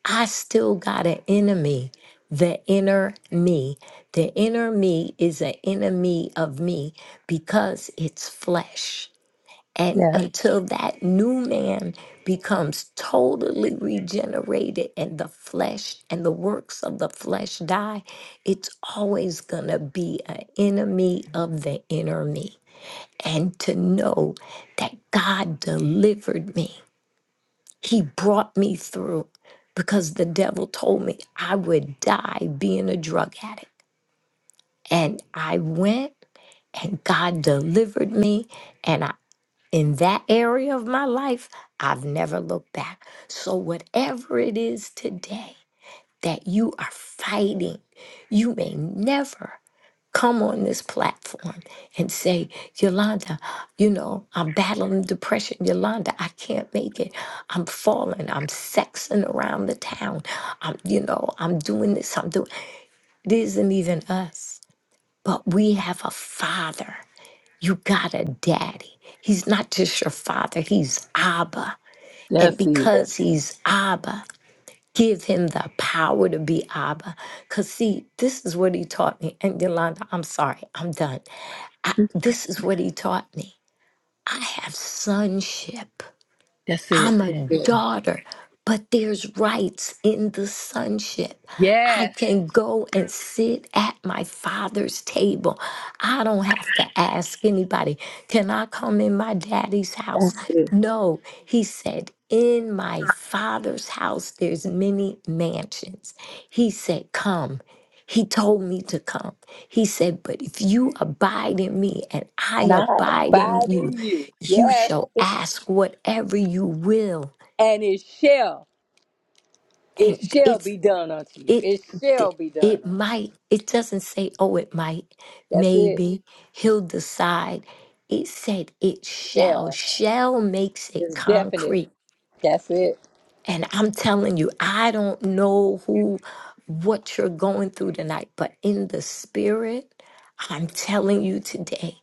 S5: I still got an enemy, the inner me. The inner me is an enemy of me because it's flesh. And
S1: Yeah.
S5: until that new man becomes totally regenerated and the flesh and the works of the flesh die, it's always going to be an enemy of the inner me. And to know that God delivered me, He brought me through because the devil told me I would die being a drug addict. And I went and God delivered me. and I in that area of my life, I've never looked back. So, whatever it is today that you are fighting, you may never come on this platform and say, Yolanda, you know, I'm battling depression. Yolanda, I can't make it. I'm falling. I'm sexing around the town. I'm, you know, I'm doing this. I'm doing. It isn't even us, but we have a father you got a daddy. He's not just your father, he's Abba.
S1: Yes,
S5: And
S1: it is.
S5: because he's Abba, give him the power to be Abba. Because, see, this is what he taught me. And Yolanda, I'm sorry, I'm done. I, this is what he taught me. I have sonship.
S1: That's it.
S5: I'm a daughter, but there's rights in the sonship. I
S1: Yes.
S5: can go and sit at my father's table. I don't have to ask anybody, can I come in my daddy's house?
S1: That's it.
S5: No, he said, in my father's house, there's many mansions. He said, come. He told me to come. He said, But if you abide in me and I
S1: And I
S5: abide in
S1: abide
S5: you,
S1: in you.
S5: you
S1: Yes.
S5: shall ask whatever you will
S1: And it shall. It
S5: and
S1: shall be
S5: it's
S1: done unto you.
S5: it
S1: It shall be done
S5: it
S1: unto you.
S5: might it doesn't say oh it might
S1: That's it.
S5: maybe he'll decide it said it shall
S1: Shall.
S5: shall makes it
S1: It's definite.
S5: concrete
S1: That's it.
S5: and i'm telling you i don't know who what you're going through tonight but in the spirit i'm telling you today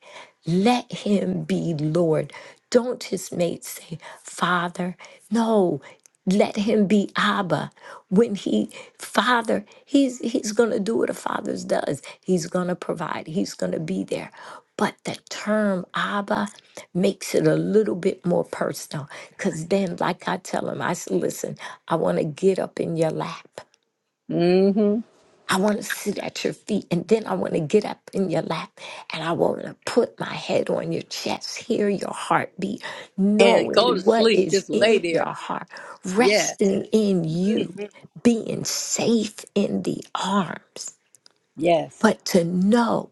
S5: Let him be Lord. Don't his mates say, Father. No, let him be Abba. When he, Father, he's, he's going to do what a father does. He's going to provide, he's going to be there. But the term Abba makes it a little bit more personal because then, like I tell him, I said, Listen, I want to get up in your lap.
S1: Mm-hmm.
S5: I want to sit at your feet and then I want to get up in your lap and I want to put my head on your chest, hear your heartbeat,
S1: And go to
S5: knowing what
S1: sleep.
S5: is
S1: Just lay
S5: in your
S1: there.
S5: heart,
S1: Yes.
S5: resting in you, being safe in the arms,
S1: Yes.
S5: but to know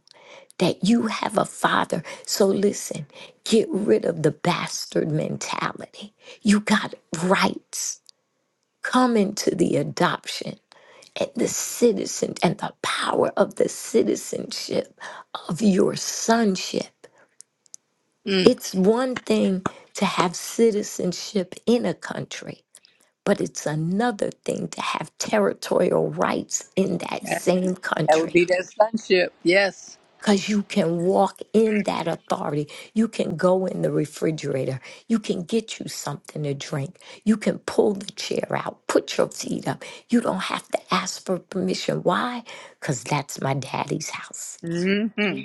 S5: that you have a father. So listen, get rid of the bastard mentality. You got rights. Come into the adoption and the citizen and the power of the citizenship of your sonship.
S1: Mm.
S5: It's one thing to have citizenship in a country, but it's another thing to have territorial rights in that
S1: That's,
S5: same
S1: that would
S5: country.
S1: be that sonship. Yes.
S5: Because you can walk in that authority. You can go in the refrigerator. You can get you something to drink. You can pull the chair out, put your feet up. You don't have to ask for permission. Why? Because that's my daddy's house.
S1: Mm-hmm.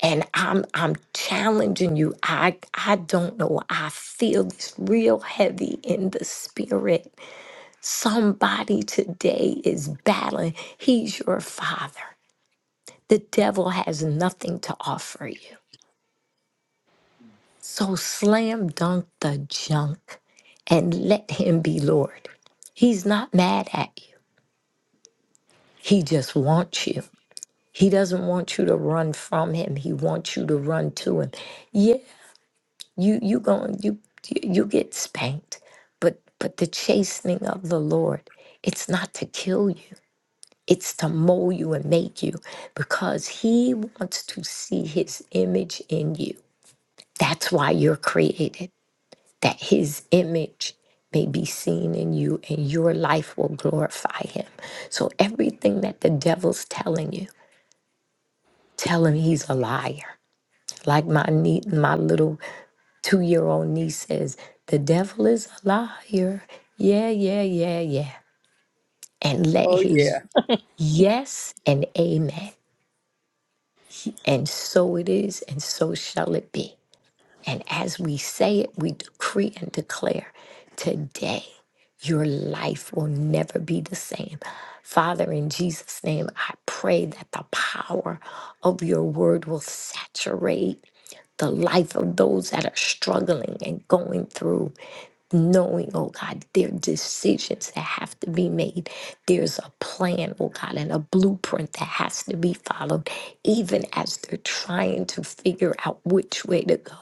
S5: And I'm I'm challenging you. I I don't know. I feel this real heavy in the spirit. Somebody today is battling. He's your father. The devil has nothing to offer you. So slam dunk the junk and let him be Lord. He's not mad at you. He just wants you. He doesn't want you to run from him. He wants you to run to him. Yeah, you you going you you get spanked, but but the chastening of the Lord, it's not to kill you. It's to mold you and make you because he wants to see his image in you. That's why you're created. that his image may be seen in you and your life will glorify him. So everything that the devil's telling you, tell him he's a liar. Like my nie- my little 2-year-old niece says, the devil is a liar. Yeah, yeah, yeah, yeah. And let
S1: Oh, yeah.
S5: his yes and amen. And so it is and so shall it be. And as we say it, we decree and declare today, your life will never be the same. Father, in Jesus' name, I pray that the power of your word will saturate the life of those that are struggling and going through knowing, oh God, there are decisions that have to be made. There's a plan, oh God, and a blueprint that has to be followed, even as they're trying to figure out which way to go.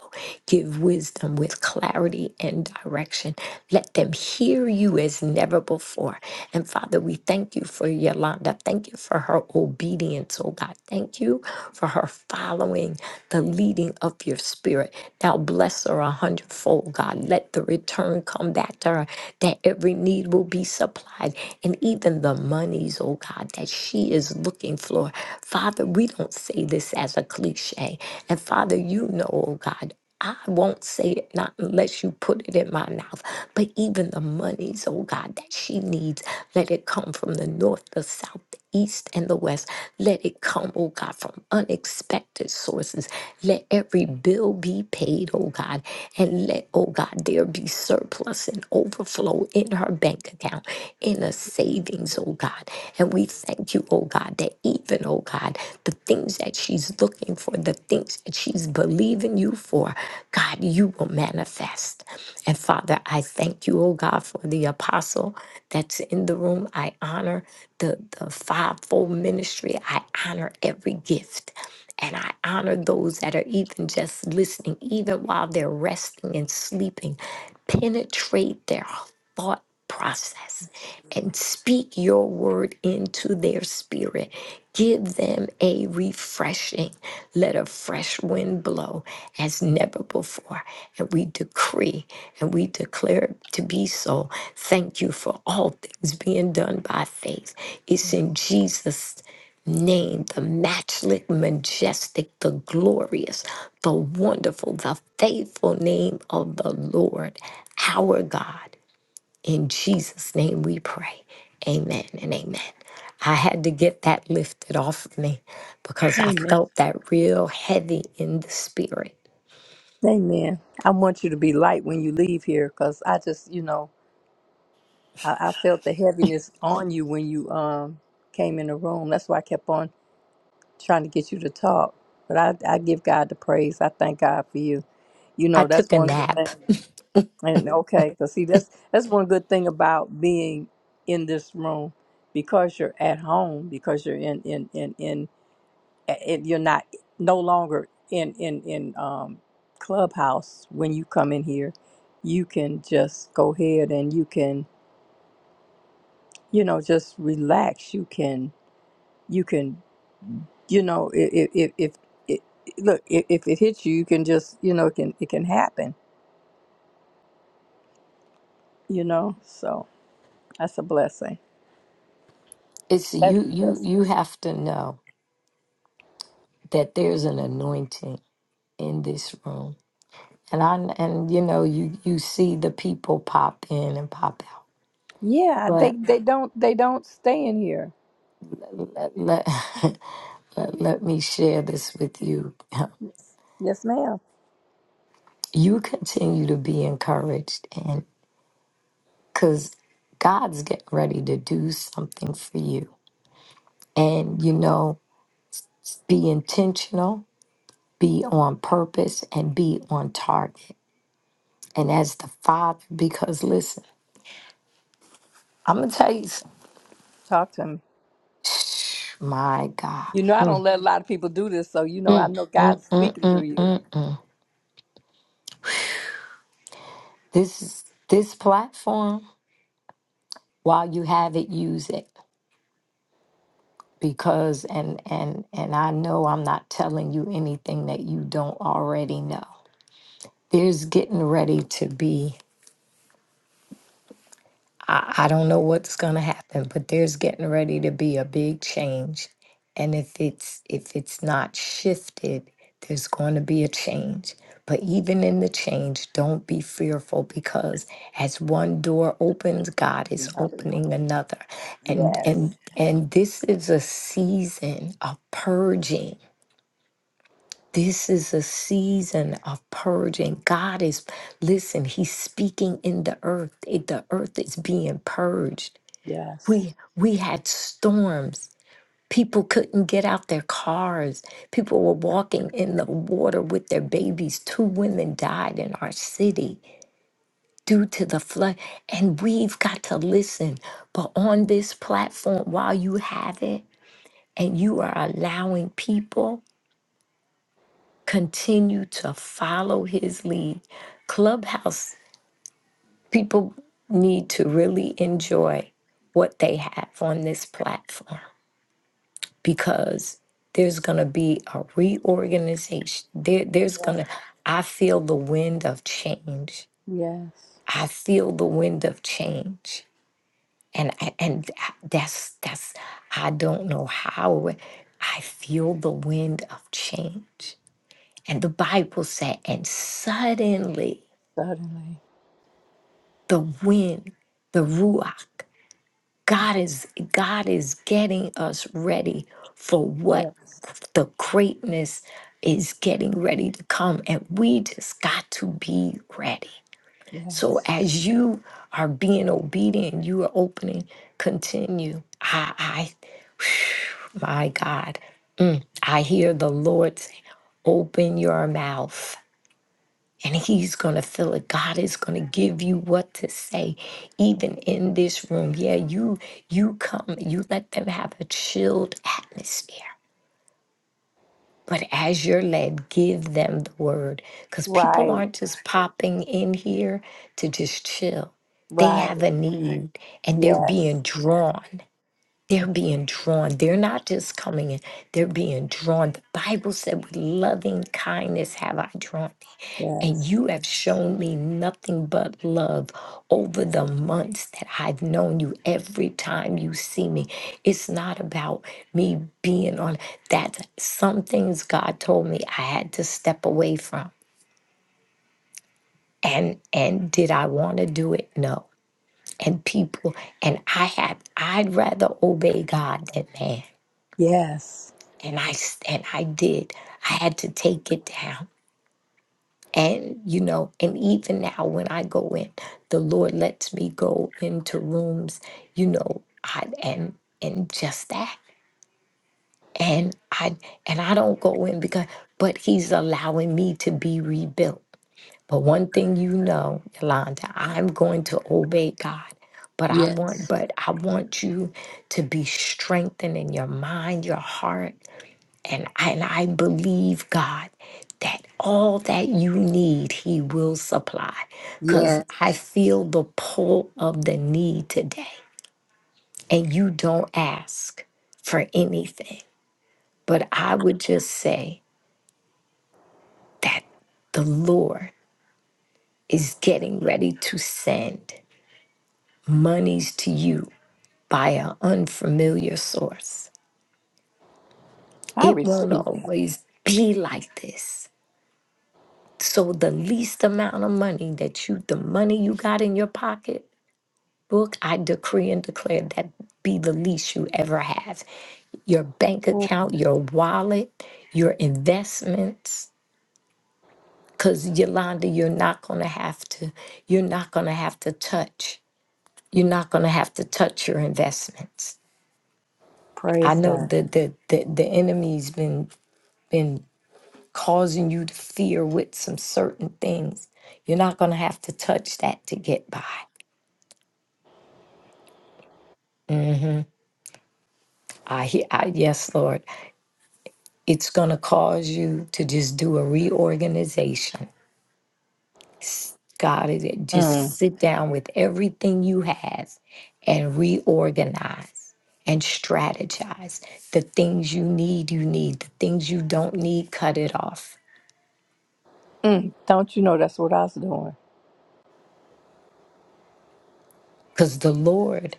S5: Give wisdom with clarity and direction. Let them hear you as never before. And Father, we thank you for Yolanda. Thank you for her obedience, oh God. Thank you for her following the leading of your spirit. Now bless her a hundredfold, God. Let the return come back to her, that every need will be supplied, and even the monies, oh God, that she is looking for. Father, we don't say this as a cliche. And Father, you know, oh God, I won't say it not unless you put it in my mouth. But even the monies, oh God, that she needs, let it come from the north, the south east and the west. Let it come, oh God, from unexpected sources. Let every bill be paid, oh God, and let, oh God, there be surplus and overflow in her bank account, in a savings, oh God. And we thank you, oh God, that even, oh God, the things that she's looking for, the things that she's believing you for, God, you will manifest. And Father, I thank you, oh God, for the apostle that's in the room. I honor the, the fivefold ministry. I honor every gift. And I honor those that are even just listening, even while they're resting and sleeping. Penetrate their thought process and speak your word into their spirit. Give them a refreshing. Let a fresh wind blow as never before. And we decree and we declare it to be so. Thank you for all things being done by faith. It's in Jesus' name, the matchless, majestic, the glorious, the wonderful, the faithful name of the Lord, our God. In Jesus' name we pray. Amen and amen. I had to get that lifted off of me because I
S1: Amen.
S5: felt that real heavy in the spirit.
S1: Amen. I want you to be light when you leave here because I just, you know, I, I felt the heaviness on you when you um came in the room. That's why I kept on trying to get you to talk. But I, I give God the praise. I thank God for you. You
S5: I
S1: know, that's
S5: took a
S1: one good thing.
S5: nap.
S1: And okay, because see, that's that's one good thing about being in this room because you're at home, because you're in in in in and you're not no longer in in in um, clubhouse when you come in here you can just go ahead and you can you know just relax you can you can you know if if, if it, look if, if it hits you you can just you know it can it can happen you know so that's a blessing
S5: It's
S1: That's
S5: you
S1: a
S5: you
S1: blessing.
S5: you have to know that there's an anointing in this room. and I and you know you you see the people pop in and pop out.
S1: yeah they
S5: But
S1: they don't they don't stay in here
S5: let let, let, let me share this with you.
S1: yes, yes ma'am
S5: You continue to be encouraged, and because God's getting ready to do something for you, and you know, be intentional, be on purpose, and be on target. And as the Father, because listen, I'm gonna tell you, something.
S1: talk to me
S5: my God,
S1: you know i don't
S5: Mm, mm,
S1: let a lot of people do this so you know i know god's
S5: mm.
S1: speaking through you
S5: this is this platform. while you have it use it because and and and i know i'm not telling you anything that you don't already know there's getting ready to be I, I don't know what's gonna happen, but there's getting ready to be a big change. And if it's if it's not shifted, there's going to be a change. But even in the change, don't be fearful because as one door opens, God is
S1: Hallelujah.
S5: opening another. And
S1: Yes.
S5: and and this is a season of purging. This is a season of purging. God is, listen, He's speaking in the earth. It- The earth is being purged
S1: Yes.
S5: we we had storms people couldn't get out their cars people were walking in the water with their babies two women died in our city due to the flood and we've got to listen but on this platform while you have it and you are allowing people continue to follow his lead clubhouse people need to really enjoy what they have on this platform because there's going to be a reorganization. There, there's
S1: Yes.
S5: going to, I feel the wind of change.
S1: Yes.
S5: I feel the wind of change. And, I- and that's, that's, I don't know how it- I feel the wind of change. And the Bible said, and suddenly
S1: Suddenly.
S5: the wind, the Ruach, God is God is getting us ready for what
S1: Yes.
S5: the greatness is getting ready to come and we just got to be ready. So
S1: Yes.
S5: as you are being obedient, you are opening, continue. I I my God, I hear the Lord say, open your mouth and he's going to fill it. God is going to give you what to say even in this room. Yeah, you you come, you let them have a chilled atmosphere. But as you're led, give them the word cuz people
S1: Right.
S5: aren't just popping in here to just chill. They
S1: Right.
S5: have a need and they're
S1: Yes.
S5: being drawn. They're being drawn. They're not just coming in, they're being drawn. The Bible said, With loving kindness have I drawn thee, and
S1: Yes.
S5: you have shown me nothing but love over the months that I've known you. Every time you see me, it's not about me being on that. Some things God told me I had to step away from. And and did I want to do it? No. And people, and I had I'd rather obey God than man.
S1: Yes.
S5: and I s- and I did. I had to take it down. And you know, and even now when I go in, the Lord lets me go into rooms, you know, I and and just that. And I and I don't go in because but he's allowing me to be rebuilt. But one thing you know, Yolanda, I'm going to obey God. But I want
S1: Yes.
S5: but I want you to be strengthened in your mind, your heart, And I, and I believe God that all that you need, He will supply. Because
S1: Yes.
S5: I feel the pull of the need today. And you don't ask for anything. But I would just say that the Lord is getting ready to send monies to you by an unfamiliar source.
S1: I
S5: It won't
S1: receive that.
S5: always be like this So the least amount of money that you, the money you got in your pocket book, I decree and declare that be the least you ever have. Your bank
S1: Oh,
S5: account, your wallet, your investments. Cause Yolanda, you're not gonna have to, you're not gonna have to touch. You're not gonna have to touch your investments. I
S1: praise
S5: know
S1: God.
S5: that the, the the enemy's been been causing you to fear with some certain things. You're not gonna have to touch that to get by I, he- I yes, Lord, it's going to cause you to just do a reorganization. S- God, it- it-
S1: Mm.
S5: just sit down with everything you have and reorganize and strategize. The things you need, you need. The things you don't need, cut it off.
S1: Mm. Don't you know that's what I was doing?
S5: Because the Lord,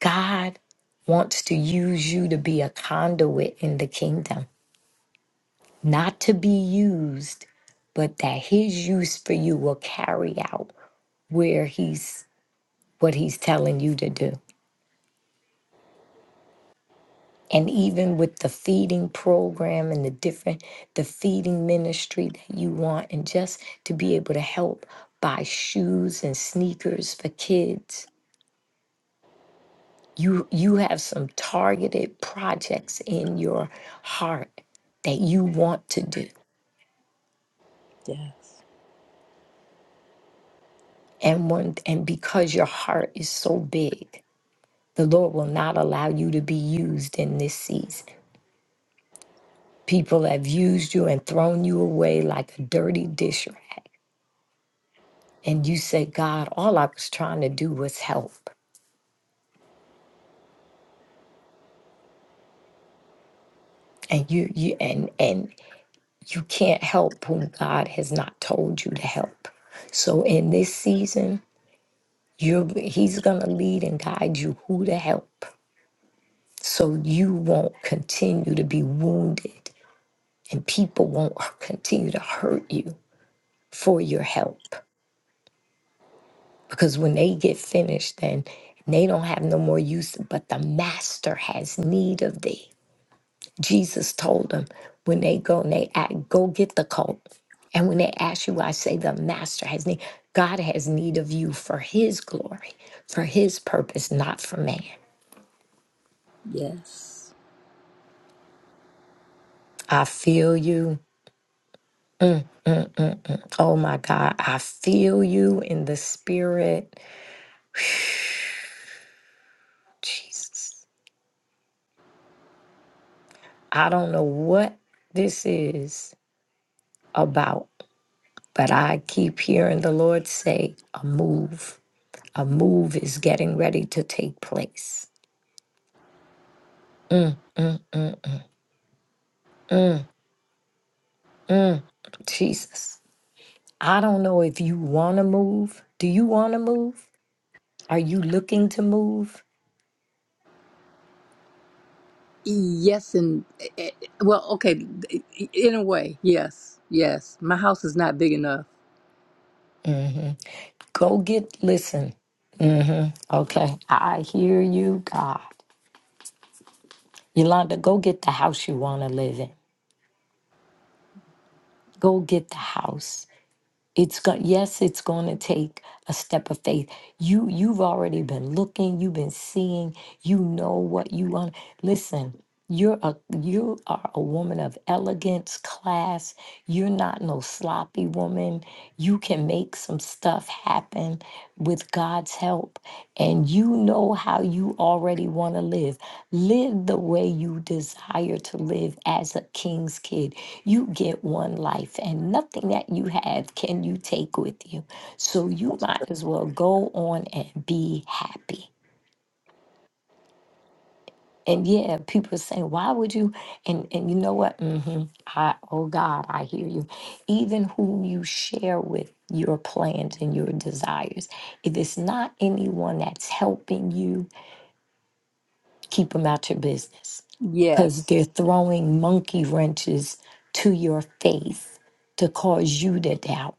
S5: God, wants to use you to be a conduit in the kingdom, not to be used, but that His use for you will carry out where He's what he's telling you to do. And even with the feeding program and the different, the feeding ministry that you want, and just to be able to help buy shoes and sneakers for kids. You, you have some targeted projects in your heart that you want to do.
S1: Yes.
S5: And one, and because your heart is so big, the Lord will not allow you to be used in this season. People have used you and thrown you away like a dirty dish rag and you say, god all i was trying to do was help and you you and and you can't help whom god has not told you to help so in this season you're he's gonna lead and guide you who to help so you won't continue to be wounded and people won't continue to hurt you for your help because when they get finished then they don't have no more use but the master has need of thee Jesus told them when they go and they act, go get the colt. And when they ask you, I say the master has need. God has need of you for his glory, for his purpose, not for man.
S1: Yes.
S5: I feel you. Oh my God. I feel you in the spirit. Jesus. I don't know what this is about, but I keep hearing the Lord say, a move. A move is getting ready to take place. Mm, mm, mm, mm. Mm, Jesus, I don't know if you want to move. Do you want to move? Are you looking to move?
S1: Yes, and eh, eh, well, okay, in a way, yes, yes. My house is not big enough.
S5: hmm Go get, listen. hmm Okay, I hear you, God. Yolanda, go get the house you want to live in. Go get the house. it's going yes it's going to take a step of faith you you've already been looking you've been seeing you know what you want listen you're a you are a woman of elegance class you're not no sloppy woman you can can make some stuff happen with God's help. And you know how you already want to live. Live the way you desire to live as a king's kid. You get one life, and nothing that you have can you take with you. So you
S1: That's
S5: might as well go on and be happy. And yeah, people saying, why would you? And and you know what? hmm I oh God, I hear you. Even who you share with your plans and your desires, if it's not anyone that's helping you, keep them out your business,
S1: true.
S5: because
S1: Yes,
S5: they're throwing monkey wrenches to your faith to cause you to doubt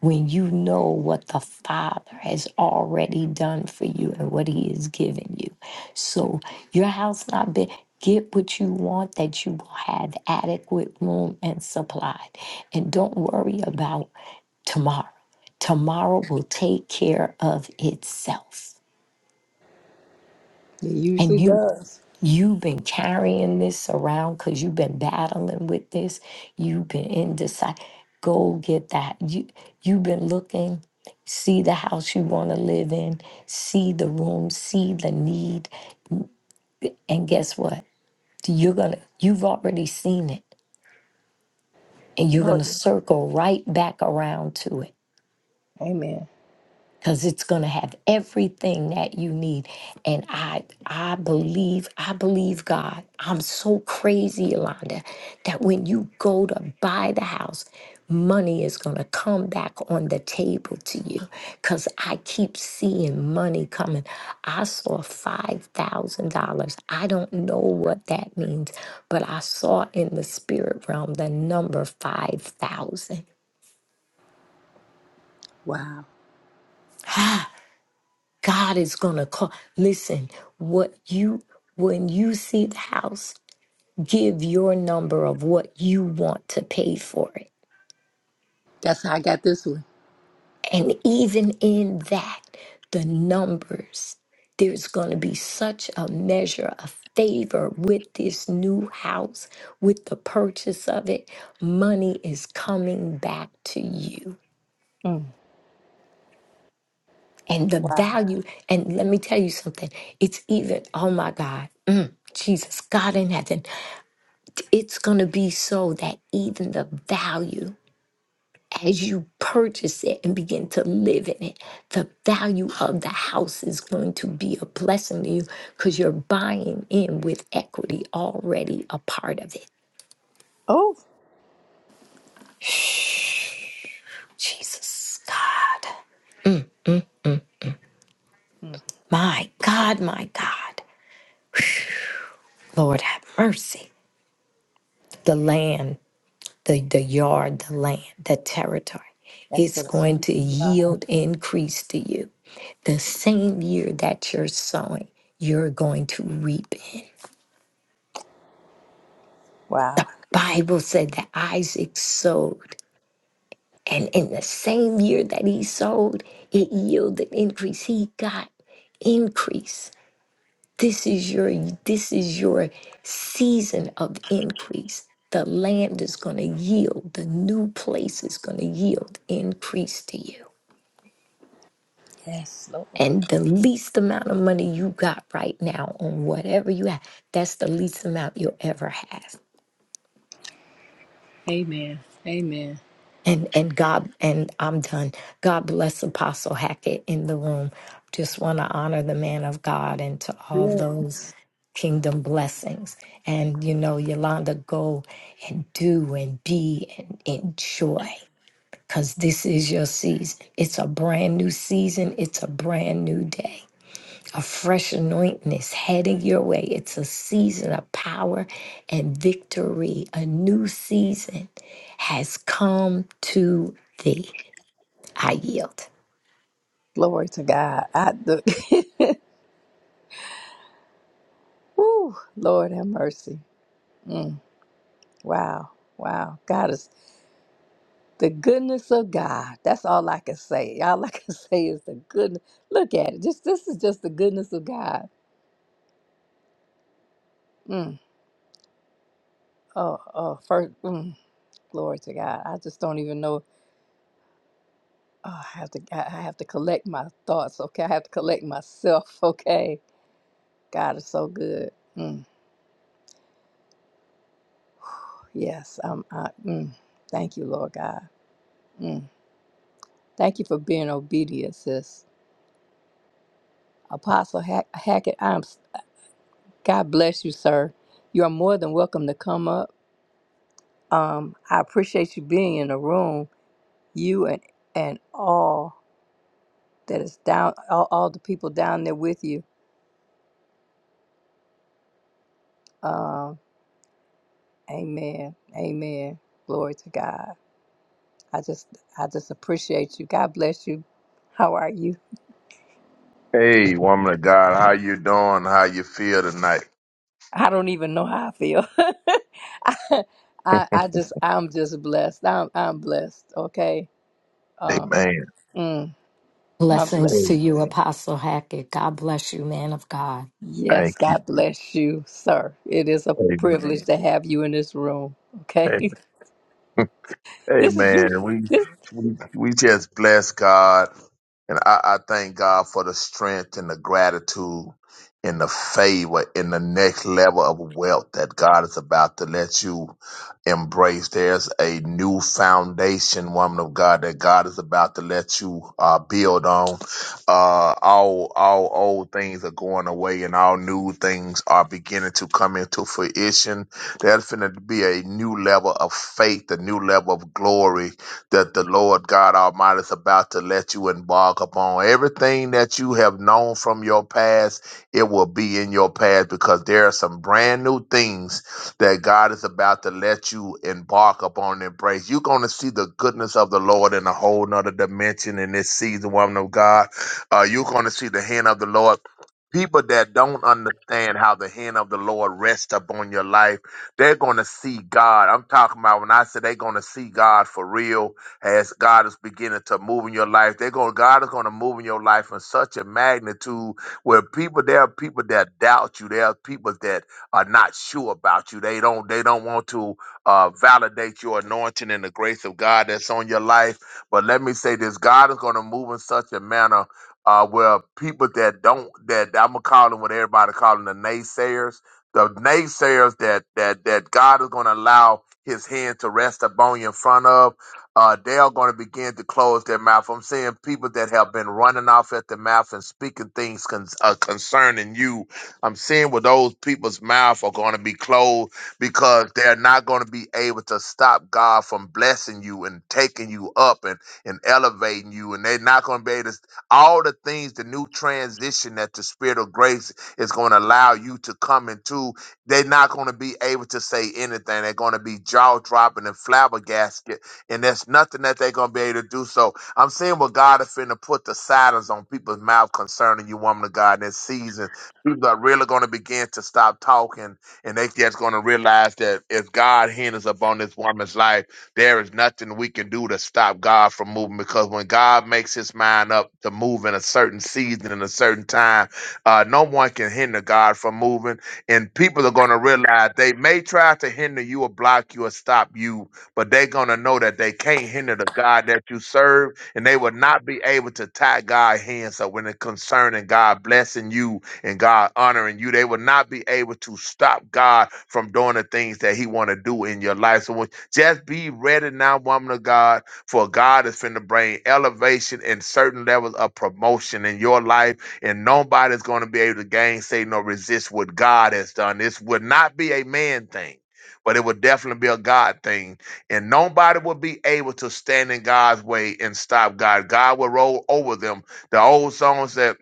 S5: when you know what the Father has already done for you and what He has given you. So your house not big. Get what you want that you will have adequate room and supply. And don't worry about tomorrow. Tomorrow will take care of itself.
S1: it
S5: And
S1: usually
S5: you
S1: does.
S5: You've been carrying this around because you've been battling with this. You've been indecisive. Go get that. You you've been looking, see the house you want to live in, see the room, see the need, and guess what? You're gonna you've already seen it, and you're
S1: Oh,
S5: gonna
S1: yeah.
S5: circle right back around to it
S1: Amen.
S5: because it's going to have everything that you need and i i believe i believe god i'm so crazy yolanda that when you go to buy the house money is going to come back on the table to you because i keep seeing money coming i saw $5000 i don't know what that means but i saw in the spirit realm the number 5000
S1: Wow.
S5: God is gonna call. Listen, what you when you see the house, give your number of what you want to pay for it.
S1: That's how I got this one.
S5: And even in that, the numbers, there's gonna be such a measure of favor with this new house, with the purchase of it. Money is coming back to you.
S1: Mm.
S5: And the
S1: Wow.
S5: value, and let me tell you something, it's even, oh my God, mm, Jesus, God in heaven. it's going to be so that even the value as you purchase it and begin to live in it, the value of the house is going to be a blessing to you because you're buying in with equity already a part of it.
S1: Oh,
S5: Jesus, God,
S1: Mm.
S5: my God, my God, Lord have mercy. The land. the, the yard, the land, the territory.
S1: that's
S5: It's
S1: what I
S5: going
S1: need.
S5: to yield increase to you. The same year that you're sowing, you're going to reap in. The
S1: Wow.
S5: Bible said that Isaac sowed, and in the same year that he sowed, it yielded increase. He got increase. This is your this is your season of increase. The land is going to yield. The new place is going to yield increase to you.
S1: Yes, Lord.
S5: and the least amount of money you got right now on whatever you have that's the least amount you'll ever have
S1: Amen. Amen.
S5: and and god and i'm done god bless apostle hackett in the room just want to honor the man of god and to all those
S1: Yes.
S5: kingdom blessings and you know yolanda go and do and be and enjoy because this is your season it's a brand new season it's a brand new day A fresh anointing is heading your way. It's a season of power and victory. A new season has come to thee. I yield.
S1: Glory to God. I the Woo, Lord have mercy. Mm, wow. Wow. God is the goodness of God. That's all I can say. All I can say is the goodness. Look at it. Just this is just the goodness of God. Mm, oh, oh, first mm, glory to God. I just don't even know Oh, I have to I I have to collect my thoughts, okay? I have to collect myself, okay? God is so good. Mm, yes, I'm I, mm, thank you, Lord God. Mm, thank you for being obedient, sis. Apostle Hack- Hackett, I'm s- God bless you, sir. You are more than welcome to come up. Um, I appreciate you being in the room, you and and all that is down all, all the people down there with you. Um, amen. Amen. Glory to God. I just I just appreciate you. God bless you. How are you?
S7: Hey, woman of God, how you doing? How you feel tonight?
S1: I don't even know how I feel. I, I I just I'm just blessed. I'm I'm blessed. Okay. Um
S7: Amen.
S1: mm, I'm
S5: Blessings
S1: blessed.
S5: to you,
S7: Amen.
S5: Apostle Hackett. God bless you, man of God.
S1: Yes,
S7: Thank you.
S1: God bless you, sir. It is a privilege
S7: Amen.
S1: to have you in this room.
S7: Amen.
S1: Okay. This is you
S7: Amen. We
S1: this
S7: we we just bless God. And I, I thank God for the strength and the gratitude and the favor and the next level of wealth that God is about to let you embrace. There's a new foundation, woman of God, that God is about to let you uh, build on. Uh, all all old things are going away, and all new things are beginning to come into fruition. There's going to be a new level of faith, a new level of glory that the Lord God Almighty is about to let you embark upon. Everything that you have known from your past, it will be in your past because there are some brand new things that God is about to let you embark upon and embrace. You're going to see the goodness of the Lord in a whole nother dimension in this season, woman of God. Uh, you're going to see the hand of the Lord people that don't understand how the hand of the Lord rests upon your life, they're going to see God. I'm talking about when I say they're going to see God for real as God is beginning to move in your life. They're going, God is going to move in your life in such a magnitude where people, there are people that doubt you. There are people that are not sure about you. They don't, they don't want to uh, validate your anointing and the grace of God that's on your life. But let me say this, God is going to move in such a manner uh, where people that don't that I'm gonna call them what everybody calling the naysayers, the naysayers that that that God is gonna allow His hand to rest upon you in front of, uh, they are gonna begin to close their mouth. I'm seeing people that have been running off at the mouth and speaking things con- uh, concerning you. I'm seeing where those people's mouth are gonna be closed because they're not gonna be able to stop God from blessing you and taking you up and and elevating you, and they're not going to be able to all the things, the new transition that the Spirit of grace is going to allow you to come into. They're not going to be able to say anything. They're going to be jaw dropping and flabbergasted, and there's nothing that they're going to be able to do. So I'm seeing what God is finna put the silence on people's mouth concerning you, woman of God, in this season. People are really going to begin to stop talking, and they just going to realize that if God hinders upon this woman's life, there is nothing we can do to stop God from moving because when God makes his mind up to move in a certain season and a certain time, uh, no one can hinder God from moving. And people are going to realize they may try to hinder you or block you or stop you, but they're going to know that they can't hinder the God that you serve and they will not be able to tie God's hands So when it concerning God blessing you and God honoring you. They will not be able to stop God from doing the things that He want to do in your life. So when just be ready now, woman of God, for God is finna bring elevation and certain levels of promotion in your life, and nobody's gonna be able to gainsay nor resist what God has done. This would not be a man thing. But it would definitely be a God thing. And nobody will be able to stand in God's way and stop God. God will roll over them. The old song said,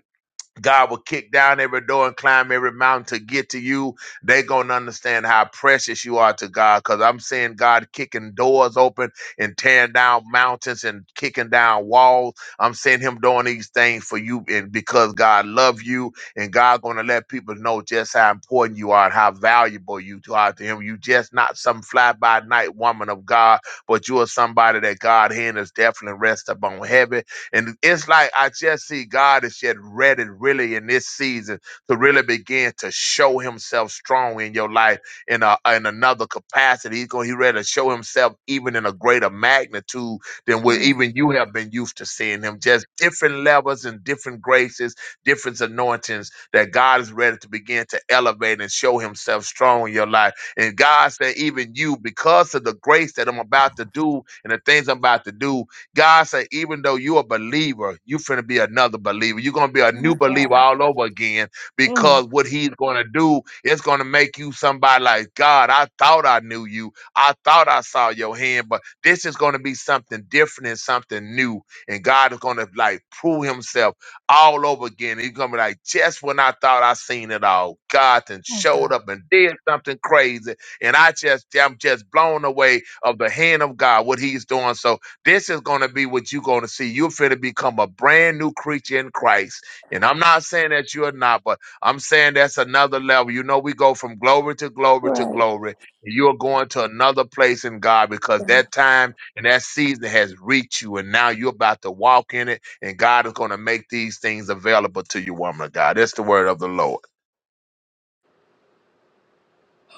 S7: God will kick down every door and climb every mountain to get to you. They're going to understand how precious you are to God because I'm seeing God kicking doors open and tearing down mountains and kicking down walls. I'm seeing him doing these things for you and because God love you and God going to let people know just how important you are and how valuable you are to him. You just not some fly by night woman of God, but you are somebody that God hand is definitely rest upon heaven and it's like I just see God is yet ready, really, in this season to really begin to show Himself strong in your life in a, in another capacity. He's going, He ready to show Himself even in a greater magnitude than what even you have been used to seeing Him. Just different levels and different graces, different anointings that God is ready to begin to elevate and show Himself strong in your life. And God said, even you, because of the grace that I'm about to do and the things I'm about to do, God said, even though you a believer, you finna be another believer. You're gonna be a
S1: my
S7: new
S1: God.
S7: believer all over again
S1: Mm,
S7: because what he's gonna do is gonna make you somebody like God. I thought I knew you. I thought I saw your hand, but this is gonna be something different and something new. And God is gonna like prove himself all over again. He's gonna be like, just when I thought I seen it all, God then showed up and did something crazy. And I just I'm just blown away of the hand of God, what he's doing. So this is going to be what you're going to see. You're going to become a brand new creature in Christ. And I'm not saying that you're not, but I'm saying that's another level. You know, we go from glory to glory to
S1: right.
S7: glory. And you're going to another place in God because that time and that season has reached you. And now you're about to walk in it. And God is going to make these things available to you, woman of God. That's the word of the Lord.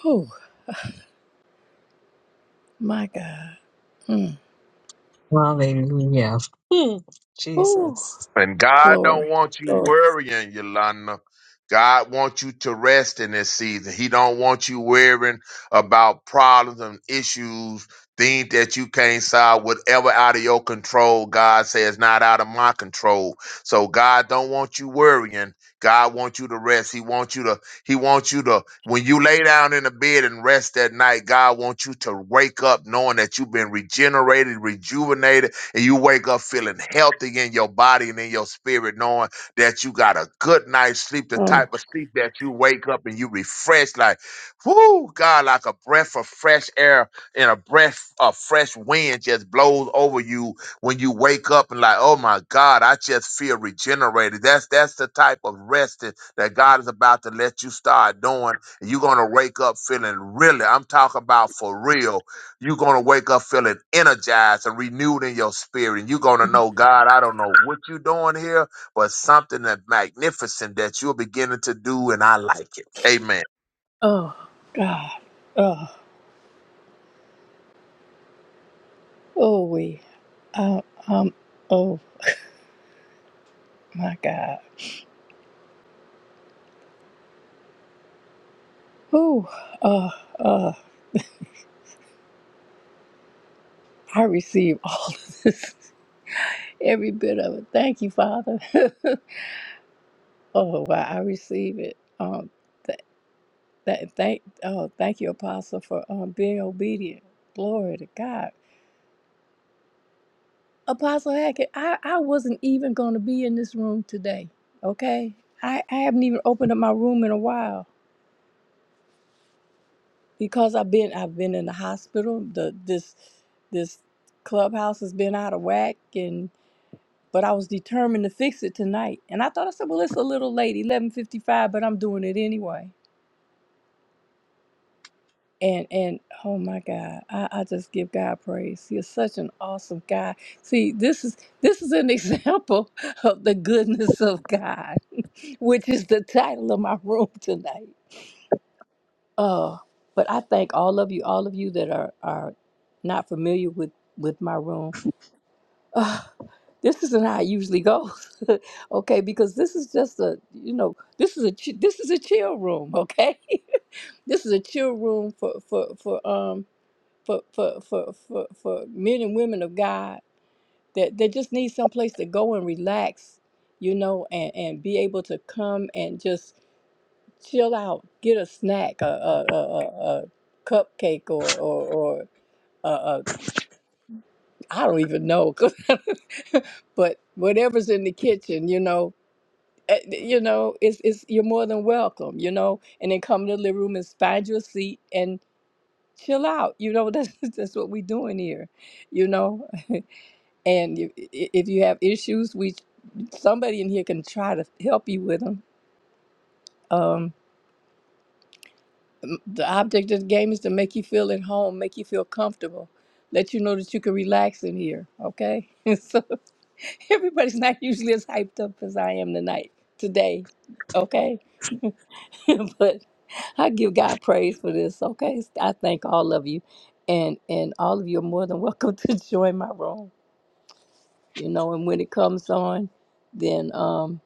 S1: Oh my God. Mm.
S4: Hallelujah. Hmm.
S1: Oh
S4: Jesus.
S7: And God don't
S1: glory.
S7: want you
S1: Glory.
S7: worrying, Yolanda. God wants you to rest in this season. He don't want you worrying about problems and issues, things that you can't solve, whatever out of your control. God says not out of my control. So God don't want you worrying. God wants you to rest. He wants you to, he wants you to, when you lay down in the bed and rest that night, God wants you to wake up knowing that you've been regenerated, rejuvenated, and you wake up feeling healthy in your body and in your spirit, knowing that you got a good night's sleep, the
S1: Mm.
S7: type of sleep that you wake up and you refresh like, whoo, God, like a breath of fresh air and a breath of fresh wind just blows over you when you wake up and like, oh my God, I just feel regenerated. That's that's the type of rest that, that God is about to let you start doing. And you're gonna wake up feeling really, I'm talking about for real you're going to wake up feeling energized and renewed in your spirit. And you're going to know, God, I don't know what you're doing here, but something that magnificent that you're beginning to do, and I like it. Amen.
S1: Oh God. Oh. Oh, we. Uh, um, oh, my God. Whew. Uh, uh, I receive all of this, every bit of it. Thank you, Father. oh, wow. I receive it. Um, th- th- thank, oh, thank you, Apostle, for um, being obedient. Glory to God. Apostle Hackett, I, I wasn't even going to be in this room today, okay? I, I haven't even opened up my room in a while because I've been I've been in the hospital. The this this clubhouse has been out of whack, and but I was determined to fix it tonight. And I thought I said, well, it's a little late, eleven fifty five, but I'm doing it anyway. And and oh my God, I, I just give God praise. He is such an awesome God. See, this is this is an example of the goodness of God, which is the title of my room tonight. Uh, but I thank all of you, all of you that are are not familiar with with my room. Uh, this isn't how it usually goes, okay? Because this is just a you know this is a chi- this is a chill room, okay? this is a chill room for for for um for for for for, for men and women of God that that just need some place to go and relax, you know, and and be able to come and just chill out, get a snack, a, a, a, a, a cupcake, or, or, or uh, uh, I don't even know, but whatever's in the kitchen, you know, eh, eh, you know, it's, it's you're more than welcome, you know, and then come to the living room and find your seat and chill out, you know. That's that's what we're doing here, you know. And if, if you have issues, we somebody in here can try to help you with them. The object of the game is to make you feel at home, make you feel comfortable, let you know that you can relax in here, okay? so everybody's not usually as hyped up as I am tonight, today, okay? but I give God praise for this, okay? I thank all of you. And and all of you are more than welcome to join my room. You know, and when it comes on, then um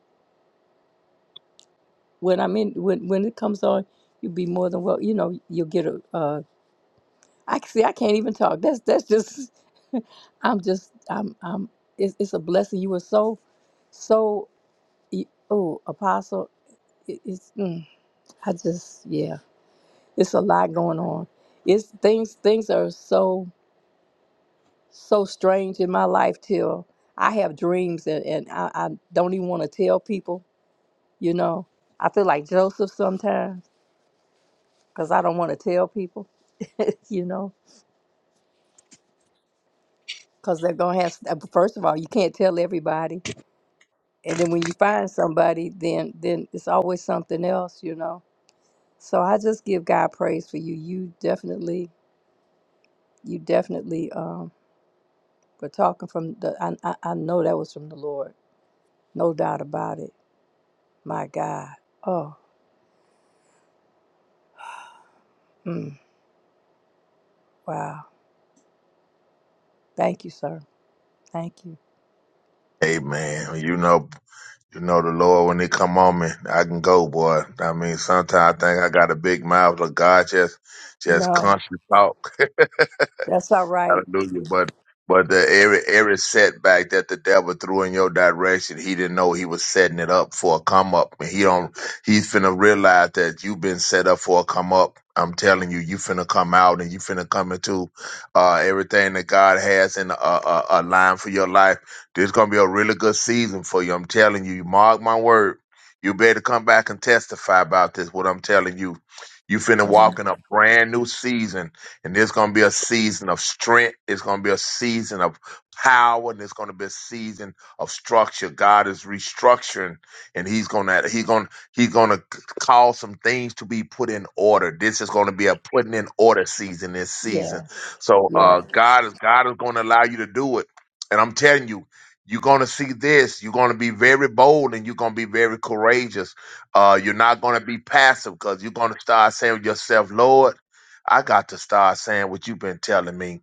S1: when I'm in when when it comes on, you'll be more than well, you know, you'll get a, Uh, I see. I can't even talk. That's that's just. I'm just. I'm. I'm. It's, it's a blessing. You were so, so. y- Oh, apostle. It, it's. Mm, I just. Yeah. It's a lot going on. It's things. Things are so so strange in my life till I have dreams and and I, I don't even want to tell people. You know. I feel like Joseph sometimes because I don't want to tell people. you know. Because they're gonna have. First of all, you can't tell everybody and then when you find somebody then then it's always something else you know so i just give god praise for you you definitely you definitely um were talking from the i i, I know that was from the lord no doubt about it my god oh mm, wow thank you sir thank you
S7: Amen. You know, you know the Lord when they come on me, I can go, boy. I mean, sometimes I think I got a big mouth, but God just, just
S1: no
S7: constantly talk.
S1: that's all right
S7: Hallelujah. But but the every every setback that the devil threw in your direction, he didn't know he was setting it up for a come up. And He don't he's finna realize that you've been set up for a come up. I'm telling you, you finna come out and you finna come into uh, everything that God has in a, a, a line for your life. This is gonna be a really good season for you. I'm telling you, you mark my word. You better come back and testify about this. What I'm telling you, you finna
S1: man
S7: walk in a brand new season and there's going to be a season of strength. It's going to be a season of power, and it's going to be a season of structure. God is restructuring, and He's going to He's going to He's going to cause some things to be put in order. This is going to be a putting in order season this
S1: yeah
S7: season. So
S1: yeah
S7: uh, God is God is going to allow you to do it, and I'm telling you. You're gonna see this. You're gonna be very bold and you're gonna be very courageous. Uh, you're not gonna be passive because you're gonna start saying to yourself, "Lord." I got to start saying what you've been telling me.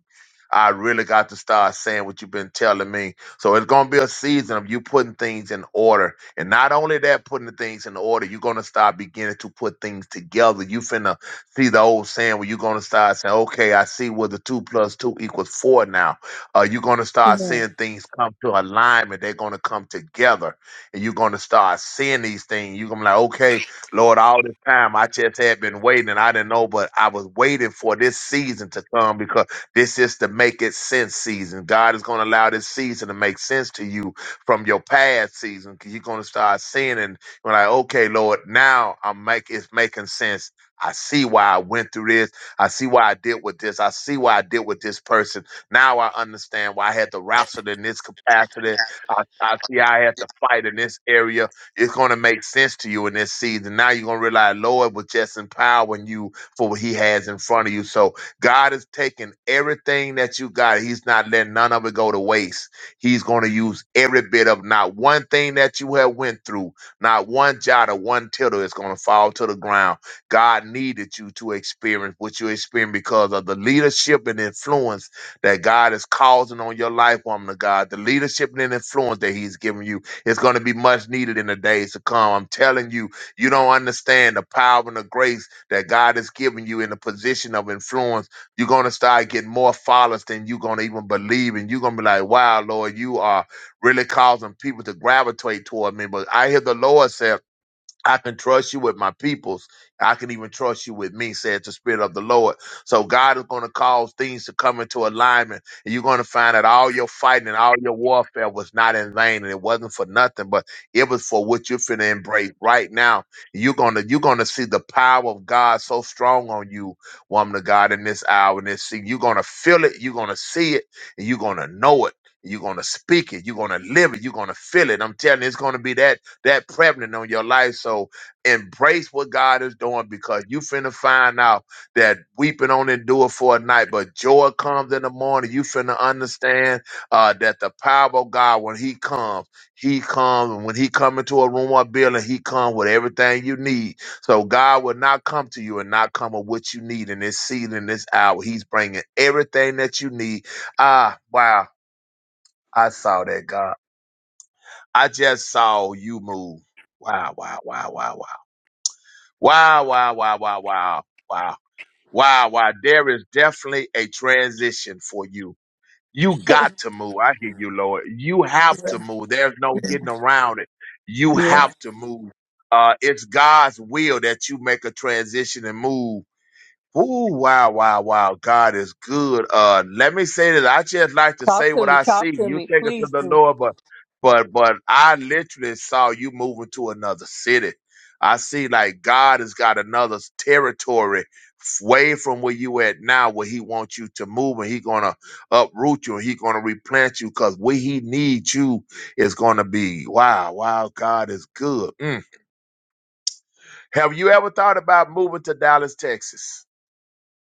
S7: I really got to start saying what you've been telling me. So it's going to be a season of you putting things in order. And not only that, putting the things in order, you're going to start beginning to put things together. You finna see the old saying where you're going to start saying, okay, I see where the two plus two equals four now. Uh, you're going to start
S1: yeah
S7: seeing things come to alignment. They're going to come together. And you're going to start seeing these things. You're going to be like, okay, Lord, all this time I just had been waiting and I didn't know, but I was waiting for this season to come because this is the make it sense season. God is going to allow this season to make sense to you from your past season. 'cause You're going to start seeing and you're like, okay, Lord, now I'm make it's making sense. I see why I went through this. I see why I did with this. I see why I did with this person. Now I understand why I had to wrestle in this capacity I see I have to fight in this area. It's going to make sense to you in this season. Now you're going to realize Lord was just empowering you for what he has in front of you. So God is taking everything that you got. He's not letting none of it go to waste. He's going to use every bit of not one thing that you have went through, not one jot or one tittle is going to fall to the ground. God needed you to experience what you experienced because of the leadership and influence that God is causing on your life, woman of God. The leadership and influence that He's giving you is going to be much needed in the days to come. I'm telling you, you don't understand the power and the grace that God is giving you in the position of influence. You're going to start getting more followers than you're going to even believe. And you're going to be like, wow, Lord, you are really causing people to gravitate toward me. But I hear the Lord say, I can trust you with my peoples. I can even trust you with me, says the Spirit of the Lord. So God is going to cause things to come into alignment. And you're going to find that all your fighting and all your warfare was not in vain and it wasn't for nothing, but it was for what you're finna embrace right now. You're going to, you're going to see the power of God so strong on you, woman of God, in this hour and this season. You're going to feel it. You're going to see it and you're going to know it. You're going to speak it. You're going to live it. You're going to feel it. I'm telling you, it's going to be that that prevalent on your life. So embrace what God is doing because you finna find out that weeping on endure for a night, but joy comes in the morning. You finna understand uh, that the power of God, when He comes, He comes. And when He come into a room or building, He comes with everything you need. So God will not come to you and not come with what you need in this season, in this hour. He's bringing everything that you need. Ah, wow. I saw that, God. I just saw you move. Wow, wow, wow, wow, wow. Wow, wow, wow, wow, wow, wow. Wow, wow. There is definitely a transition for you. You got to move. I hear you, Lord. You have to move. There's no getting around it. You
S1: yeah
S7: have to move. Uh, it's God's will that you make a transition and move Ooh, wow, wow, wow. God is good. Uh, let me say that I just like to say
S1: talk to
S7: what
S1: me
S7: I
S1: talk
S7: see.
S1: to
S7: You
S1: me
S7: take it to
S1: please
S7: the
S1: do
S7: Lord, but, but, but I literally saw you moving to another city. I see like God has got another s- territory f- way from where you at now, where he wants you to move and he going to uproot you and he going to replant you because where he needs you is going to be, wow, wow, God is good. Mm. Have you ever thought about moving to Dallas, Texas?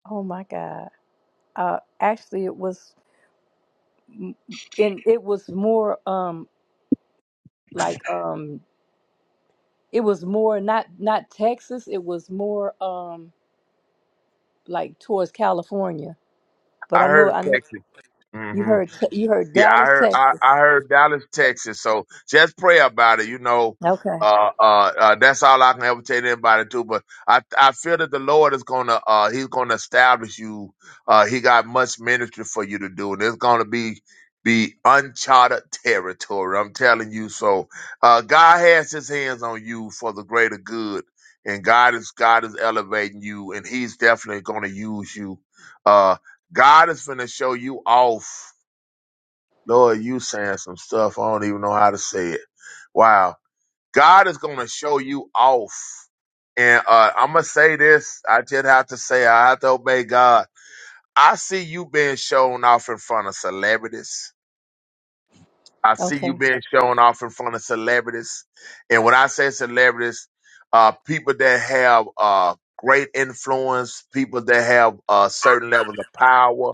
S1: oh my god uh actually it was and it was more um like um it was more not not Texas, it was more um like towards California. But
S7: I
S1: I know
S7: heard
S1: I know
S7: Texas.
S1: you
S7: hmm
S1: heard Te- you heard
S7: Yeah, I
S1: Dallas,
S7: heard, I,
S1: Texas.
S7: I heard Dallas, Texas. So just pray about it. You know,
S1: Okay.
S7: uh, uh, uh, that's all I can ever tell anybody too. But I, I feel that the Lord is gonna, uh, He's gonna establish you. Uh, he got much ministry for you to do, and it's gonna be be uncharted territory. I'm telling you. So, uh, God has His hands on you for the greater good, and God is God is elevating you, and He's definitely gonna use you. Uh, God is gonna show you off Lord, you saying some stuff. I don't even know how to say it. Wow. God is going to show you off. And uh, I'm going to say this. I just have to say, I have to obey God. I see you being shown off in front of celebrities. I see you
S1: Okay.
S7: being shown off in front of celebrities. And when I say celebrities, uh, people that have uh, great influence, people that have uh, certain levels of power.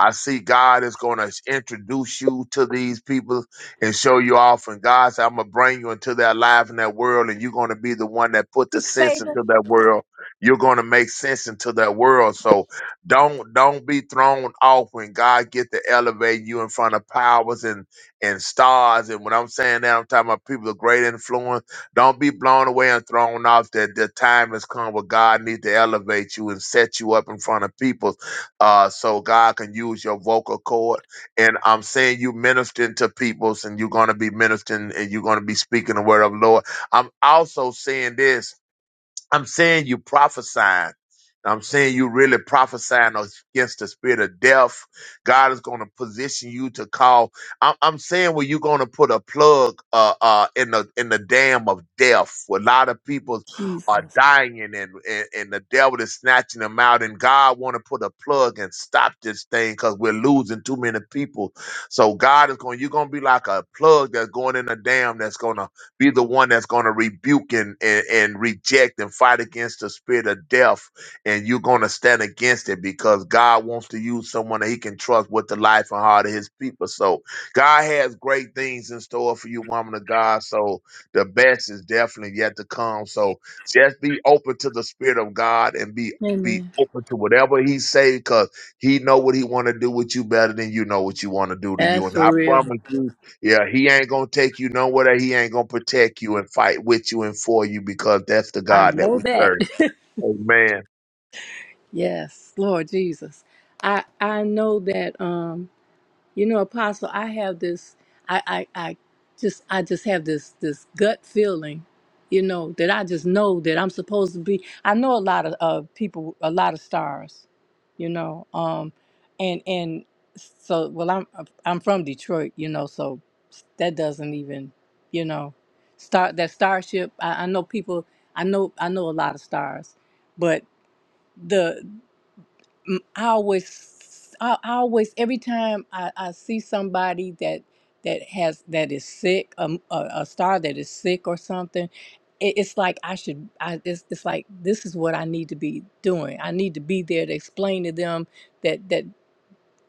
S7: I see God is going to introduce you to these people and show you off. And God said, I'm going to bring you into their life and that world, and you're going to be the one that put the
S1: To
S7: sense
S1: save us.
S7: into that world. You're going to make sense into that world. So don't don't be thrown off when God get to elevate you in front of powers and and stars. And when I'm saying that, I'm talking about people of great influence. Don't be blown away and thrown off that the time has come where God needs to elevate you and set you up in front of people uh, so God can use your vocal cord. And I'm saying you ministering to peoples and you're going to be ministering and you're going to be speaking the word of the Lord. I'm also saying this. I'm saying you prophesying. I'm saying you really prophesying against the spirit of death. God is going to position you to call. I'm, I'm saying where you're going to put a plug uh, uh, in the in the dam of death. Where a lot of people are
S1: Jesus.
S7: dying and, and and the devil is snatching them out. And God want to put a plug and stop this thing because we're losing too many people. So God is going. You're going to be like a plug that's going in a dam that's going to be the one that's going to rebuke and, and, and reject and fight against the spirit of death. And you're going to stand against it because God wants to use someone that he can trust with the life and heart of his people. So God has great things in store for you, woman of God. So the best is definitely yet to come. So just be open to the spirit of God and be be
S1: Amen.
S7: open to whatever he say because he know what he want to do with you better than you know what you want to do to you.
S1: That's
S7: And
S1: for
S7: I
S1: real.
S7: promise you, yeah, he ain't gonna take you nowhere. He ain't gonna protect you and fight with you and for you because that's the
S1: I
S7: God that
S1: know
S7: we
S1: that.
S7: serve. Amen.
S1: yes, Lord Jesus. I I know that um You know, Apostle, I have this I, I I just I just have this this gut feeling, you know, that I just know that I'm supposed to be I know a lot of uh, people a lot of stars, you know. Um and and so well I'm I'm from Detroit, you know, so that doesn't even, you know, start that starship. I, I know people I know I know a lot of stars, but mm, I always, I I always, every time I, I see somebody that that has that is sick, um, a, a star that is sick or something, it, it's like I should. I it's, it's like this is what I need to be doing. I need to be there to explain to them that that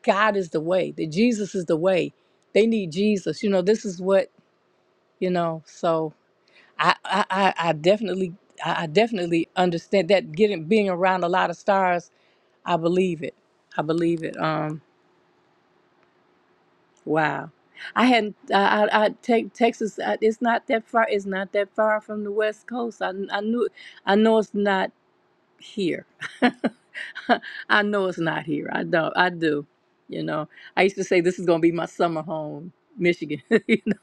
S1: God is the way, that Jesus is the way. They need Jesus. You know, this is what you know. So I I, I I definitely. I I definitely understand that getting being around a lot of stars I believe it. I believe it. Um, wow. I hadn't. I, I, I take Texas. I, it's not that far. It's not that far from the West Coast. I, I knew. I know it's not here. I know it's not here. I don't. I do. You know. I used to say this is gonna be my summer home, Michigan. you know?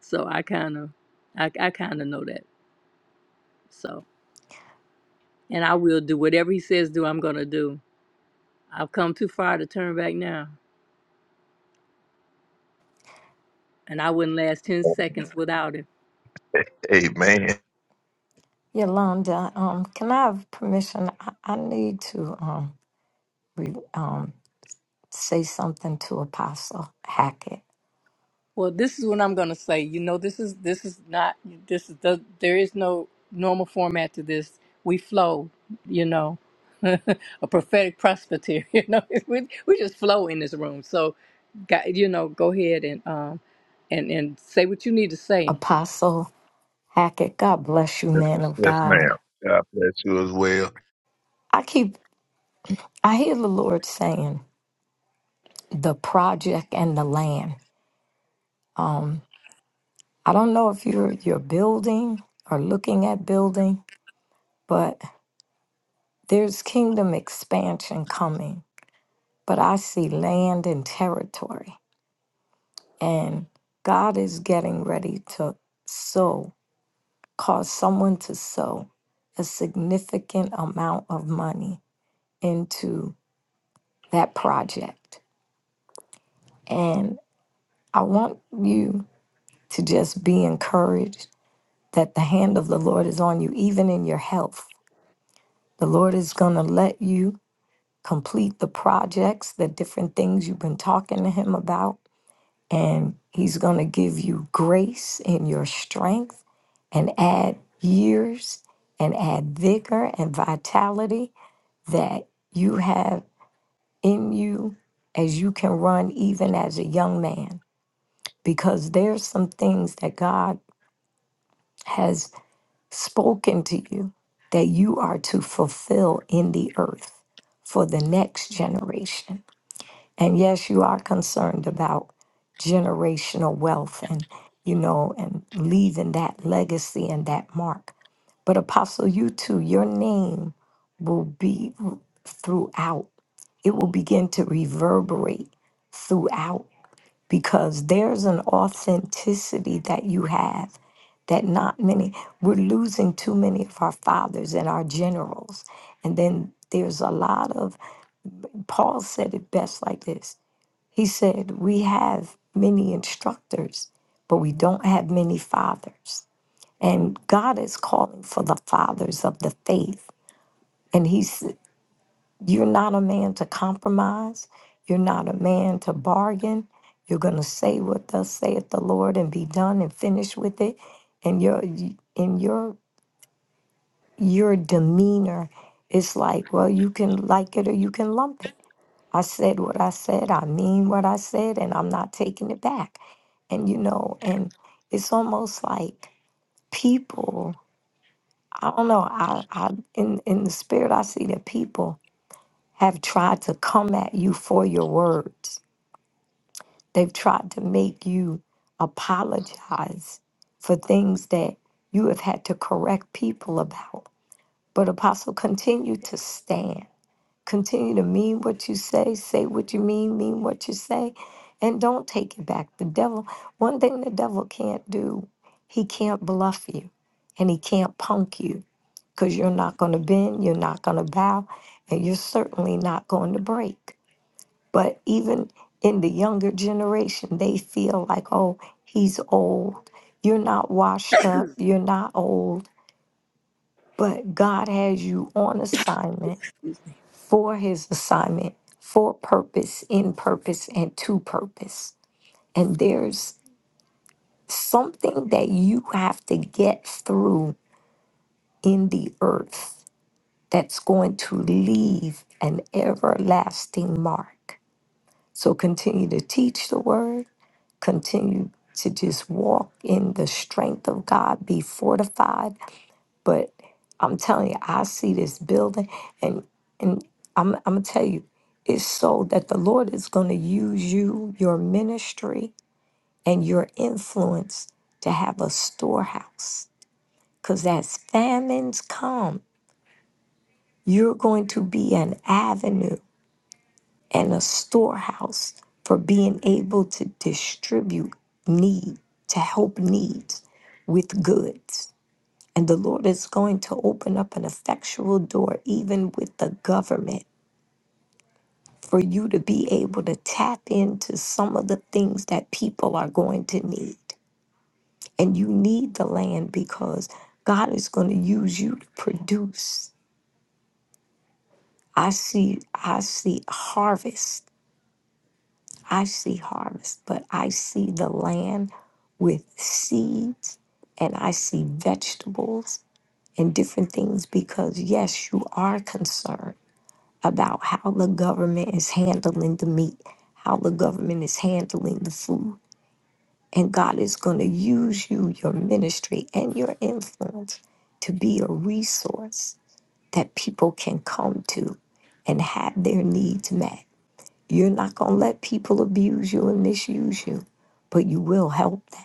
S1: So I kind of, I, I kind of know that. So, and I will do whatever he says do. I'm gonna do. I've come too far to turn back now, and I wouldn't last ten seconds without him.
S7: Amen.
S5: Yolanda,
S1: So,
S5: um, can I have permission? I, I need to um, re, um, say something to Apostle Hackett.
S1: well, this is what I'm going to say. You know, this is this is not this is the, there is no normal format to this. We flow, you know, a prophetic presbyter. You know, we we just flow in this room. So, got, you know, go ahead and um and and say what you need to say.
S5: Apostle Hackett, God bless you,
S7: Yes,
S5: man of
S7: yes
S5: God.
S7: ma'am. God bless you as well.
S5: I keep, I hear the Lord saying. the project and the land. Um, I don't know if you're you're building or looking at building, but there's kingdom expansion coming. But I see land and territory, and God is getting ready to sow, cause someone to sow a significant amount of money into that project. And I want you to just be encouraged that the hand of the Lord is on you, even in your health. The Lord is going to let you complete the projects, the different things you've been talking to Him about, and He's going to give you grace in your strength and add years and add vigor and vitality that you have in you as you can run even as a young man because there's some things that God has spoken to you that you are to fulfill in the earth for the next generation. And yes, you are concerned about generational wealth and, you know, and leaving that legacy and that mark. But Apostle, you too, your name will be throughout, it will begin to reverberate throughout because there's an authenticity that you have that not many we're losing too many of our fathers and our generals and then there's a lot of paul said it best like this he said we have many instructors but we don't have many fathers and god is calling for the fathers of the faith and he's you're not a man to compromise. You're not a man to bargain. You're going to say what thus saith the Lord and be done and finish with it. And your and your your demeanor is like, well, you can like it or you can lump it. I said what I said. I mean what I said, and I'm not taking it back. And you know, and it's almost like people. I don't know. I, I in in the spirit, I see that people have tried to come at you for your words. They've tried to make you apologize for things that you have had to correct people about. But, Apostle, continue to stand. Continue to mean what you say, say what you mean, mean what you say, and don't take it back. The devil, one thing the devil can't do, he can't bluff you and he can't punk you because you're not going to bend, you're not going to bow, and you're certainly not going to break. But even in the younger generation, they feel like, oh, he's old. You're not washed up. You're not old. But God has you on assignment for his assignment, for purpose, in purpose, and to purpose. And there's something that you have to get through in the earth that's going to leave an everlasting mark. So continue to teach the word continue to just walk in the strength of God, be fortified. But I'm telling you, I see this building and and I'm I'm gonna tell you, it's so that the Lord is gonna use you, your ministry, and your influence to have a storehouse. Cause as famines come, you're going to be an avenue. and a storehouse for being able to distribute need, to help needs with goods. And the Lord is going to open up an effectual door, even with the government, for you to be able to tap into some of the things that people are going to need. And you need the land because God is going to use you to produce. I see, I see harvest I see harvest, but I see the land with seeds and I see vegetables and different things because, yes, you are concerned about how the government is handling the meat, how the government is handling the food. And God is going to use you, your ministry, and your influence to be a resource that people can come to and have their needs met. You're not going to let people abuse you and misuse you, but you will help them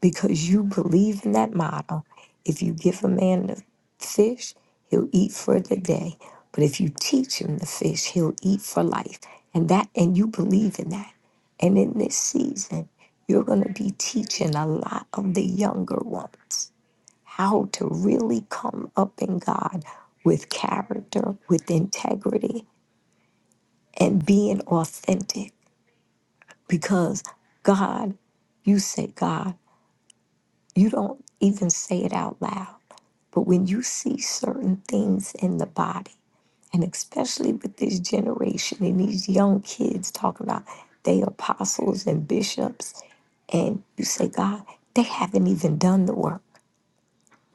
S5: because you believe in that motto. If you give a man the fish, he'll eat for the day. But if you teach him the fish, he'll eat for life. And that and you believe in that. And in this season, you're going to be teaching a lot of the younger ones how to really come up in God with character, with integrity, and being authentic because God, you say God, you don't even say it out loud. But when you see certain things in the body, and especially with this generation and these young kids talking about they apostles and bishops, and you say, God, they haven't even done the work.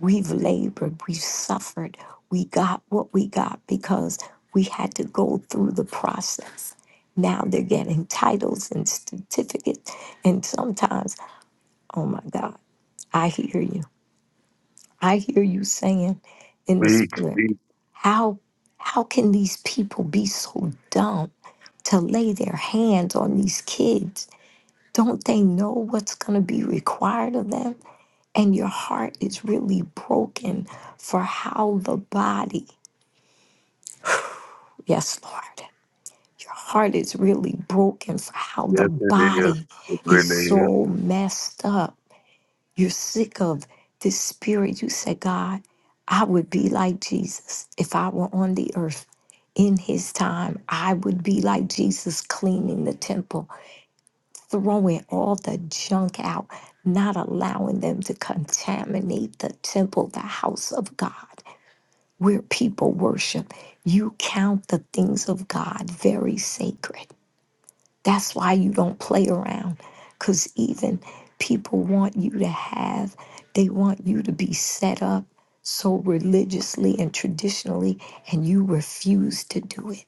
S5: We've labored, we've suffered, we got what we got because we had to go through the process. Now they're getting titles and certificates, and sometimes Oh my God. I hear you. I hear you saying in the
S7: Speak,
S5: spirit,
S7: speak.
S5: how how can these people be so dumb to lay their hands on these kids? Don't they know what's going to be required of them? And your heart is really broken for how the body, yes, Lord, your heart is really broken for how the
S7: Yes, it is.
S5: body
S7: It
S5: is
S7: really
S5: so messed up You're sick of this spirit. You say, God, I would be like Jesus if I were on the earth in his time. I would be like Jesus cleaning the temple, throwing all the junk out, not allowing them to contaminate the temple, the house of God, where people worship. You count the things of God very sacred. That's why you don't play around, because even people want you to have, they want you to be set up so religiously and traditionally, and you refuse to do it.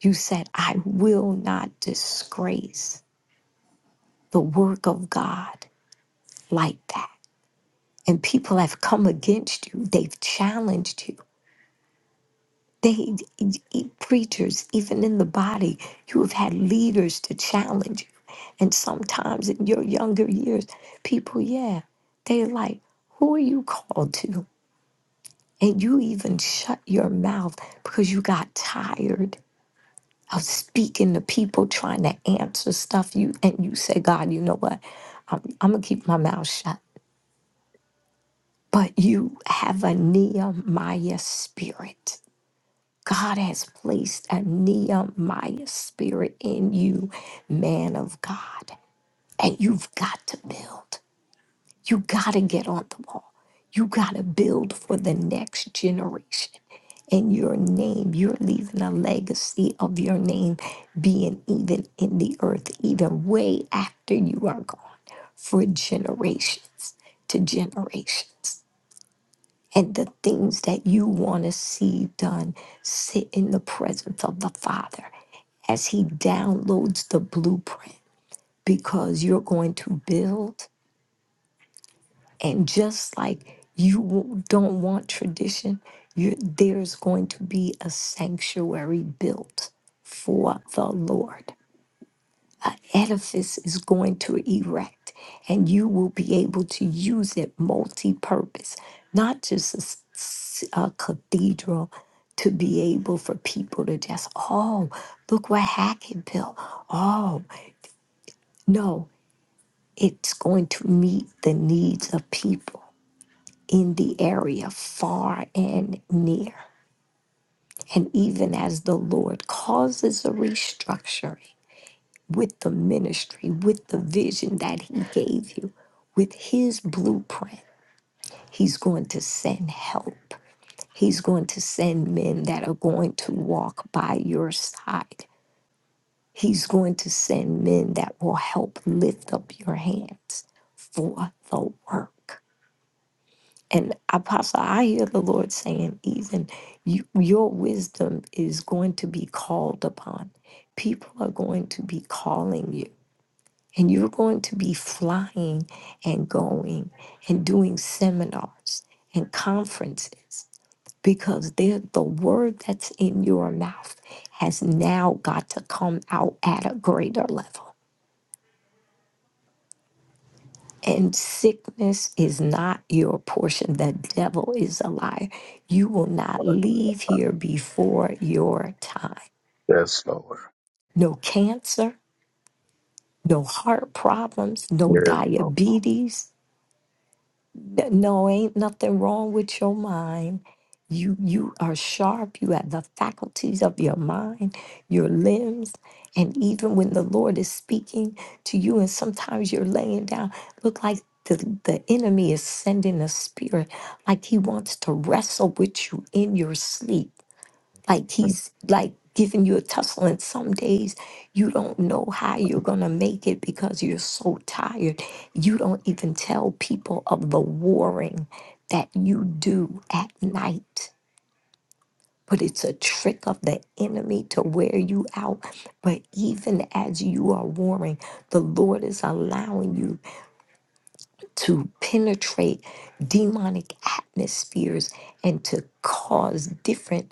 S5: You said, I will not disgrace the work of God like that. And people have come against you, they've challenged you. They, e, preachers, even in the body, you have had leaders to challenge you. And sometimes in your younger years, people, yeah, they like, who are you called to? And you even shut your mouth because you got tired of speaking to people trying to answer stuff you and you say, God, you know what? I'm, I'm gonna keep my mouth shut. But you have a Nehemiah spirit God has placed a Nehemiah spirit in you, man of God. And you've got to build. You got to get on the wall. You got to build for the next generation. And your name, you're leaving a legacy of your name being even in the earth, even way after you are gone, for generations to generations and the things that you want to see done. Sit in the presence of the Father as He downloads the blueprint because you're going to build. And just like you w- don't want tradition, you there's going to be a sanctuary built for the Lord. edifice is going to erect, and you will be able to use it multi purpose, not just a, s- s- a cathedral to be able for people to just, oh, look what Hackett built. Oh, no, it's going to meet the needs of people in the area, far and near. And even as the Lord causes a restructuring, with the ministry, with the vision that He gave you, with His blueprint. He's going to send help. He's going to send men that are going to walk by your side. He's going to send men that will help lift up your hands for the work. And Apostle, I hear the Lord saying, even you, your wisdom is going to be called upon. People are going to be calling you And you're going to be flying and going and doing seminars and conferences because they're- the word that's in your mouth has now got to come out at a greater level. And sickness is not your portion. The devil is a liar. You will not
S7: is.
S5: leave here before your time.
S7: Yes, Lord.
S5: No cancer, no heart problems, no
S7: Yes, Lord.
S5: diabetes, N- No, ain't nothing wrong with your mind. You you are sharp. You have the faculties of your mind, your limbs, and even when the Lord is speaking to you, and sometimes you're laying down, look like the, the enemy is sending a spirit, like he wants to wrestle with you in your sleep like he's like giving you a tussle and some days you don't know how you're gonna make it because you're so tired you don't even tell people of the warring that you do at night but it's a trick of the enemy to wear you out but even as you are warring the lord is allowing you to penetrate demonic atmospheres and to cause different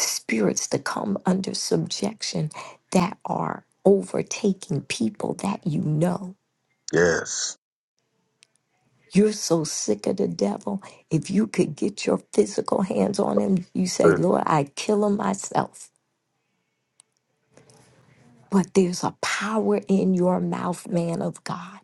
S5: spirits to come under subjection that are overtaking people that you know.
S7: Yes.
S5: You're so sick of the devil. If you could get your physical hands on him, you say,
S7: Good.
S5: Lord, I'd kill him myself. But there's a power in your mouth, man of God.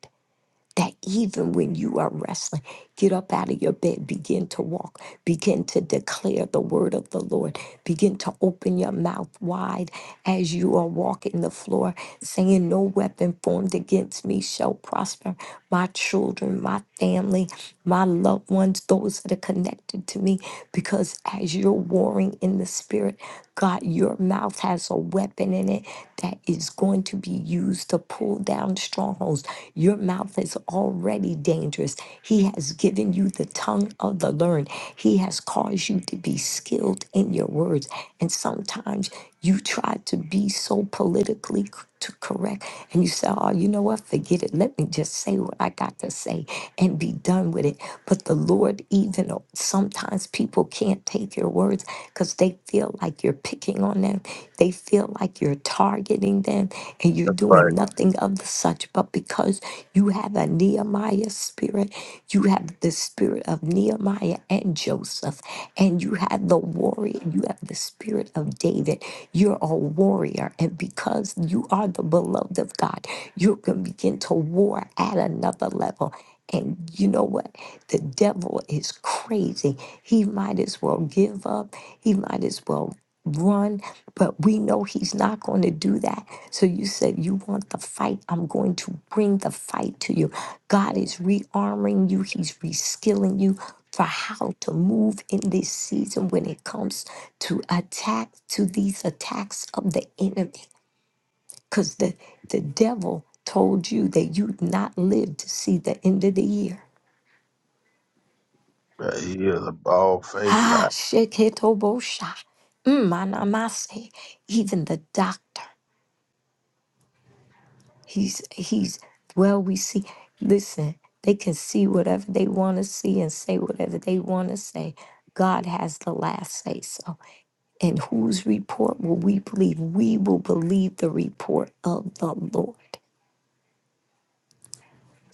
S5: that even when you are wrestling, get up out of your bed, begin to walk, begin to declare the word of the Lord, begin to open your mouth wide as you are walking the floor, saying, No weapon formed against me shall prosper. My children, my family, my loved ones, those that are connected to me, because as you're warring in the spirit, God, your mouth has a weapon in it covenant that is going to be used to pull down strongholds. Your mouth is already dangerous. He has given you the tongue of the learned, He has caused you to be skilled in your words. And sometimes you try to be so politically c- to correct and you say, Oh, you know what? Forget it. Let me just say what I got to say and be done with it. But the Lord, even though sometimes people people can't take your words because they feel like you're picking on them. They feel like you're targeting them and you're
S7: That's right.
S5: doing nothing of the such. But because you have a Nehemiah spirit, you have the spirit of Nehemiah and Joseph, and you have the warrior, you have the spirit of David. You're a warrior. And because you are the beloved of God, you can begin to war at another level and you know what? The devil is crazy. He might as well give up. He might as well run. But we know he's not going to do that. So you said, You want the fight? I'm going to bring the fight to you. God is rearming you, He's reskilling you for how to move in this season when it comes to attack, to these attacks of the enemy. Because the, the devil told you that you'd not live to see the end of the year.
S7: Yeah, He is a bald faced
S5: Ah,
S7: lie.
S5: sheketobosha. Mm, manamase. Even the doctor, he's he's well. We see. Listen, they can see whatever they want to see and say whatever they want to say. God has the last say so. And whose report will we believe? We will believe the report of the Lord.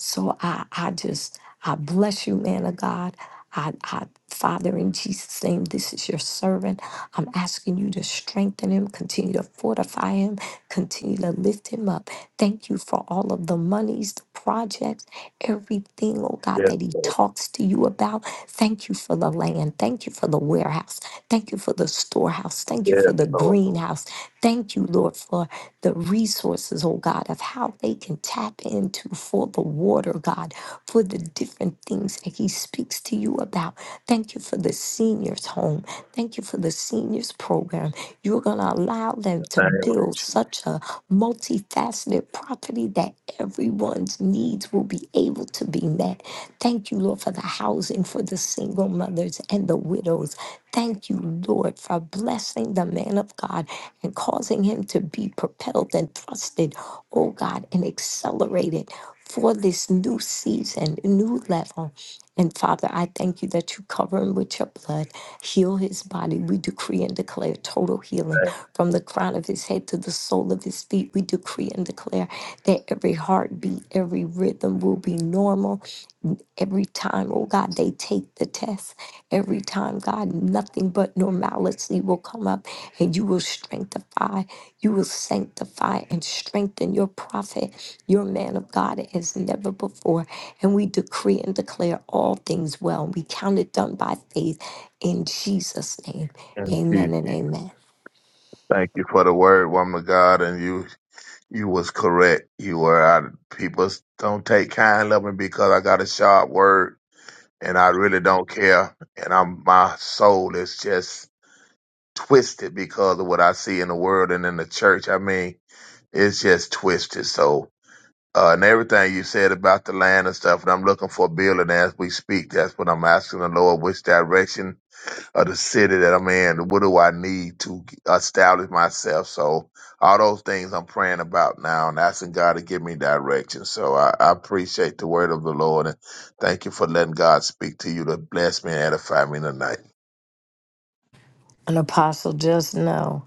S5: So I, I just, I bless you, man of God. I, I, Father, in Jesus' name, this is your servant. I'm asking you to strengthen him, continue to fortify him, continue to lift him up. Thank you for all of the monies, the projects, everything, oh God,
S7: Yes,
S5: that he
S7: Lord.
S5: talks to you about. Thank you for the land. Thank you for the warehouse warehouse. Thank you for the storehouse. Thank you
S7: Yes,
S5: for the
S7: Lord.
S5: greenhouse. Thank you, Lord, for the resources, oh God, of how they can tap into for the water, God, for the different things that He speaks to you about. Thank you for the seniors' home. Thank you for the seniors' program. You're going to allow them
S7: In
S5: to
S7: the name of
S5: build such a multiplier multifaceted property that everyone's needs will be able to be met. Thank you, Lord, for the housing for the single mothers and the widows. Thank you, Lord, for blessing the man of God and causing him to be propelled and thrusted, oh God, and accelerated for this new season, new level. And Father, I thank you that you cover him with your blood, heal his body. We decree and declare total healing
S7: the
S5: from the crown of his head to the sole of his feet. We decree and declare that every heartbeat, every rhythm will be normal Every time, oh God, they take the test. Every time, God, nothing but normality will come up and you will strengthify, you will sanctify and strengthen your prophet, your man of God as never before. And we decree and declare all things well. We count it done by faith in Jesus' name.
S7: Lamb. In Jesus.
S5: Amen and amen.
S7: Thank you for the word, woman of God, and you You was correct. You were. I, people don't take kind of me because I got a sharp word, and I really don't care. And I'm my soul is just twisted because of what I see in the world and in the church. I mean, it's just twisted. So, uh, and everything you said about the land and stuff, and I'm looking for a building as we speak. That's what I'm asking the Lord, which direction of the city that I'm in. What do I need to establish myself? So all those things I'm praying about now and asking God to give me direction. So I, I appreciate the word of the Lord and thank you for letting God speak to you to bless me and edify me tonight.
S5: An apostle, just know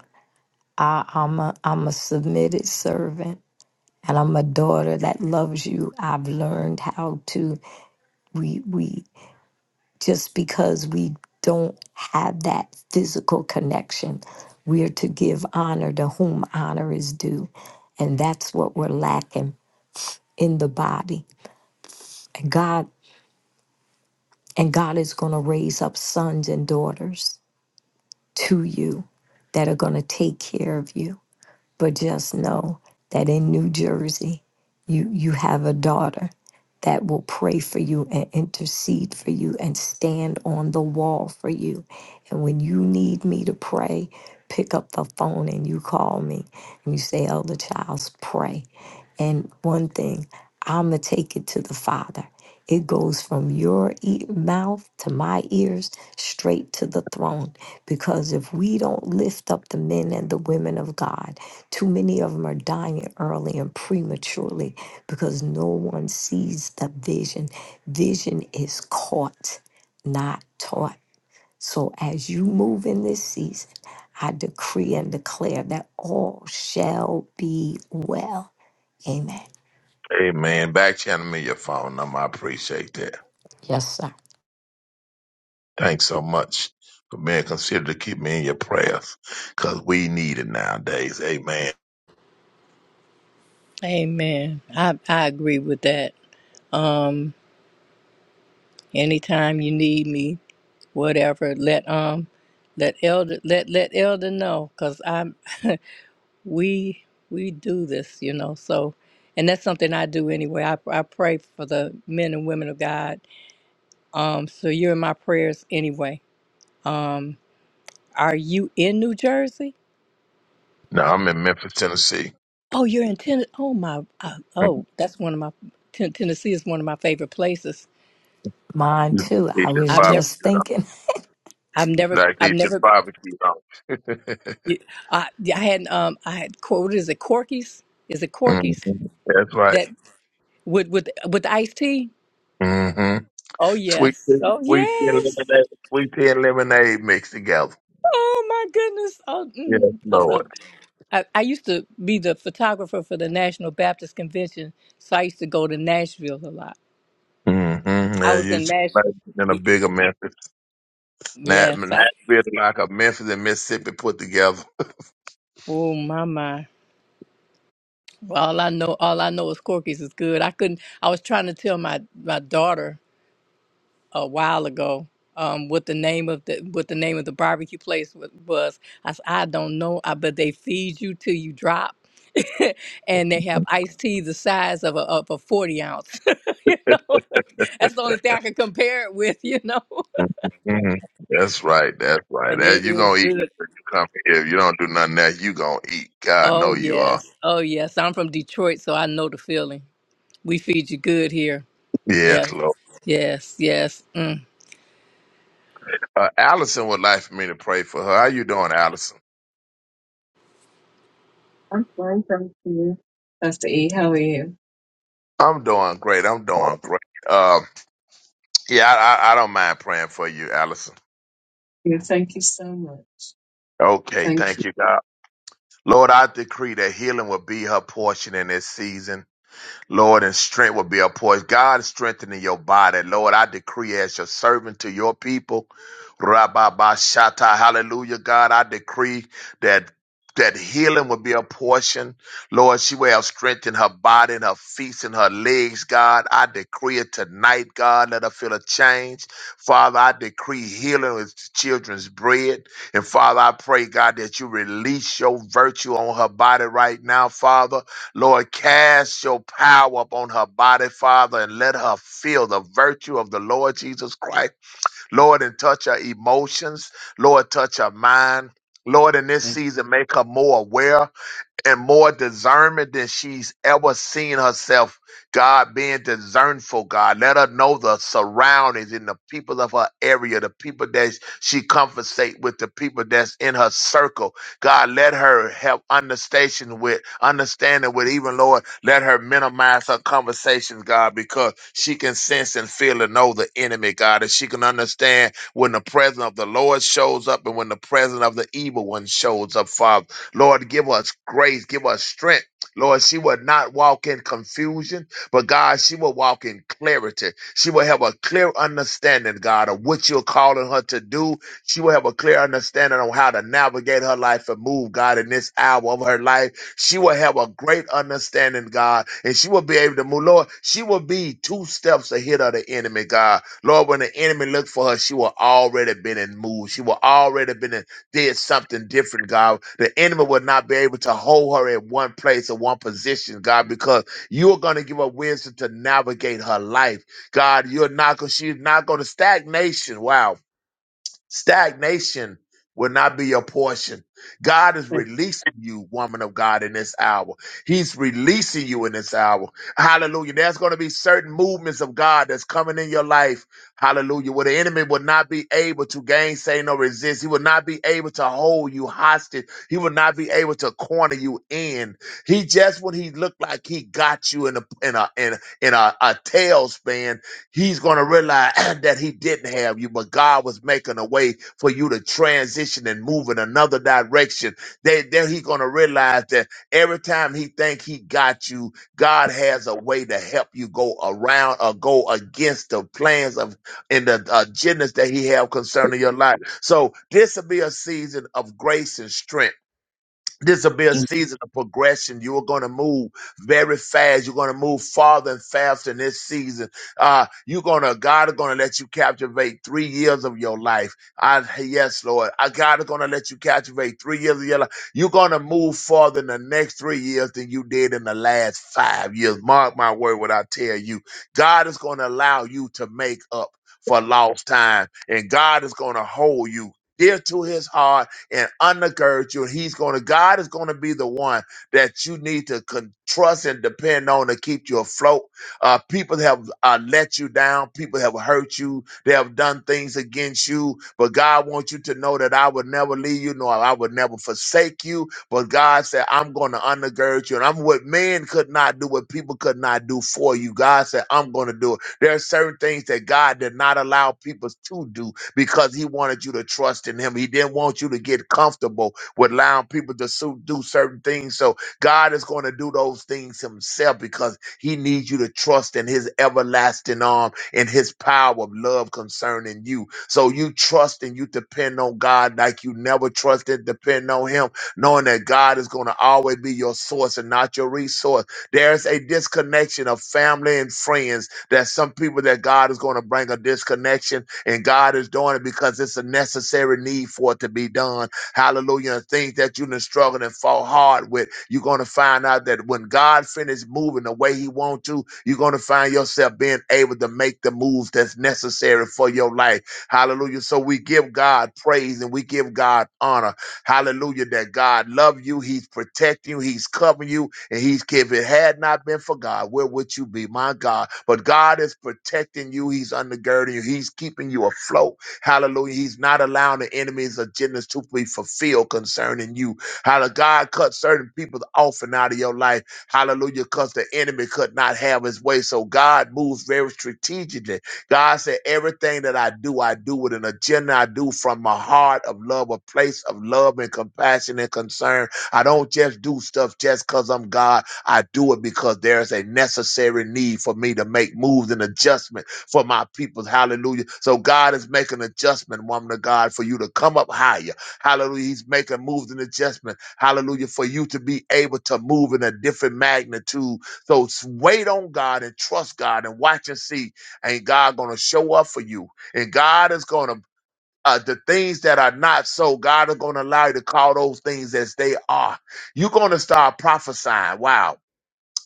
S5: I, I'm, a, I'm a submitted servant and I'm a daughter that loves you. I've learned how to. we we just because we don't have that physical connection we are to give honor to whom honor is due and that's what we're lacking in the body and god and god is going to raise up sons and daughters to you that are going to take care of you but just know that in New Jersey, you you have a daughter that will pray for you and intercede for you and stand on the wall for you. And when you need me to pray, pick up the phone and you call me and you say, Elder Childs, pray. And one thing, I'ma take it to the Father. It goes from your e- mouth to my ears straight to the throne. Because if we don't lift up the men and the women of God, too many of them are dying early and prematurely because no one sees the vision. Vision is caught, not taught. So as you move in this season, I decree and declare that all shall be well. Amen.
S7: Amen. Back channel me your phone number. I appreciate that.
S5: Yes, sir.
S7: Thanks so much for being considered to keep me in your prayers because we need it nowadays. Amen.
S1: Amen. I I agree with that. Um, anytime you need me, whatever, let um let elder let let elder know because I'm we we do this you know so and that's something i do anyway i, I pray for the men and women of god um so you're in my prayers anyway um are you in new jersey
S7: Now I'm in Memphis, Tennessee.
S1: oh you're in tennessee oh my uh, oh that's one of my ten- tennessee is one of my favorite places
S5: Mine
S7: Mhm.
S5: too. I
S7: It's just
S5: was
S1: i've never
S5: just
S7: barbecue.
S5: thinking.
S1: i've never
S7: Like they
S1: i've
S7: did
S1: never
S7: barbecue on.
S1: i, I had um i had quoted is it corky's is it corky's
S7: Mhm. That's right.
S1: that with with with the iced tea
S7: hmm
S1: oh
S7: Sweet,
S1: yes
S7: tea-
S1: oh
S7: sweet tea and
S1: yes
S7: lemonade, sweet tea and lemonade mixed together.
S1: Oh my goodness! Oh,
S7: Yes,
S1: mm, I love.
S7: Lord.
S1: it. I, I used to be the photographer for the National Baptist Convention, so I used to go to Nashville a lot.
S7: Mm-hmm.
S1: I
S7: Yeah,
S1: was
S7: you
S1: in
S7: should
S1: Nashville.
S7: like it in a bigger Memphis, not
S1: Yes.
S7: not
S1: I,
S7: really like a Memphis and Mississippi put together.
S1: oh my my! Well, all I know, all I know is Corky's is good. I couldn't. I was trying to tell my my daughter. a while ago um, what the name of the what the name of the barbecue place wa- was. I said, I don't know, I, but they feed you till you drop. and they have
S7: hmm
S1: iced tea the size of a, of a 40 ounce. you know, that's the only thing I can compare it with, you know,
S7: That's right. That's right.
S1: and
S7: That
S1: it
S7: you
S1: is
S7: gonna eat when
S1: good.
S7: you come here. If you don't do nothing else, you gonna eat. God
S1: Oh,
S7: know you are.
S1: yes. Oh, yes. I'm from Detroit, so I know the feeling. We feed you good here.
S7: Yes,
S1: Yes,
S7: Lord.
S1: yes, yes. Mm.
S7: Uh, Allison would like for me to pray for her. How you doing, Allison?
S4: I'm fine, thank you. Pastor E, how are you?
S7: I'm doing great. I'm doing great. Um, yeah, I, I, I don't mind praying for you, Allison.
S4: Yeah, thank you so much.
S7: Okay,
S4: Thank
S7: thank
S4: you.
S7: you, God. Lord, I decree that healing will be her portion in this season. Lord, and strength will be a portion. God strengthening your body. Lord, I decree as your servant to your people. Rababashata, hallelujah, God, I decree that that healing will be a portion. Lord, she will have strength in her body and her feet and her legs, God. I decree it tonight, God. Let her feel a change. Father, I decree healing is the children's bread. And Father, I pray, God, that you release your virtue on her body right now, Father. Lord, cast your power upon her body, Father, and let her feel the virtue of the Lord Jesus Christ. Lord, and touch her emotions. Lord, touch her mind. Lord, in this
S4: Thank
S7: season, make her more aware and more discernment than she's ever seen herself. God being discernful, God. Let her know the surroundings and the people of her area, the people that she conversate with, the people that's in her circle. God, let her have understanding with, understanding with even Lord, let her minimize her conversations, God, because she can sense and feel and know the enemy, God, and she can understand when the presence of the Lord shows up and when the presence of the evil one shows up, Father. Lord, give us grace, give us strength. Lord, she will not walk in confusion, but God, she will walk in clarity. She will have a clear understanding, God, of what you're calling her to do. She will have a clear understanding on how to navigate her life and move, God, in this hour of her life. She will have a great understanding, God, and she will be able to move. Lord, she will be two steps ahead of the enemy, God. Lord, when the enemy looked for her, she will already been in move. She will already been in did something different, God. The enemy will not be able to hold her in one place or one position, God, because you are going to give her wisdom to navigate her life, God. You're not going. She's not going to stagnation. Wow Stagnation will not be your portion. God is
S4: thank
S7: releasing you, woman of God, in this hour. He's releasing you in this hour. Hallelujah. There's going to be certain movements of God that's coming in your life. Hallelujah. Where the enemy will not be able to gainsay nor resist. He will not be able to hold you hostage. He will not be able to corner you in. He just when he looked like he got you in a in a in a, in a, a tailspin, he's going to realize that he didn't have you, but God was making a way for you to transition and move in another direction. Then, then he's going to realize that every time he think he got you, God has a way to help you go around or go against the plans of and the agendas that he have concerning your life. So this will be a season of grace and strength this will be a
S4: you.
S7: season of progression. You are going to move very fast. You're going to move farther and faster in this season. Uh, you're going to, God is going to let you captivate three years of your life. I, yes, Lord. I, God is going to let you captivate three years of your life. You're going to move farther in the next three years than you did in the last five years. Mark my word, what I tell you. God is going to allow you to make up for lost time, and God is going to hold you dear to his heart and undergird you. And He's going to, God is going to be the one that you need to con- trust and depend on to keep you afloat. Uh, people have uh, let you down. People have hurt you. They have done things against you. But God wants you to know that I would never leave you, nor I would never forsake you. But God said, I'm going to undergird you. And I'm what men could not do, what people could not do for you. God said, I'm going to do it. There are certain things that God did not allow people to do because he wanted you to trust in him. He didn't want you to get comfortable with allowing people to so- do certain things. So God is going to do those things himself because he needs you to trust in his everlasting arm and his power of love concerning you. So you trust and you depend on God like you never trusted, depend on him, knowing that God is going to always be your source and not your resource. There's a disconnection of family and friends. There's some people that God is going to bring a disconnection and God is doing it because it's a necessary need for it to be done. Hallelujah. And things that you've been struggling and fought hard with, you're going to find out that when God finishes moving the way He wants to, you're going to find yourself being able to make the moves that's necessary for your life. Hallelujah. So we give God praise and we give God honor. Hallelujah. That God loves you. He's protecting you. He's covering you and he's if it had not been for God, where would you be? My God. But God is protecting you. He's undergirding you. He's keeping you afloat. Hallelujah. He's not allowing the enemy's agendas to be fulfilled concerning you. Hallelujah. God cut certain people off and out of your life. Hallelujah. Because the enemy could not have his way. So God moves very strategically. God said, Everything that I do, I do with an agenda. I do from my heart of love, a place of love and compassion and concern I don't just do stuff just because I'm God. I do it because there's a necessary need for me to make moves and adjustment for my people. Hallelujah. So God is making adjustment, woman of God, for you to come up higher. Hallelujah. He's making moves and adjustment. Hallelujah. For you to be able to move in a different magnitude. So s- wait on God and trust God and watch and see. And God gonna show up for you. And God is gonna uh, the things that are not so, God is going to allow you to call those things as they are. You're going to start prophesying. Wow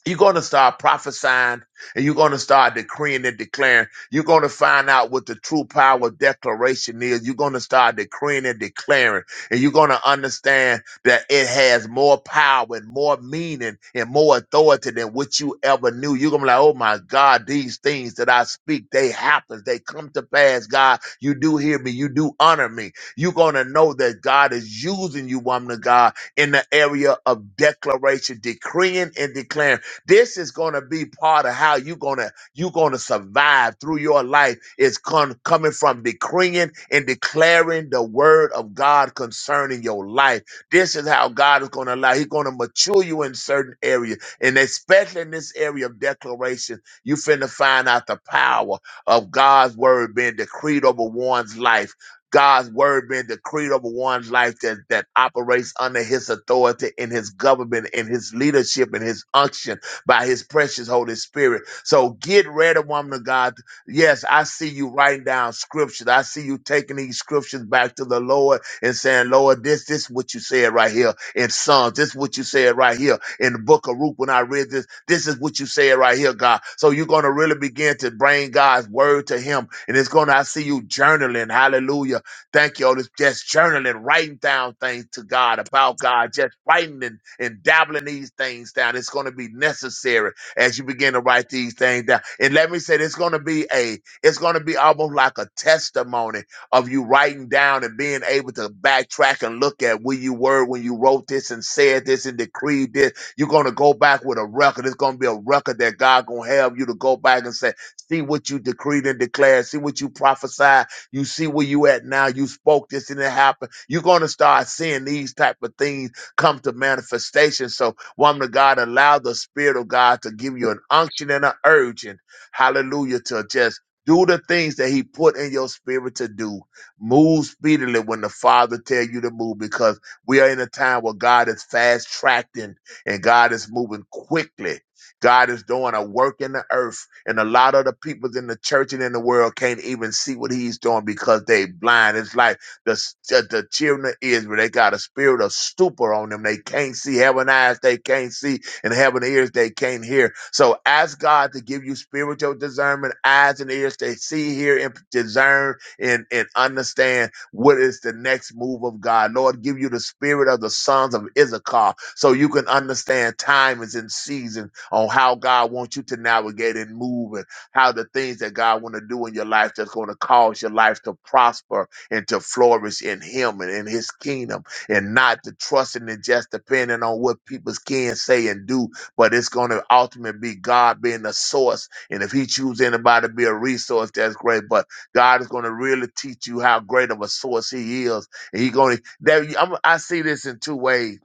S7: you're going to start prophesying and you're going to start decreeing and declaring. You're going to find out what the true power of declaration is. You're going to start decreeing and declaring, and you're going to understand that it has more power and more meaning and more authority than what you ever knew. You're going to be like, oh my God, these things that I speak, they happen. They come to pass. God, you do hear me. You do honor me. You're going to know that God is using you, woman of God, in the area of declaration, decreeing and declaring this is going to be part of how you're going to you're going to survive through your life is con- coming from decreeing and declaring the word of God concerning your life. This is how God is going to allow. He's going to mature you in certain areas, and especially in this area of declaration, you finna find out the power of God's word being decreed over one's life. God's word being decreed over one's life that, that operates under his authority and his government and his leadership and his unction by his precious Holy Spirit. So get ready, woman of God. Yes, I see you writing down scriptures. I see you taking these scriptures back to the Lord and saying, Lord, this, this is what you said right here in Psalms. This is what you said right here in the book of Ruth when I read this. This is what you said right here, God. So you're going to really begin to bring God's word to him. And it's going to, I see you journaling. Hallelujah Thank you, Otis. Just journaling, writing down things to God about God, just writing and, and dabbling these things down. It's going to be necessary as you begin to write these things down. And let me say, it's going to be a, it's going to be almost like a testimony of you writing down and being able to backtrack and look at where you were when you wrote this and said this and decreed this. You're going to go back with a record. It's going to be a record that God going to have you to go back and say, see what you decreed and declared, see what you prophesied, you see where you at now. You spoke this and it happened. You're going to start seeing these type of things come to manifestation. So, woman of God, allow the Spirit of God to give you an unction and an urging. Hallelujah. To just do the things that He put in your spirit to do. Move speedily when the Father tell you to move, because we are in a time where God is fast tracking and God is moving quickly. God is doing a work in the earth, and a lot of the people in the church and in the world can't even see what He's doing because they blind. It's like the s- the the children of Israel; they got a spirit of stupor on them. They can't see, having eyes they can't see, and having ears they can't hear. So ask God to give you spiritual discernment, eyes and ears to see, hear, and discern, and and understand what is the next move of God. Lord, give you the spirit of the sons of Issachar so you can understand time is in seasons on how God wants you to navigate and move and how the things that God want to do in your life that's going to cause your life to prosper and to flourish in him and in his kingdom and not to trust and just depending on what people can say and do, but it's going to ultimately be God being the source. And if he chooses anybody to be a resource, that's great. But God is going to really teach you how great of a source he is. And he's going to, that, I'm, I see this in two ways.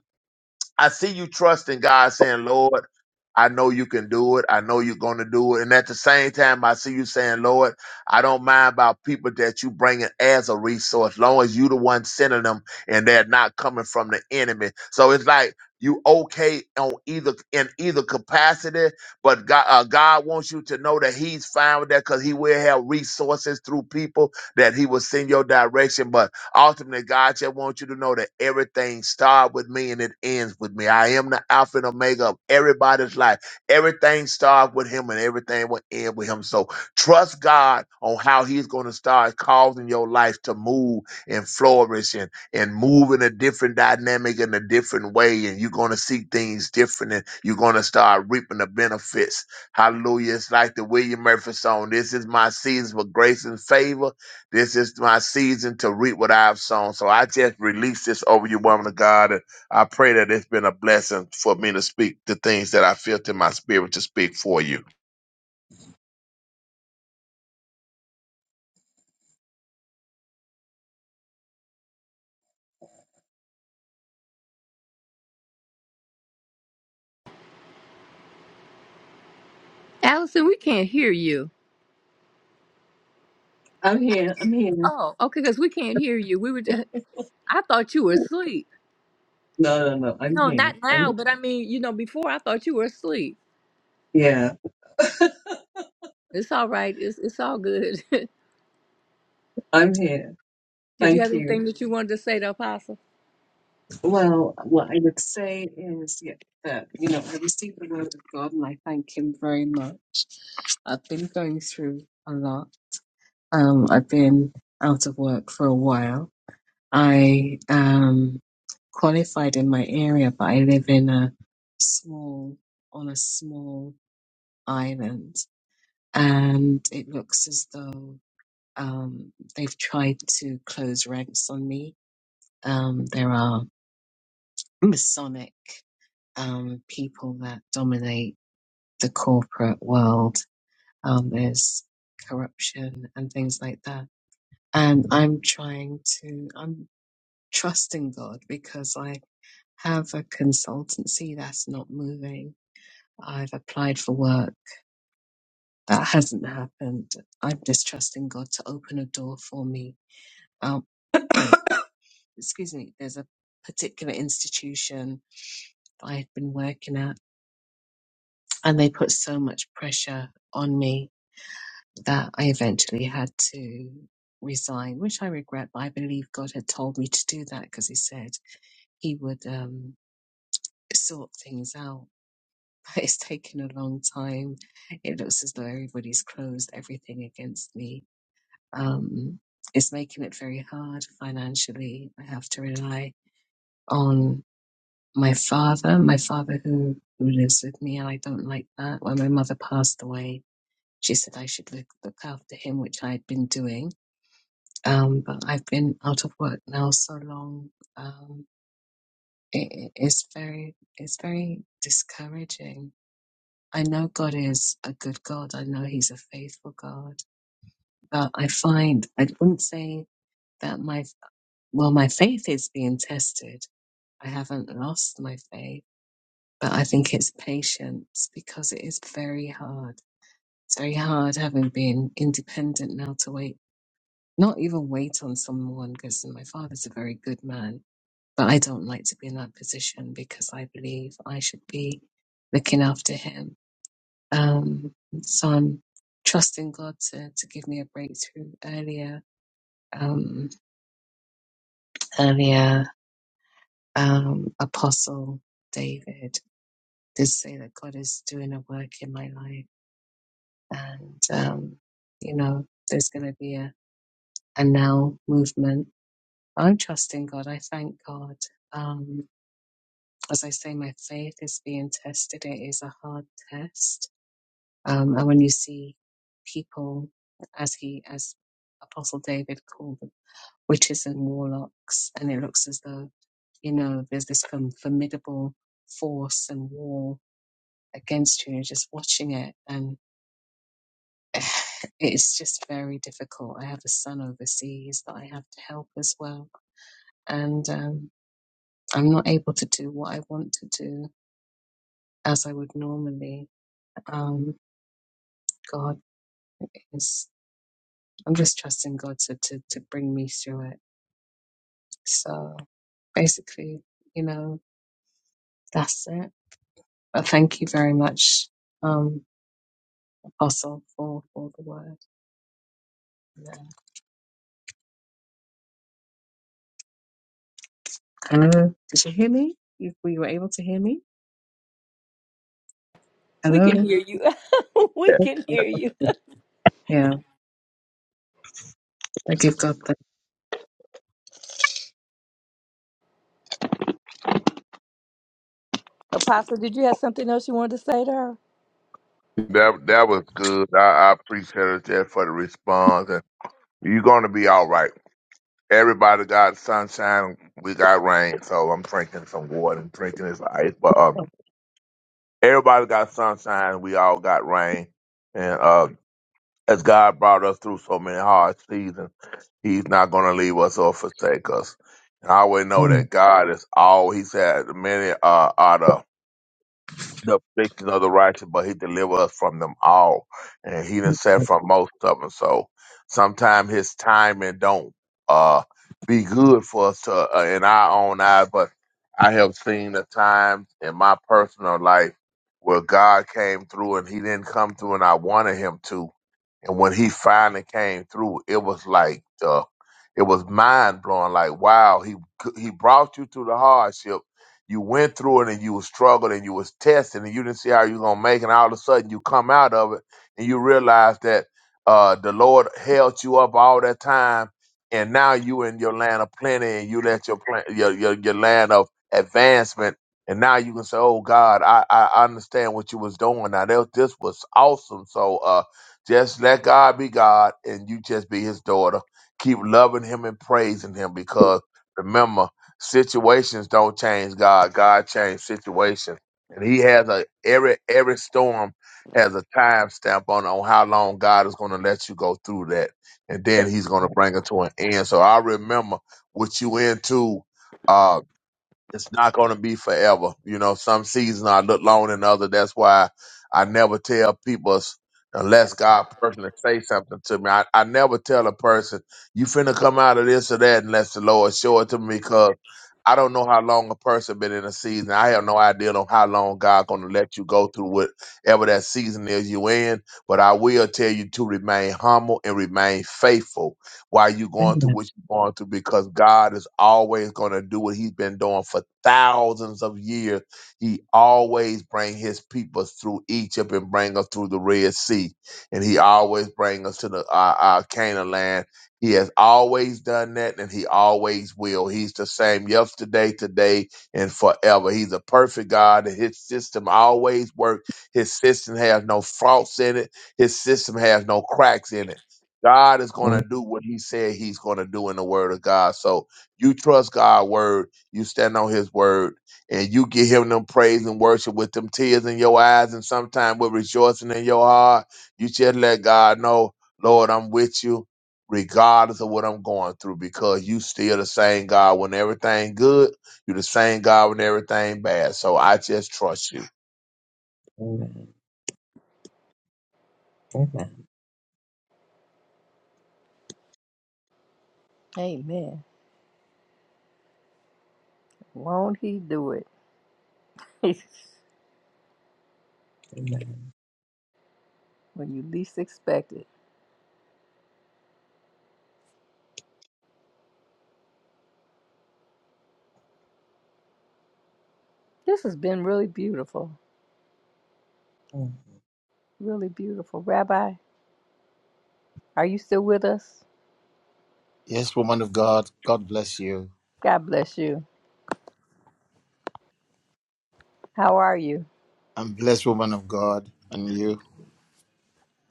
S7: I see you trusting God saying, Lord, I know you can do it. I know you're going to do it. And at the same time, I see you saying, Lord, I don't mind about people that you bring in as a resource, long as you the one sending them and they're not coming from the enemy. So it's like you okay on either in either capacity, but God, uh, God wants you to know that He's fine with that because He will have resources through people that He will send your direction. But Ultimately, God just wants you to know that everything starts with me and it ends with me. I am the Alpha and Omega of everybody's life. Everything starts with Him and everything will end with Him. So trust God on how He's going to start causing your life to move and flourish and, and move in a different dynamic in a different way. And you're going to see things different and you're going to start reaping the benefits. Hallelujah. It's like the William Murphy song. This is my season for grace and favor this is my season to reap what I've sown. So I just release this over you, woman of God. And I pray that it's been a blessing for me to speak the things that I feel in my spirit to speak for you.
S1: Allison, we can't hear you.
S4: I'm here. I'm here.
S1: Oh, okay, because we can't hear you. We were. I thought you were asleep.
S4: No, no, no. I'm
S1: No,
S4: here.
S1: not now,
S4: I'm
S1: but I mean, you know, before I thought you were asleep.
S4: yeah.
S1: It's all right. It's it's all good. Did
S4: I'm here.
S1: you
S4: Thank
S1: have
S4: you.
S1: anything that you wanted to say to Apostle?
S4: Well, what I would say is yeah, that, you know, I received the word of God and I thank Him very much. I've been going through a lot. Um, I've been out of work for a while. I am qualified in my area, but I live in a small, on a small island, and it looks as though um, they've tried to close ranks on me. Um, there are Masonic. um, people that dominate the corporate world. Um, there's corruption and things like that. And I'm trying to, I'm trusting God because I have a consultancy that's not moving. I've applied for work that hasn't happened. I'm just trusting God to open a door for me. Um, excuse me. There's a particular institution that I've been working at and they put so much pressure on me that I eventually had to resign, which I regret, but I believe God had told me to do that because He said He would um, sort things out. But it's taken a long time. It looks as though everybody's closed everything against me. Um, it's making it very hard financially. I have to rely on my father, my father who, who lives with me, and I don't like that. When my mother passed away, she said I should look, look after him, which I had been doing Um, but I've been out of work now so long. Um, it, it- it's very, it's very discouraging. I know God is a good God. I know He's a faithful God, but I find I wouldn't say that my well, my faith is being tested. I haven't lost my faith, but I think it's patience because it is very hard. It's very hard having been independent now to wait, not even wait on someone because my father's a very good man But I don't like to be in that position because I believe I should be looking after him. Um, so I'm trusting God to, to give me a breakthrough earlier. Um, earlier, um, Apostle David did say that God is doing a work in my life and, um, you know, there's going to be a, a now movement. I'm trusting God. I thank God. Um, as I say, my faith is being tested. It is a hard test Um, and when you see people, as he, as Apostle David called them, witches and warlocks, and it looks as though, you know, there's this fam- formidable force and war against you, you're just watching it. And it's just very difficult. I have a son overseas that I have to help as well. And um, I'm not able to do what I want to do as I would normally. Um, God is, I'm just trusting God to, to, to bring me through it So basically, you know, that's it. But thank you very much, um, Apostle, for, for the word. Yeah. Hello. Did you hear me? You, were you were able to hear me?
S1: We can
S4: Hello.
S1: hear you. we can
S4: Okay,
S1: hear you.
S4: okay. Yeah. I give God the
S1: Apostle, did you have something else you wanted to say to her?
S7: That that was good. I, I appreciate it there for the response. And you're gonna be all right. Everybody got sunshine. We got rain. So I'm drinking some water and drinking this ice. But um, everybody got sunshine. We all got rain. And uh. as God brought us through so many hard seasons, He's not going to leave us or forsake us. And I always know
S4: Amen.
S7: that God is all. He said, "Many uh, are the the afflictions of the righteous, but He delivered us from them all." And He done said
S4: Amen.
S7: from most of them. So sometimes His timing don't uh be good for us to uh, in our own eyes. But I have seen the times in my personal life where God came through and He didn't come through, and I wanted Him to and when he finally came through, it was like uh, it was mind blowing. Like wow, he he brought you through the hardship. You went through it and you was struggling and you was testing and you didn't see how you gonna make. it. And all of a sudden, you come out of it and you realize that uh, the Lord held you up all that time, and now you in your land of plenty and you let your plan, your, your your land of advancement. And now you can say, "Oh God, I, I understand what you was doing. Now that, this was awesome." So. uh just let God be God and you just be his daughter. Keep loving him and praising him because remember, situations don't change God. God changes situations. And he has a every every storm has a time stamp on on how long God is gonna let you go through that. And then he's gonna bring it to an end. So I remember what you into. Uh, it's not going to be forever. You know, some seasons I look longer than other. That's why I never tell people s- unless God personally say something to me. I, I never tell a person you finna come out of this or that unless the Lord show it to me because I don't know how long a person been in a season. I have no idea on how long God going to let you go through whatever that season is you in. But I will tell you to remain humble and remain faithful why you going through
S4: Amen.
S7: what you're going through because God is always going to do what he's been doing for thousands of years. He always bring his people through Egypt and bring us through the Red Sea. And he always bring us to the uh, uh, Canaan land. He has always done that and he always will. He's the same yesterday, today, and forever. He's a perfect God and his system always works. His system has no faults in it. His system has no cracks in it God is going to do what he said he's going to do in the word of God. So you trust God's word, you stand on his word, and you give him them praise and worship with them tears in your eyes and sometimes with rejoicing in your heart. You just let God know, Lord, I'm with you regardless of what I'm going through because you still the same God when everything good, you are the same God when everything bad. So I just trust you.
S4: Amen.
S1: Amen. Won't he do it
S4: Amen.
S1: when you least expect it? This has been really beautiful.
S4: Amen.
S1: Really beautiful. Rabbi, are you still with us?
S8: Yes, woman of God, God bless you.
S1: God bless you. How are you?
S8: I'm blessed, woman of God, and you.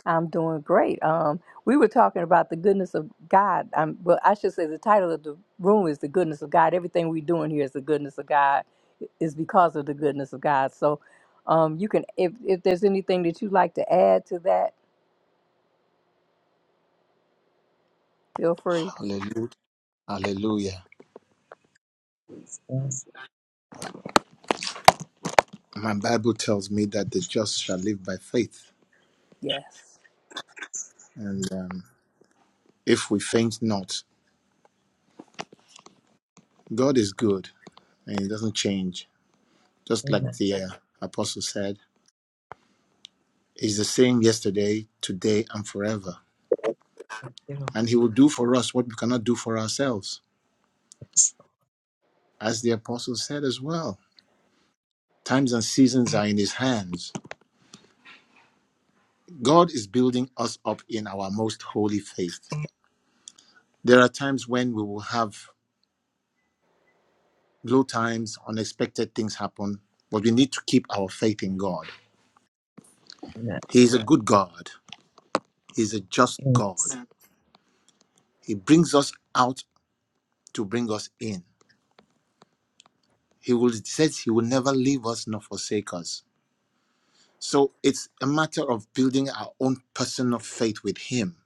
S1: I'm doing great. Um, we were talking about the goodness of God. Um, well, I should say the title of the room is the goodness of God. Everything we're doing here is the goodness of God, is because of the goodness of God. So, um, you can if if there's anything that you'd like to add to that, feel free.
S8: Hallelujah. Hallelujah. My Bible tells me that the just shall live by faith.
S1: Yes.
S8: And um, if we faint not, God is good and He doesn't change. Just like
S4: Amen.
S8: the uh, apostle said, He's the same yesterday, today, and forever.
S4: Thank you, Lord.
S8: And He will do for us what we cannot do for ourselves.
S4: Yes.
S8: As the apostle said as well, times and seasons are in His hands. God is building us up in our most holy faith. There are times when we will have low times, unexpected things happen, but we need to keep our faith in God.
S4: Amen.
S8: He is a good God, He is a just
S4: Yes.
S8: God. He brings us out to bring us in. He will it says He will never leave us nor forsake us. So it's a matter of building our own personal faith with Him.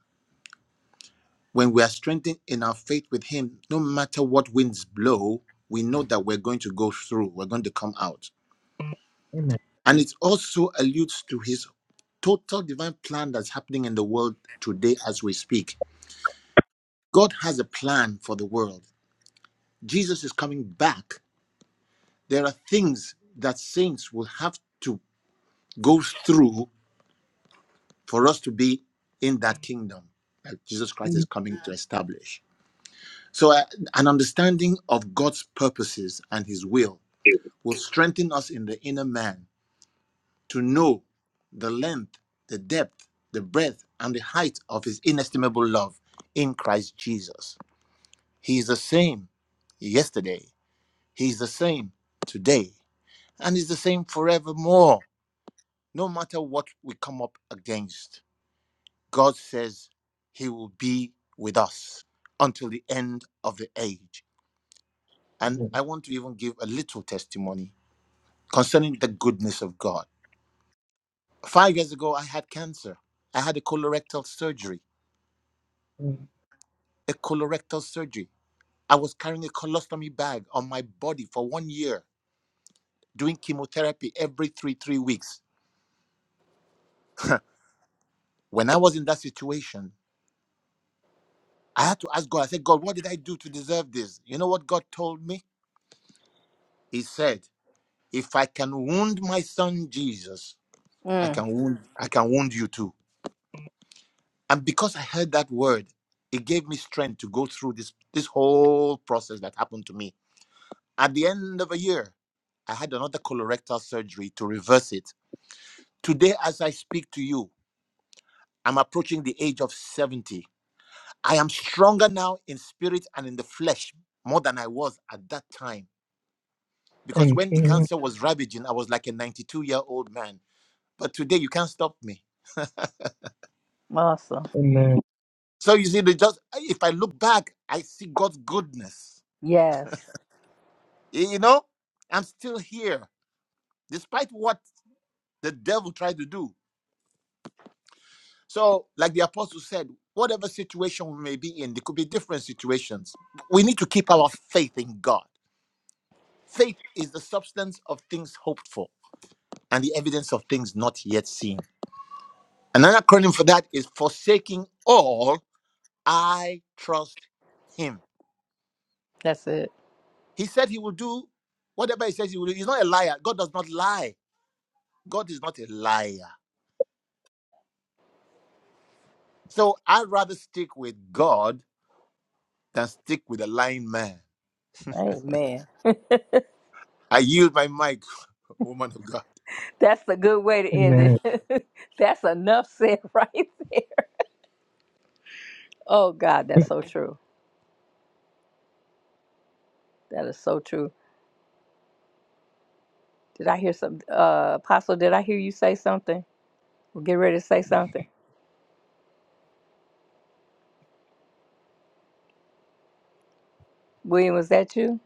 S8: When we are strengthened in our faith with Him, no matter what winds blow, we know that we're going to go through, we're going to come out
S4: Amen.
S8: And it also alludes to his total divine plan that's happening in the world today as we speak. God has a plan for the world. Jesus is coming back. There are things that saints will have to go through for us to be in that kingdom that Jesus Christ is
S4: Amen.
S8: coming to establish. So, uh, an understanding of God's purposes and his will will strengthen us in the inner man to know the length, the depth, the breadth, and the height of his inestimable love in Christ Jesus. He is the same yesterday, he is the same today, and he's the same forevermore, no matter what we come up against. God says he will be with us until the end of the age. And I want to even give a little testimony concerning the goodness of God. Five years ago, I had cancer. I had a colorectal surgery.
S4: Amen.
S8: a colorectal surgery. I was carrying a colostomy bag on my body for one year, doing chemotherapy every three, three weeks. When I was in that situation, I had to ask God, I said, God, what did I do to deserve this? You know what God told me? He said, if I can wound my son Jesus, I
S1: Mm,
S8: can wound, I can wound you too. And because I heard that word, it gave me strength to go through this, this whole process that happened to me. At the end of a year, I had another colorectal surgery to reverse it Today, as I speak to you, I'm approaching the age of 70. I am stronger now in spirit and in the flesh more than I was at that time. Because
S4: Thank
S8: when the
S4: you.
S8: cancer was ravaging, I was like a 92 year old man. But today, you can't stop me.
S1: awesome.
S4: Amen.
S8: So you see, they just if I look back, I see God's goodness.
S1: Yes.
S8: Y- You know, I'm still here despite what the devil tried to do. So, like the apostle said, whatever situation we may be in, there could be different situations. We need to keep our faith in God Faith is the substance of things hoped for and the evidence of things not yet seen. Another acronym for that is forsaking all, I trust him.
S1: That's it.
S8: He said he will do whatever he says he will do. He's not a liar. God does not lie. God is not a liar. So I'd rather stick with God than stick with a lying man.
S1: Amen.
S8: I yield my mic, woman of God.
S1: That's a good way to end
S4: Amen.
S1: it. that's enough said right there. Oh God, that's so true. That is so true. Did I hear some, uh, Apostle, did I hear you say something? Well, get ready to say something. William, was that you?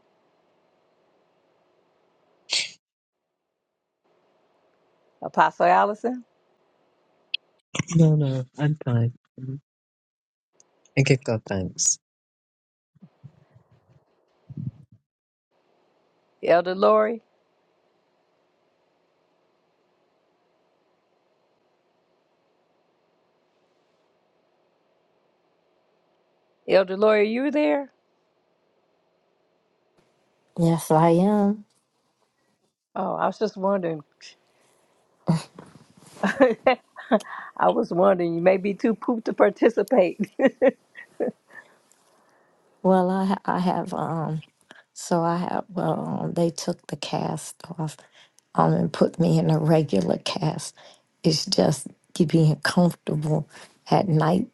S1: Apostle Allison?
S4: No, no, I'm fine. A gift of thanks.
S1: Elder Lori? Elder Lori, are you there?
S5: Yes, I am.
S1: Oh, I was just wondering. I was wondering, you may be too pooped to participate.
S5: Well, I ha- I have um so I have well um, they took the cast off um and put me in a regular cast. It's just you being comfortable at night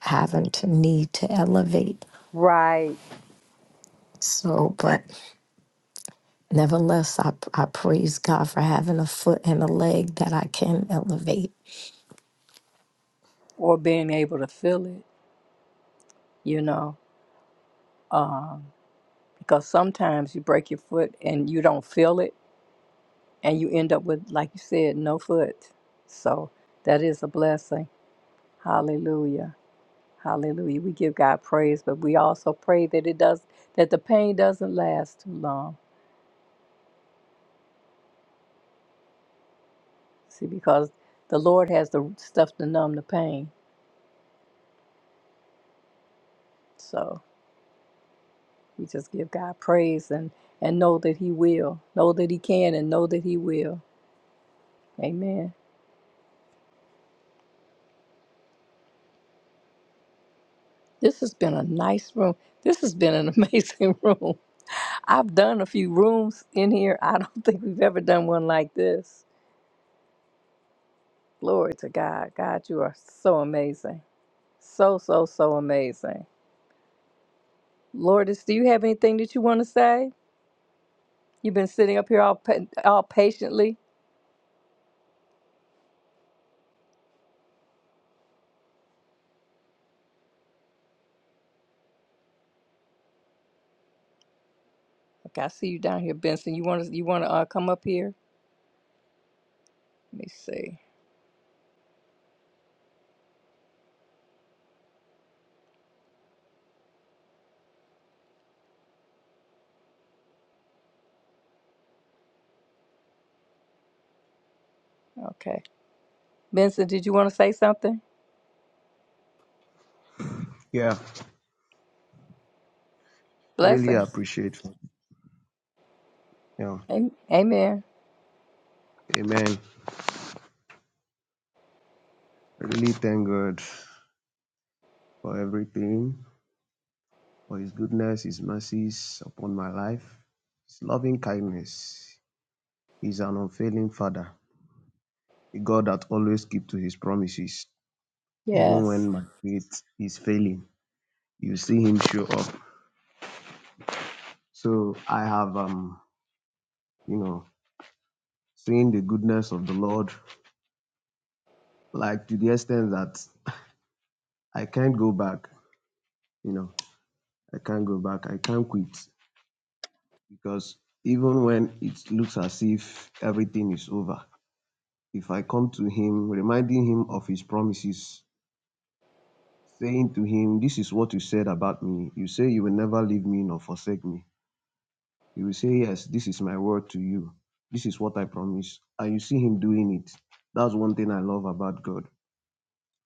S5: having to need to elevate.
S1: right.
S5: So, but nevertheless, I I praise God for having a foot and a leg that I can elevate.
S1: Or being able to feel it, you know. uh, because sometimes you break your foot and you don't feel it and you end up with like you said no foot so that is a blessing hallelujah hallelujah we give god praise but we also pray that it does that the pain doesn't last too long see because the lord has the stuff to numb the pain so we just give god praise and and know that he will know that he can and know that he will amen this has been a nice room this has been an amazing room I've done a few rooms in here. I don't think we've ever done one like this. Glory to God. God, you are so amazing. So, so, so amazing. Lourdes, do you have anything that you want to say? You've been sitting up here all pa- all patiently. Okay, I see you down here, Benson. You want to you want to uh, come up here? Let me see. Okay, Benson, did you want to say something?
S9: Yeah, really
S1: Blessings.
S9: appreciate. Yeah,
S1: Am- Amen.
S9: Amen. Really thank God for everything, for His goodness, His mercies upon my life, His loving kindness. He's an unfailing Father, a God that always keeps to His promises, even
S1: Yes.
S9: when my faith is failing. You see Him show up. So I have, um, you know, seen the goodness of the Lord, like to the extent that I can't go back. You know, I can't go back. I can't quit. because even when it looks as if everything is over, if I come to him, reminding him of his promises, saying to him, This is what you said about me. You say you will never leave me nor forsake me. He will say, Yes, this is my word to you. This is what I promise. And you see him doing it. That's one thing I love about God.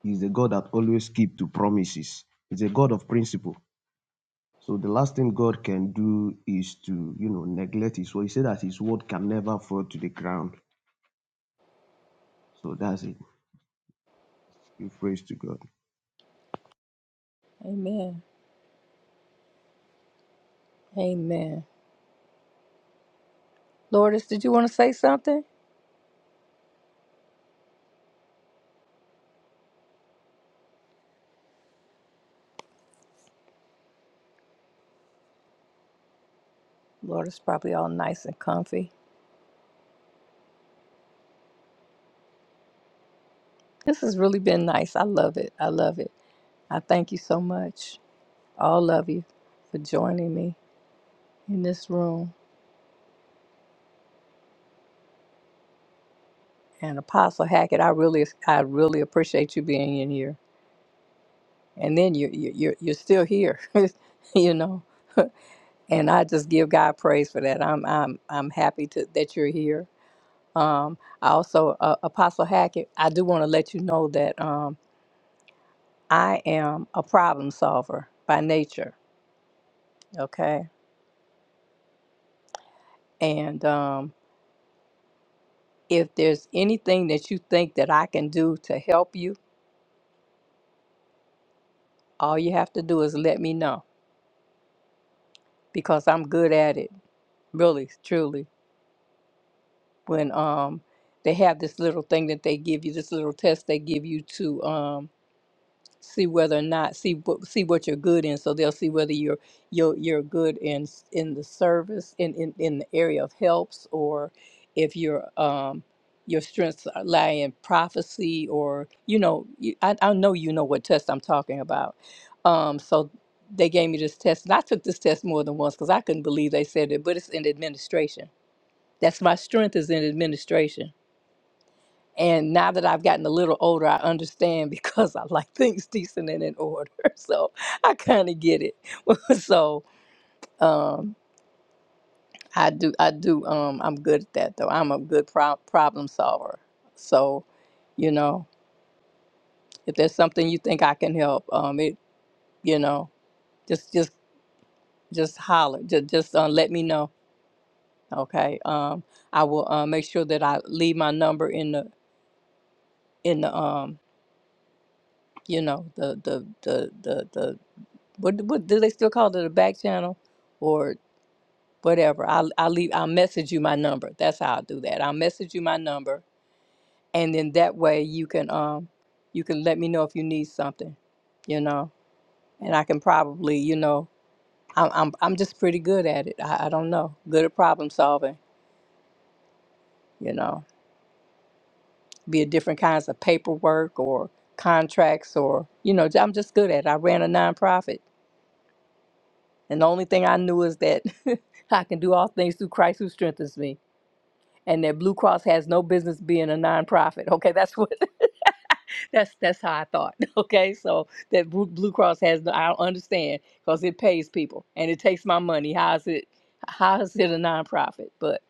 S9: He's a God that always keeps to promises. He's a God of principle. So the last thing God can do is to, you know, neglect his word. He said that his word can never fall to the ground So that's it. Give praise to God.
S1: Amen. Amen. Lourdes, did you want to say something? Lourdes probably all nice and comfy. This has really been nice. I love it. I love it. I thank you so much, all of you, for joining me in this room. And Apostle Hackett, I really, I really appreciate you being in here. And then you, you, you're, you're still here, you know. and I just give God praise for that. I'm, I'm, I'm happy to that you're here. Um, I also, uh, Apostle Hackett, I do want to let you know that um, I am a problem solver by nature. Okay, and um, If there's anything that you think that I can do to help you, all you have to do is let me know because I'm good at it. Really, truly. When um they have this little thing that they give you, this little test they give you to um see whether or not see what see what you're good in so they'll see whether you're you're, you're good in s- in the service in, in in the area of helps or if your um your strengths are- lie in prophecy or you know you, I, I know you know what test i'm talking about um so they gave me this test and i took this test more than once because i couldn't believe they said it but it's in administration that's my strength is in administration and now that I've gotten a little older, I understand because I like things decent and in order. So I kind of get it. so um, I do, I do. Um, I'm good at that though. I'm a good pro- problem solver. So, you know, if there's something you think I can help, um, it, you know, just, just, just holler. Just, just uh, let me know. Okay. Um, I will uh, make sure that I leave my number in the, in the, um, you know, the, the, the, the, the What what do they still call it a back channel or whatever? I'll I'll leave I'll message you my number. That's how I'll do that. I'll message you my number and then that way you can um you can let me know if you need something, you know. And I can probably, you know, I'm I'm I'm just pretty good at it. I, I don't know. Good at problem solving, you know. Be it different kinds of paperwork or contracts or you know, I'm just good at it. I ran a nonprofit and the only thing I knew is that I can do all things through Christ who strengthens me and that Blue Cross has no business being a nonprofit. Okay, that's what that's that's how I thought. Okay, so that Blue Blue Cross has no, I don't understand because it pays people and it takes my money. How is it how is it a nonprofit? But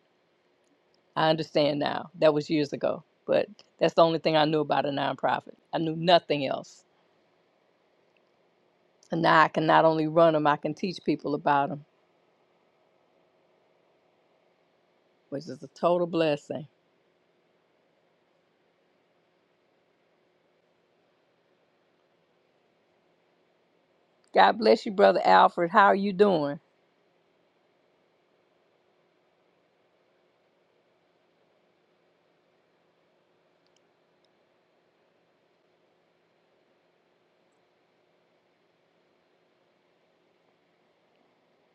S1: I understand now. That was years ago, but that's the only thing I knew about a nonprofit. I knew nothing else, and now I can not only run them, I can teach people about them, which is a total blessing. God bless you, brother Alfred. How are you doing?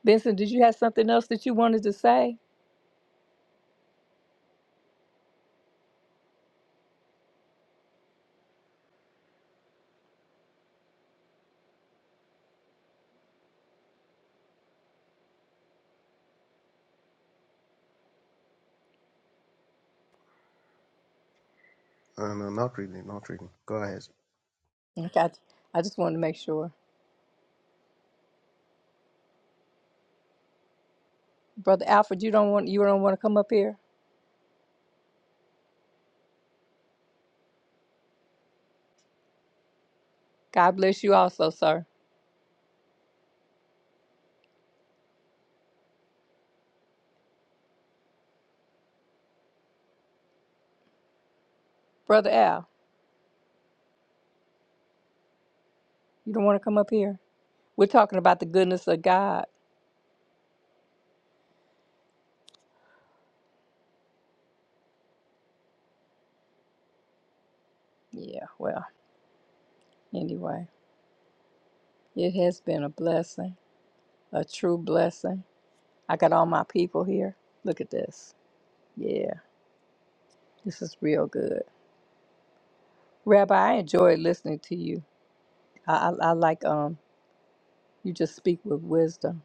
S1: Benson, did you have something else that you wanted to say?
S9: No, no, not really, not really. Go ahead.
S1: Okay, I I just wanted to make sure. Brother Alfred, you don't want you don't want to come up here? God bless you also, sir. Brother Al, you don't want to come up here? We're talking about the goodness of God. Yeah, well, anyway, it has been a blessing, a true blessing. I got all my people here. Look at this. Yeah, this is real good. Rabbi, I enjoy listening to you. I, I, I like um you just speak with wisdom.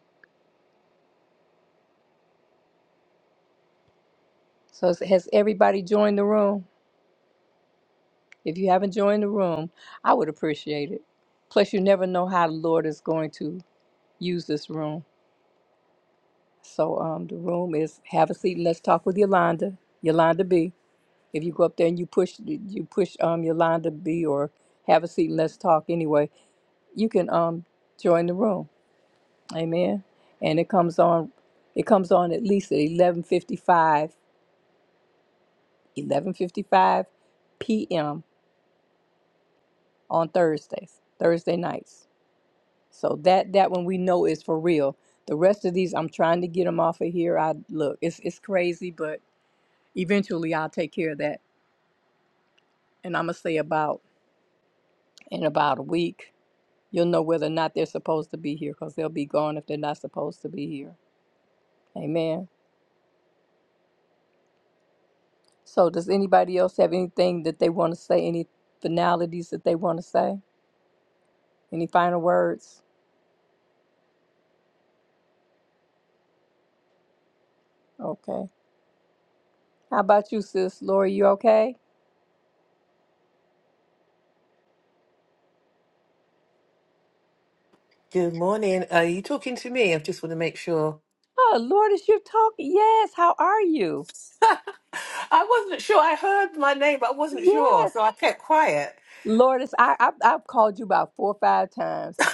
S1: So has has everybody joined the room? If you haven't joined the room, I would appreciate it. Plus, you never know how the Lord is going to use this room. So, um, the room is have a seat and let's talk with Yolanda. Yolanda B. If you go up there and you push, you push um Yolanda B. Or have a seat and let's talk. Anyway, you can um join the room. Amen. And it comes on, it comes on at least at eleven fifty five, eleven fifty five p.m. on Thursdays, Thursday nights. So that that one we know is for real. The rest of these, I'm trying to get them off of here. I look, it's it's crazy, but eventually I'll take care of that. And I'm gonna say about in about a week, you'll know whether or not they're supposed to be here, because they'll be gone if they're not supposed to be here. Amen. So does anybody else have anything that they want to say? Any finalities that they want to say? Any final words? Okay. How about you, sis? Lori, you okay?
S10: Good morning. Are you talking to me? I just want to make sure.
S1: Oh, Lord, is you talking? Yes. How are you?
S10: I wasn't sure. I heard my name, but I wasn't
S1: Yes.
S10: sure, so I kept quiet.
S1: Lourdes, I, I I've called you about four or five times.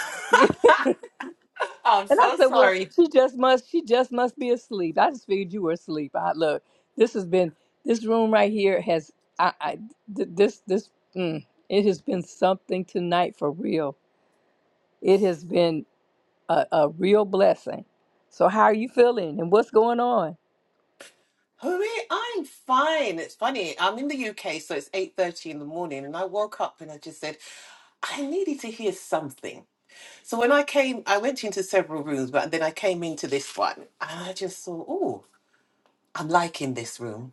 S10: I'm
S1: And I
S10: so
S1: said, Well,
S10: sorry.
S1: she just must she just must be asleep. I just figured you were asleep. I look, this has been this room right here has I, I th- this this mm, it has been something tonight for real. It has been a, a real blessing. So how are you feeling and what's going on?
S10: Hurry, I'm fine. It's funny. I'm in the UK, so it's 8:30 in the morning, and I woke up and I just said, I needed to hear something. So when I came, I went into several rooms, but then I came into this one, and I just thought, oh, I'm liking this room.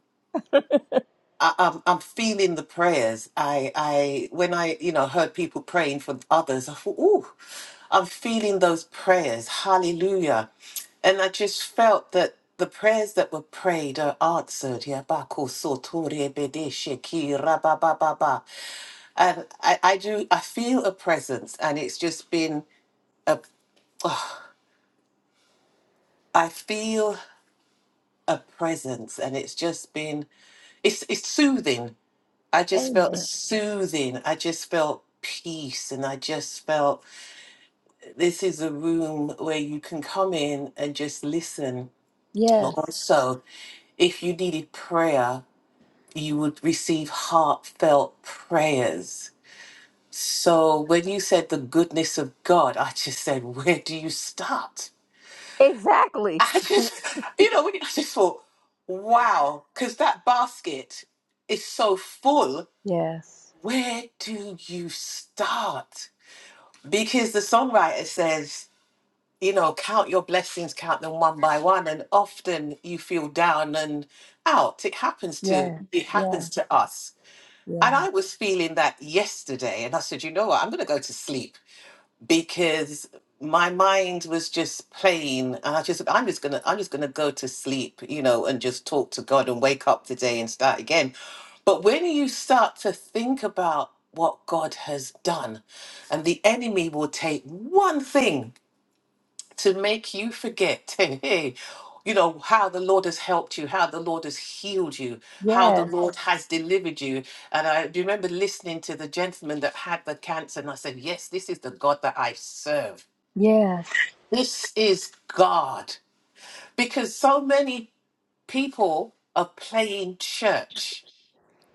S10: I, I'm I'm feeling the prayers. I I when I you know heard people praying for others, I thought, ooh, I'm feeling those prayers. Hallelujah. And I just felt that the prayers that were prayed are answered. Yabako sotori bede sheki rabababa. And I, I do I feel a presence and it's just been a I feel a presence and it's just been it's it's soothing I just felt
S1: Amen.
S10: soothing. I just felt peace. And I just felt this is a room where you can come in and just listen. But
S1: Yes.
S10: also, if you needed prayer, you would receive heartfelt prayers. So when you said the goodness of God, I just said, where do you start?
S1: Exactly.
S10: I just, you know, when- I just thought, wow, because that basket is so full.
S1: Yes.
S10: Where do you start? because the songwriter says, you know, count your blessings, count them one by one, and often you feel down and out. It happens to
S1: Yes.
S10: it happens
S1: Yes.
S10: to us. And
S1: Yes.
S10: I was feeling that yesterday, and I said, you know what, I'm going to go to sleep because my mind was just playing and i just i'm just gonna i'm just gonna go to sleep you know and just talk to god and wake up today and start again but when you start to think about what god has done and the enemy will take one thing to make you forget, hey, hey, you know, how the Lord has helped you, how the Lord has healed you, how the
S1: Yes.
S10: Lord has delivered you. And I remember listening to the gentleman that had the cancer, and I said, Yes, this is the God that I serve.
S1: Yes.
S10: This is God. Because so many people are playing church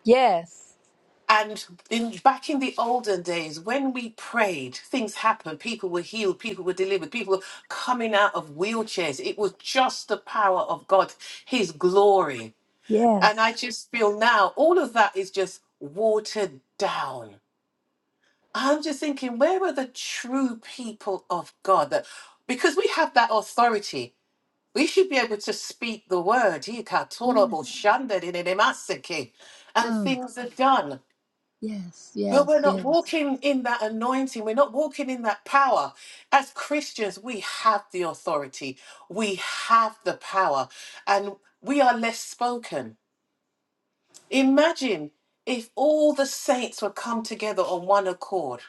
S1: Yes.
S10: And in back in the olden days, when we prayed, things happened. People were healed, people were delivered, people were coming out of wheelchairs. It was just the power of God, His glory. And
S1: Yes.
S10: I just feel now all of that is just watered down. I'm just thinking, where are the true people of God? That because we have that authority, we should be able to speak the word. Yikatorobo
S1: Yes.
S10: shandadidimasiki, And
S1: Mm.
S10: things are done
S1: Yes,
S10: but we're
S1: yes,
S10: not
S1: yes.
S10: walking in that anointing. We're not walking in that power. As Christians, we have the authority, we have the power, and we are less spoken. Imagine if all the saints would come together on one accord,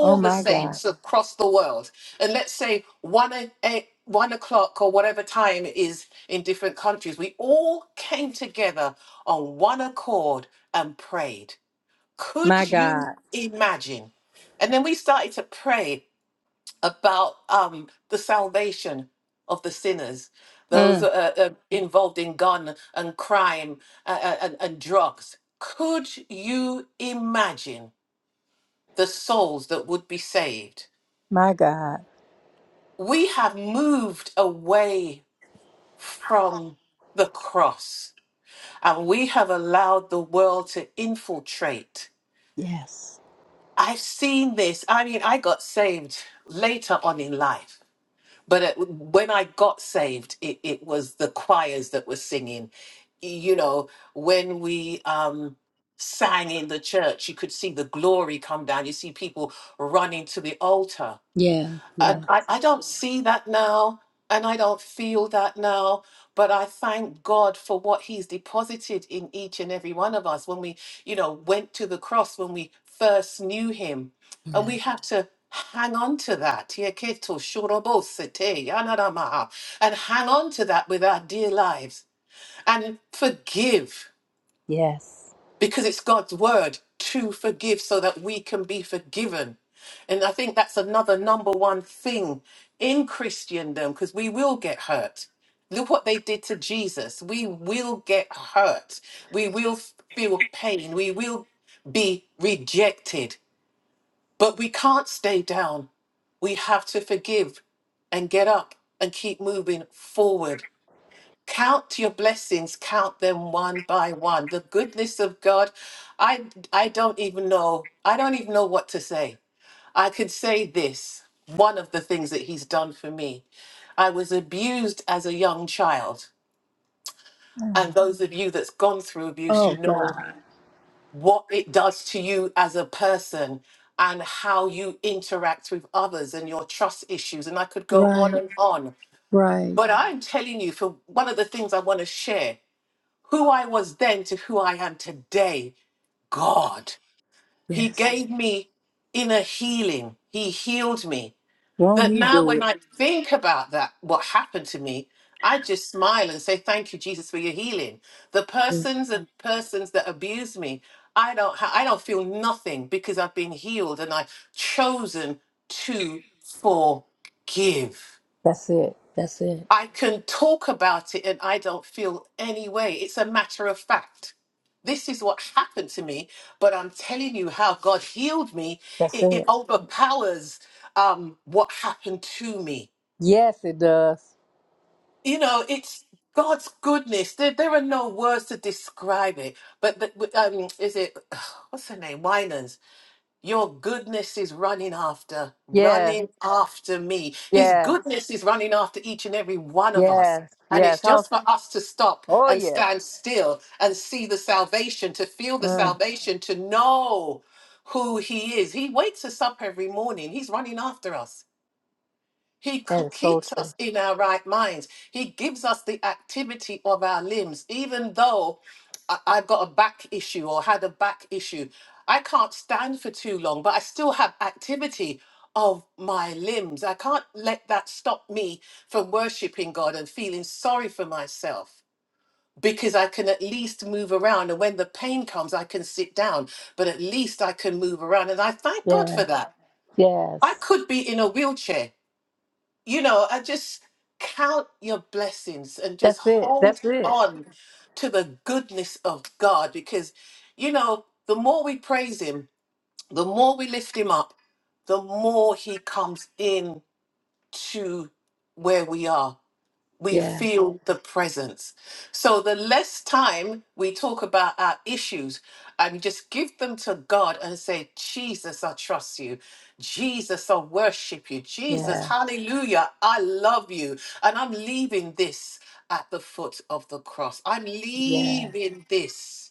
S1: Oh
S10: the
S1: my God.
S10: saints across the world, and let's say one, o- eh, one o'clock or whatever time it is in different countries, we all came together on one accord and prayed
S1: My
S10: could you
S1: God.
S10: imagine? And then we started to pray about um, the salvation of the sinners, those
S1: Mm.
S10: uh, uh, involved in gun and crime uh, uh, and, and drugs. Could you imagine the souls that would be saved?
S1: My God.
S10: We have moved away from the cross and we have allowed the world to infiltrate
S1: Yes.
S10: I've seen this. I mean, I got saved later on in life, but it, when I got saved, it, it was the choirs that were singing. You know, when we um, sang in the church, you could see the glory come down. You see people running to the altar.
S1: Yeah, yeah,
S10: And I, I don't see that now, and I don't feel that now, but I thank God for what He's deposited in each and every one of us when we, you know, went to the cross, when we first knew Him. And
S1: yeah.
S10: we have to hang on to that. Yeketo shorobosete yanaramaha, And hang on to that with our dear lives and forgive
S1: Yes.
S10: because it's God's word to forgive so that we can be forgiven. And I think that's another number one thing in Christendom because we will get hurt. Look what they did to Jesus. We will get hurt. We will f- feel pain. We will be rejected. But we can't stay down. We have to forgive and get up and keep moving forward count your blessings count them one by one the goodness of god i i don't even know i don't even know what to say i could say this one of the things that he's done for me i was abused as a young child and those of you that's gone through abuse
S1: Oh
S10: you know
S1: God.
S10: what it does to you as a person and how you interact with others and your trust issues and i could go on
S1: Right,
S10: and on
S1: right.
S10: but i'm telling you for one of the things i want to share who I was then to who I am today. God, He
S1: Yes.
S10: gave me inner healing. He healed me.
S1: Won't
S10: That
S1: he
S10: now,
S1: do
S10: when
S1: it?
S10: I think about that, what happened to me, I just smile and say, "Thank you, Jesus, for your healing." The
S1: Mm.
S10: persons and persons that abuse me, I don't, ha- I don't feel nothing because I've been healed and I've chosen to forgive.
S1: That's it. That's it.
S10: I can talk about it and I don't feel any way. It's a matter of fact. This is what happened to me, but I'm telling you how God healed me.
S1: That's
S10: It,
S1: it.
S10: it overpowers um, what happened to me.
S1: Yes, it does.
S10: You know, it's God's goodness. There, there are no words to describe it. But, but um, is it, what's her name? Winans. Your goodness is running after,
S1: Yes.
S10: running after me. His
S1: Yes.
S10: goodness is running after each and every one of us.
S1: Yes.
S10: And
S1: Yes.
S10: it's
S1: Oh,
S10: just for us to stop
S1: oh
S10: and
S1: yeah.
S10: stand still and see the salvation, to feel the
S1: Mm,
S10: salvation, to know who He is. He wakes us up every morning. He's running after us. He
S1: that
S10: c-
S1: is so
S10: keeps
S1: true.
S10: us in our right minds. He gives us the activity of our limbs. Even though I- I've got a back issue or had a back issue, I can't stand for too long, but I still have activity of my limbs. I can't let that stop me from worshiping God and feeling sorry for myself because I can at least move around. And when the pain comes, I can sit down, but at least I can move around. And I thank God
S1: Yes.
S10: for that. I
S1: Yes.
S10: could be in a wheelchair you know, I just count your blessings and just
S1: That's it. That's
S10: hold
S1: it.
S10: on to the goodness of God because, you know, the more we praise Him, the more we lift Him up, the more He comes in to where we are we
S1: Yes,
S10: feel the presence. So the less time we talk about our issues and just give them to God and say, Jesus, I trust you. Jesus, I worship you. Jesus,
S1: yes,
S10: hallelujah, I love you. And I'm leaving this at the foot of the cross. I'm
S1: yes,
S10: leaving this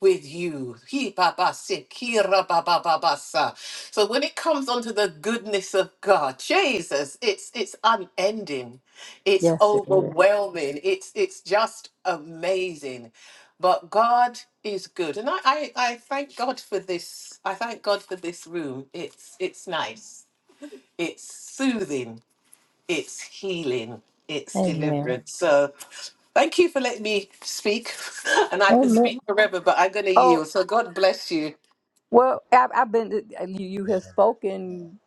S10: with you. He baba se kira baba baba sa. So when it comes onto the goodness of God, Jesus, it's it's unending. It's
S1: yes, it is.
S10: overwhelming. It's it's just amazing. But God is good. And I, I, I thank God for this. I thank God for this room. It's it's nice. It's soothing it's healing, it's
S1: Amen.
S10: deliverance. So thank you for letting me speak. And I can
S1: Amen.
S10: speak forever, but I'm going to
S1: Oh,
S10: yield. So God bless you.
S1: well, I've, I've been, uh, uh, you, you have spoken.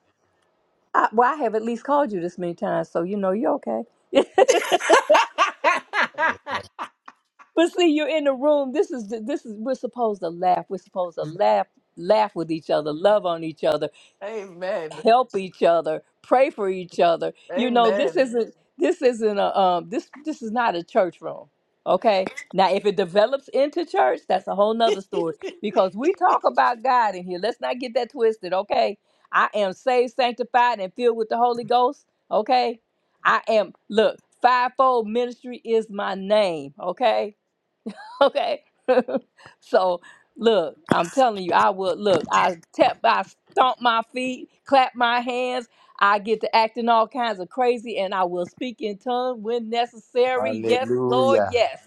S1: I, well, I have at least called you this many times, so you know you're okay. but
S8: Amen.
S1: see, you're in the room. This is, this is, we're supposed to laugh. We're supposed to laugh, laugh with each other, love on each other.
S10: Amen.
S1: help each other pray for each other you know this
S10: Amen.
S1: isn't this isn't a um this this is not a church room okay now if it develops into church that's a whole nother story because we talk about god in here let's not get that twisted okay i am saved sanctified and filled with the holy ghost okay i am look fivefold ministry is my name okay Okay. so look, I'm telling you, I would look, I tap I stomp my feet, clap my hands, I get to acting all kinds of crazy, and I will speak in tongues when necessary. Yes, Lord,
S8: Hallelujah.
S1: yes.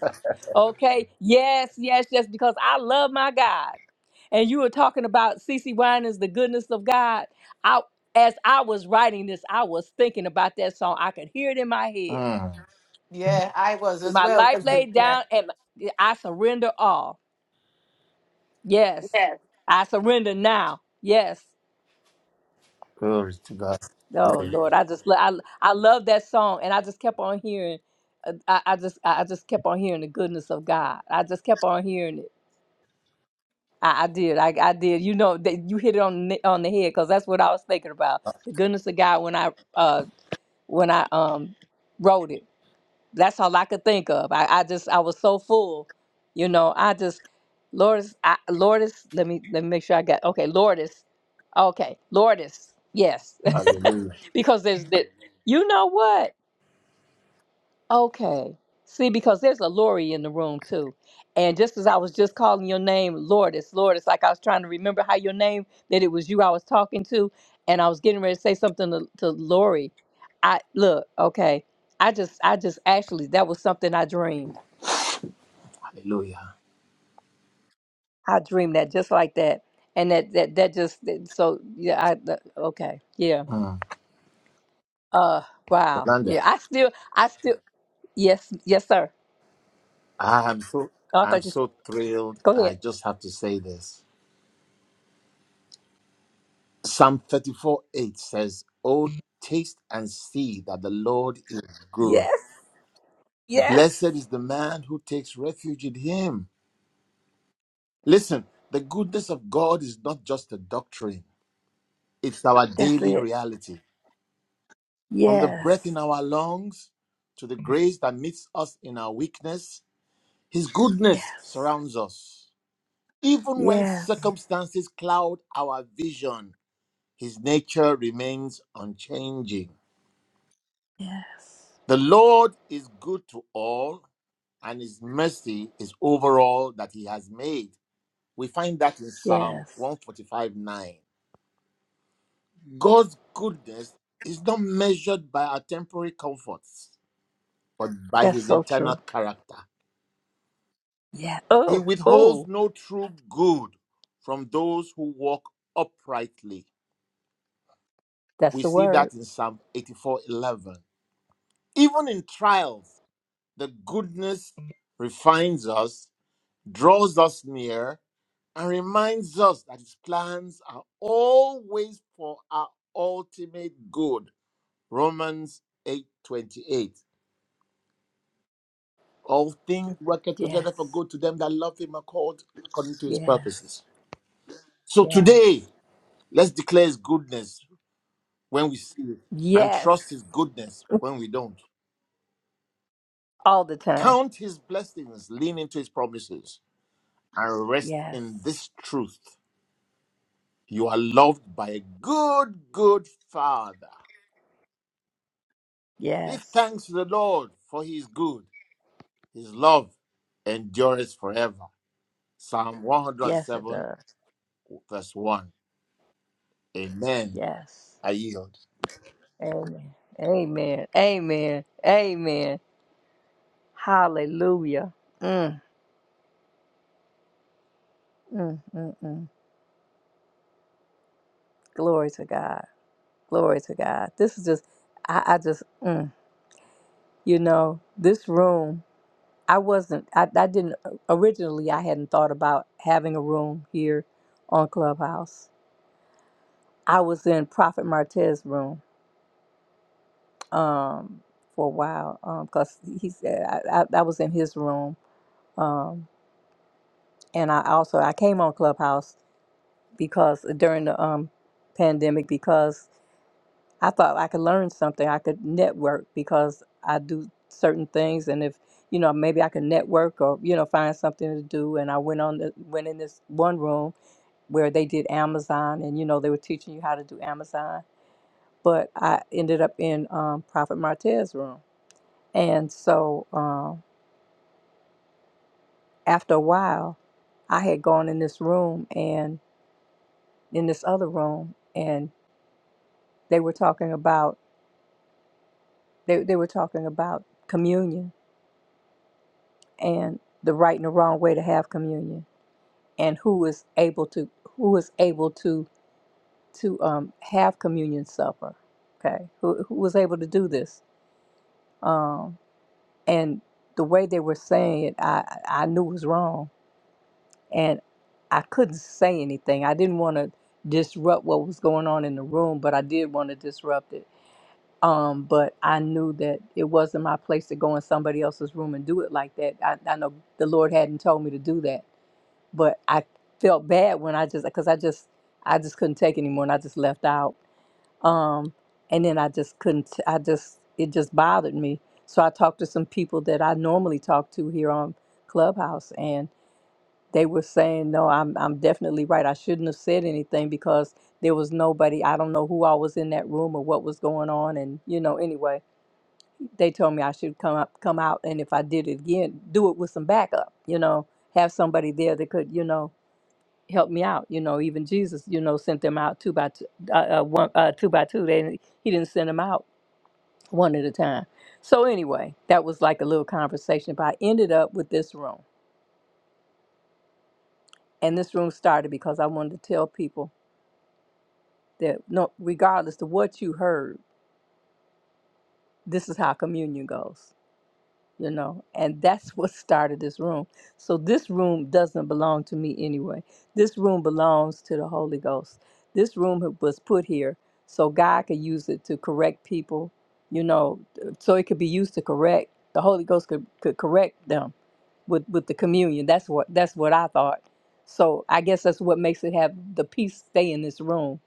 S1: Okay, yes, yes, yes, because I love my God. And you were talking about CC Winans, the goodness of God. I as I was writing this, I was thinking about that song. I could hear it in my head.
S8: Mm.
S10: Yeah, I was
S1: With
S10: as
S1: my
S10: well.
S1: life
S10: as the-
S1: laid
S10: Yeah.
S1: down and I surrender all. Yes,
S10: Yeah.
S1: I surrender now. Yes.
S8: Glory to God.
S1: Oh
S8: Glory.
S1: Lord, I just lo- I I love that song, and I just kept on hearing. uh, I, I just I I just kept on hearing the goodness of God. I just kept on hearing it. I, I did. I, I did. You know that you hit it on the, on the head because that's what I was thinking about. The goodness of God when I uh when I um wrote it. that's all I could think of. I, I just I was so full, you know. I just Lourdes, I, Lourdes. Let me let me make sure I got okay. Lourdes, okay, Lourdes. Yes,
S8: Hallelujah.
S1: because there's the, You know what? Okay. See, because there's a Lori in the room too. And just as I was just calling your name, Lourdes, Lourdes, like I was trying to remember how your name, that it was you I was talking to. And I was getting ready to say something to, to Lori. I look, okay. I just, I just actually, that was something I dreamed.
S8: Hallelujah.
S1: I dreamed that just like that. And that, that, that just, that- so yeah, I, that- okay. Yeah. Uh, wow.
S8: Yolanda,
S1: Yeah. I still, I still, yes, yes, sir.
S8: I am so
S1: Oh, I
S8: I'm
S1: thought you said,
S8: so thrilled.
S1: go
S8: I
S1: ahead.
S8: just have to say this. Psalm 34 8 says, Oh, taste and see that the Lord is good.
S1: Yes, yes.
S8: Blessed is the man who takes refuge in him. Listen, the goodness of God is not just a doctrine, it's our
S1: That's
S8: daily
S1: it.
S8: reality. From the breath in
S1: Yes.
S8: our lungs to the grace that meets us in our weakness, his goodness
S1: Yes.
S8: surrounds us. Even when
S1: Yes.
S8: circumstances cloud our vision, His nature remains unchanging.
S1: Yes.
S8: The Lord is good to all, and his mercy is over all that he has made. We find that in Psalm
S1: Yes.
S8: 145 9. God's goodness is not measured by our temporary comforts, but by
S1: That's
S8: his
S1: so
S8: internal
S1: true.
S8: character.
S1: Yeah.
S8: He
S1: Oh,
S8: withholds
S1: oh,
S8: no true good from those who walk uprightly.
S1: that's
S8: We
S1: the
S8: see
S1: word.
S8: that in Psalm 84 11. Even in trials, The goodness refines us, draws us near, and reminds us that His plans are always for our ultimate good. Romans 8 28: All things work together for
S1: Yes.
S8: good to them that love Him and called according to His
S1: Yes.
S8: purposes. So
S1: Yes.
S8: today, let's declare His goodness when we see it and
S1: Yes.
S8: trust His goodness when we don't.
S1: All the time.
S8: Count His blessings, lean into His promises, and rest
S1: Yes.
S8: in this truth. You are loved by a good, good Father. Give
S1: Yes.
S8: thanks to the Lord for His good. His love endures forever. Psalm
S1: Yes, it
S8: 107,
S1: does.
S8: verse 1. Amen.
S1: Yes.
S8: I yield.
S1: Amen. Amen. Amen. Amen. Hallelujah. Mm, mm, mm, mm. Glory to God. Glory to God. This is just, I, I just, mm. You know, this room, I wasn't, I, I didn't, originally, I hadn't thought about having a room here on Clubhouse. I was in Prophet Martez's room um, for a while because he said I, I, I was in his room. Um, and I also, I came on Clubhouse because during the um, pandemic, because I thought I could learn something. I could network because I do certain things, and if you know, maybe I could network or you know find something to do. And I went on, the, went in this one room where they did Amazon, and you know they were teaching you how to do Amazon. But I ended up in um, Prophet Martez's room, and so um, after a while, I had gone in this room and in this other room, and they were talking about they they were talking about communion and the right and the wrong way to have communion and who is able to who is able to to um have communion supper okay who, who was able to do this um and the way they were saying it i i knew was wrong and i couldn't say anything i didn't want to disrupt what was going on in the room but i did want to disrupt it um but i knew that it wasn't my place to go in somebody else's room and do it like that i, I know the lord hadn't told me to do that but I felt bad when I just because I just I just couldn't take it anymore and I just left out. Um, and then I just couldn't. I just it just bothered me. So I talked to some people that I normally talk to here on Clubhouse, and they were saying, "No, I'm I'm definitely right. I shouldn't have said anything because there was nobody. I don't know who I was in that room or what was going on, and you know. Anyway, they told me I should come up, come out, and if I did it again, do it with some backup. You know, have somebody there that could, you know." help me out. You know, even Jesus, you know, sent them out two by two, uh, uh, one, uh, two by two. They didn't, he didn't send them out one at a time. So anyway, that was like a little conversation. But I ended up with this room, and this room started because I wanted to tell people that no, regardless of what you heard, this is how communion goes. you know and that's what started this room so this room doesn't belong to me anyway this room belongs to the holy ghost this room was put here so god could use it to correct people you know so it could be used to correct the holy ghost could, could correct them with with the communion that's what that's what i thought so i guess that's what makes it have the peace stay in this room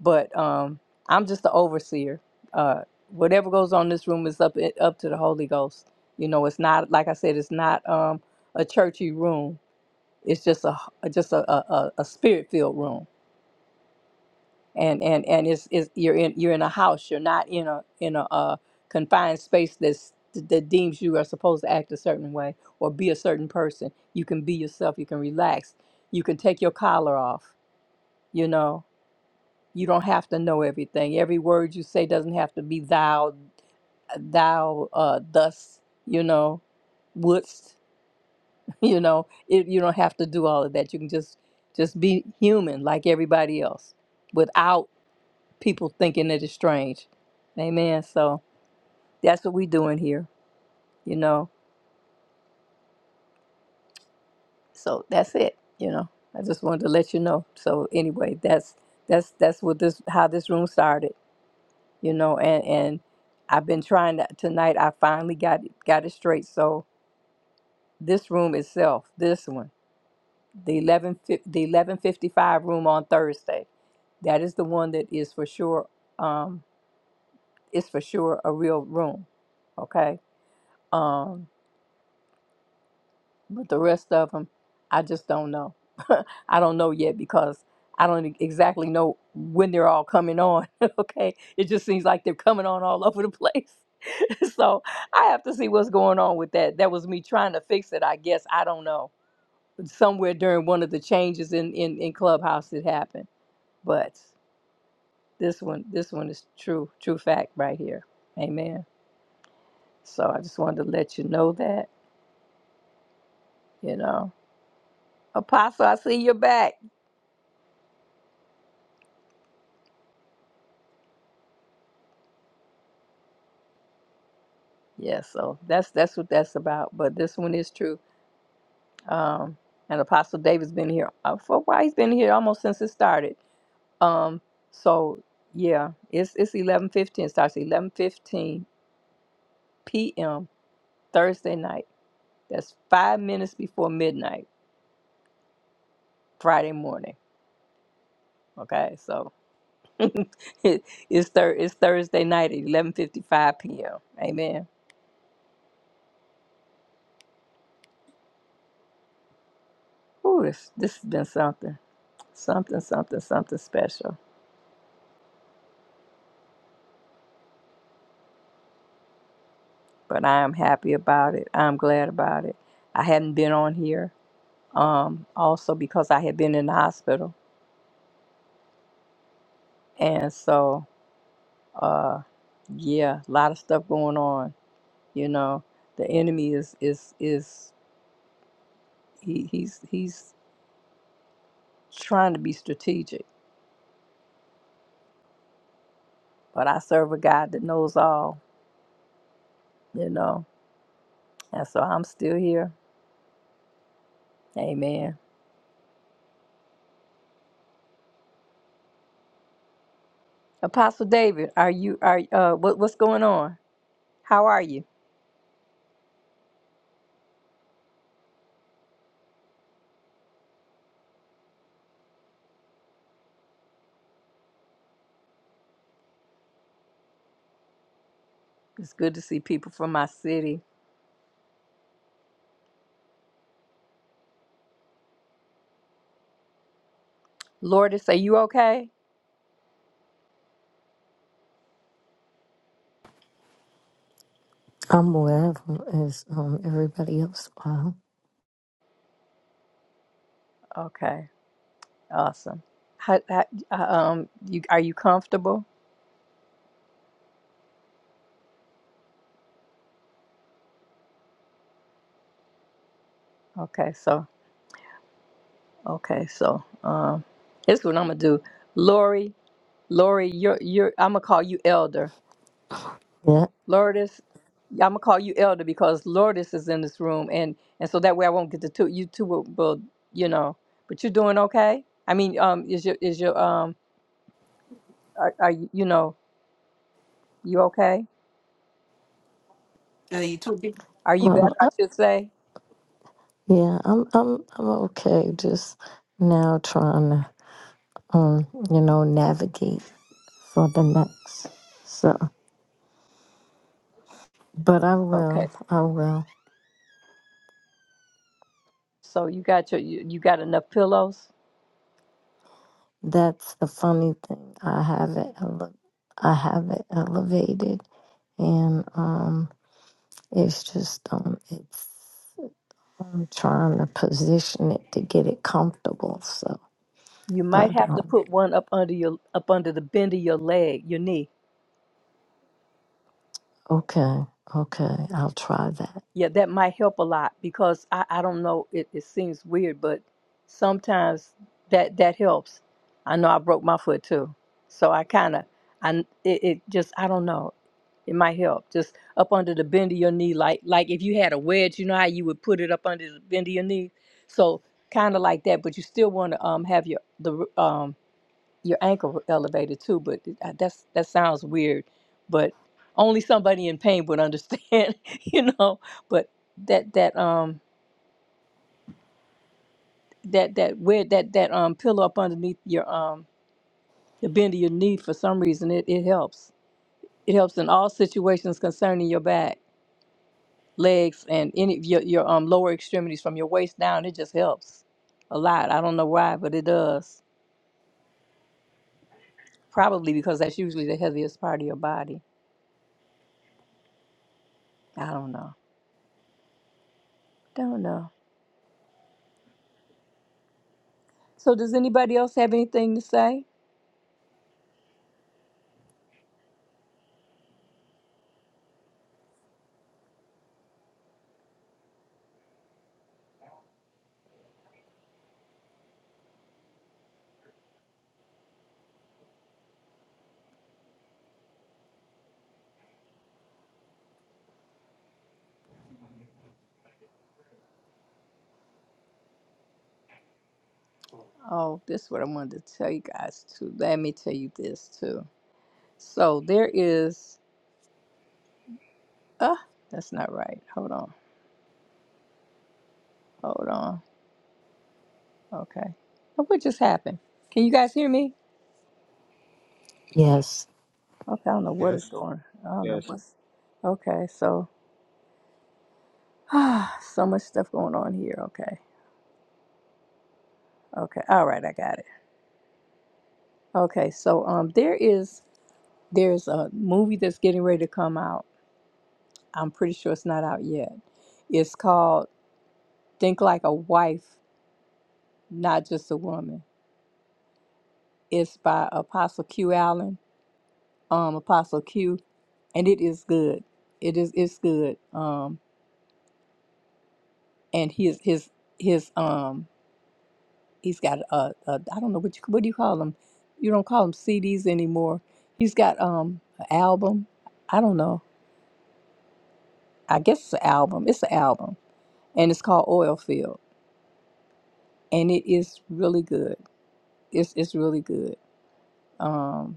S1: but um, I'm just the overseer. Uh, whatever goes on in this room is up it, up to the Holy Ghost. You know, it's not like I said, it's not um, a churchy room. It's just a just a, a, a spirit filled room, and and and it's, it's you're in you're in a house. You're not in a in a, uh confined space that's that deems you are supposed to act a certain way or be a certain person. You can be yourself. You can relax. You can take your collar off. You know, You don't have to know everything. Every word you say doesn't have to be thou, thou, uh, thus, you know, wouldst, you know. It, you don't have to do all of that. You can just just be human like everybody else without people thinking it is strange. Amen. So that's what we doing here, you know. So that's it, you know. I just wanted to let you know. So anyway, that's that's that's what this how this room started. you know and and i've been trying to tonight i finally got it got it straight so this room itself this one the 11 fif- the 1155 room on thursday that is the one that is for sure um is for sure a real room okay um but the rest of them i just don't know i don't know yet because i don't e- exactly know when they're all coming on okay it just seems like they're coming on all over the place so I have to see what's going on with that. That was me trying to fix it, I guess. I don't know. Somewhere during one of the changes in, in, in Clubhouse it happened. But this one this one is true, true fact right here. Amen. So I just wanted to let you know that, you know. Apostle, I see you're back. Yeah, so that's that's what that's about. But this one is true. Um and Apostle David's been here uh, for a while. He's been here almost since it started. Um, so yeah, it's it's eleven fifteen. Starts eleven fifteen p.m. Thursday night. That's five minutes before midnight Friday morning. Okay, so it, it's thir- it's Thursday night at eleven fifty five p.m. Amen. Ooh, this this has been something, something, something, something special. But I am happy about it. I'm glad about it. I hadn't been on here. Um, also because I had been in the hospital, and so Uh, yeah, a lot of stuff going on. You know, the enemy is is is he, he's he's trying to be strategic, but I serve a God that knows all. You know, and so I'm still here. Amen. Apostle David, are you are uh what what's going on? How are you? It's good to see people from my city. Lourdes, are you okay?
S5: I'm wherever as um everybody else. Wow.
S1: Okay, awesome. How, how, uh, um, you are you comfortable? Okay, so Okay, so um, here's what I'm gonna do, Lori. Lori, you're you're. I'm gonna call you Elder
S5: Yeah.
S1: Lourdes. I'm gonna call you Elder because Lourdes is in this room, and and so that way I won't get the two. You two will, will you know. But you're doing okay. I mean, um, is your is your um, are, are you you know you okay?
S10: Are you talking?
S1: Are you better?
S5: Well,
S1: I should say.
S5: Yeah, I'm I'm I'm okay. Just now trying to um, you know, navigate for the next. So but I
S1: Okay,
S5: will, I will.
S1: so you got your you, you got enough pillows.
S5: That's the funny thing. I have it ele- I have it elevated and um it's just um it's I'm trying to position it to get it comfortable. So
S1: You might
S5: but
S1: have to
S5: um
S1: put one up under your up under the bend of your leg, your knee.
S5: okay, okay, I'll try that.
S1: Yeah, that might help a lot because I, I don't know, it, it seems weird, but sometimes that that helps. I know I broke my foot too. So I kind of, I it, it just, I don't know. It might help. Just up under the bend of your knee, like like if you had a wedge, you know how you would put it up under the bend of your knee? So kind of like that, but you still want to um have your the um your ankle elevated too, but it- uh, that's that sounds weird, but only somebody in pain would understand, you know. But that that um that that where that that um pillow up underneath your um the bend of your knee for some reason it, it helps. It helps in all situations concerning your back, legs, and any of your your um lower extremities from your waist down. It just helps a lot. I don't know why, but it does. Probably because that's usually the heaviest part of your body. I don't know. Don't know. So does anybody else have anything to say? Oh, this is what I wanted to tell you guys too. Let me tell you this too. So there is uh that's not right. Hold on. Hold on. Okay. Now, What just happened? Can you guys hear me?
S5: Yes.
S1: Okay, I don't know what is
S9: Yes,
S1: going I don't know
S9: yes.
S1: what's okay, so so much stuff going on here. Okay. Okay. All right, I got it. Okay, so um there is there's a movie that's getting ready to come out. I'm pretty sure it's not out yet. It's called Think Like a Wife, Not Just a Woman. It's by Apostle Q Allen, um, Apostle Q, and it is good. It is it's good. Um, and his his his um he's got uh uh, I don't know what you what do you call them? You don't call them CDs anymore. He's got um an album. I don't know. I guess it's an album. It's an album, and it's called Oil Field, and it is really good. It's it's really good. Um,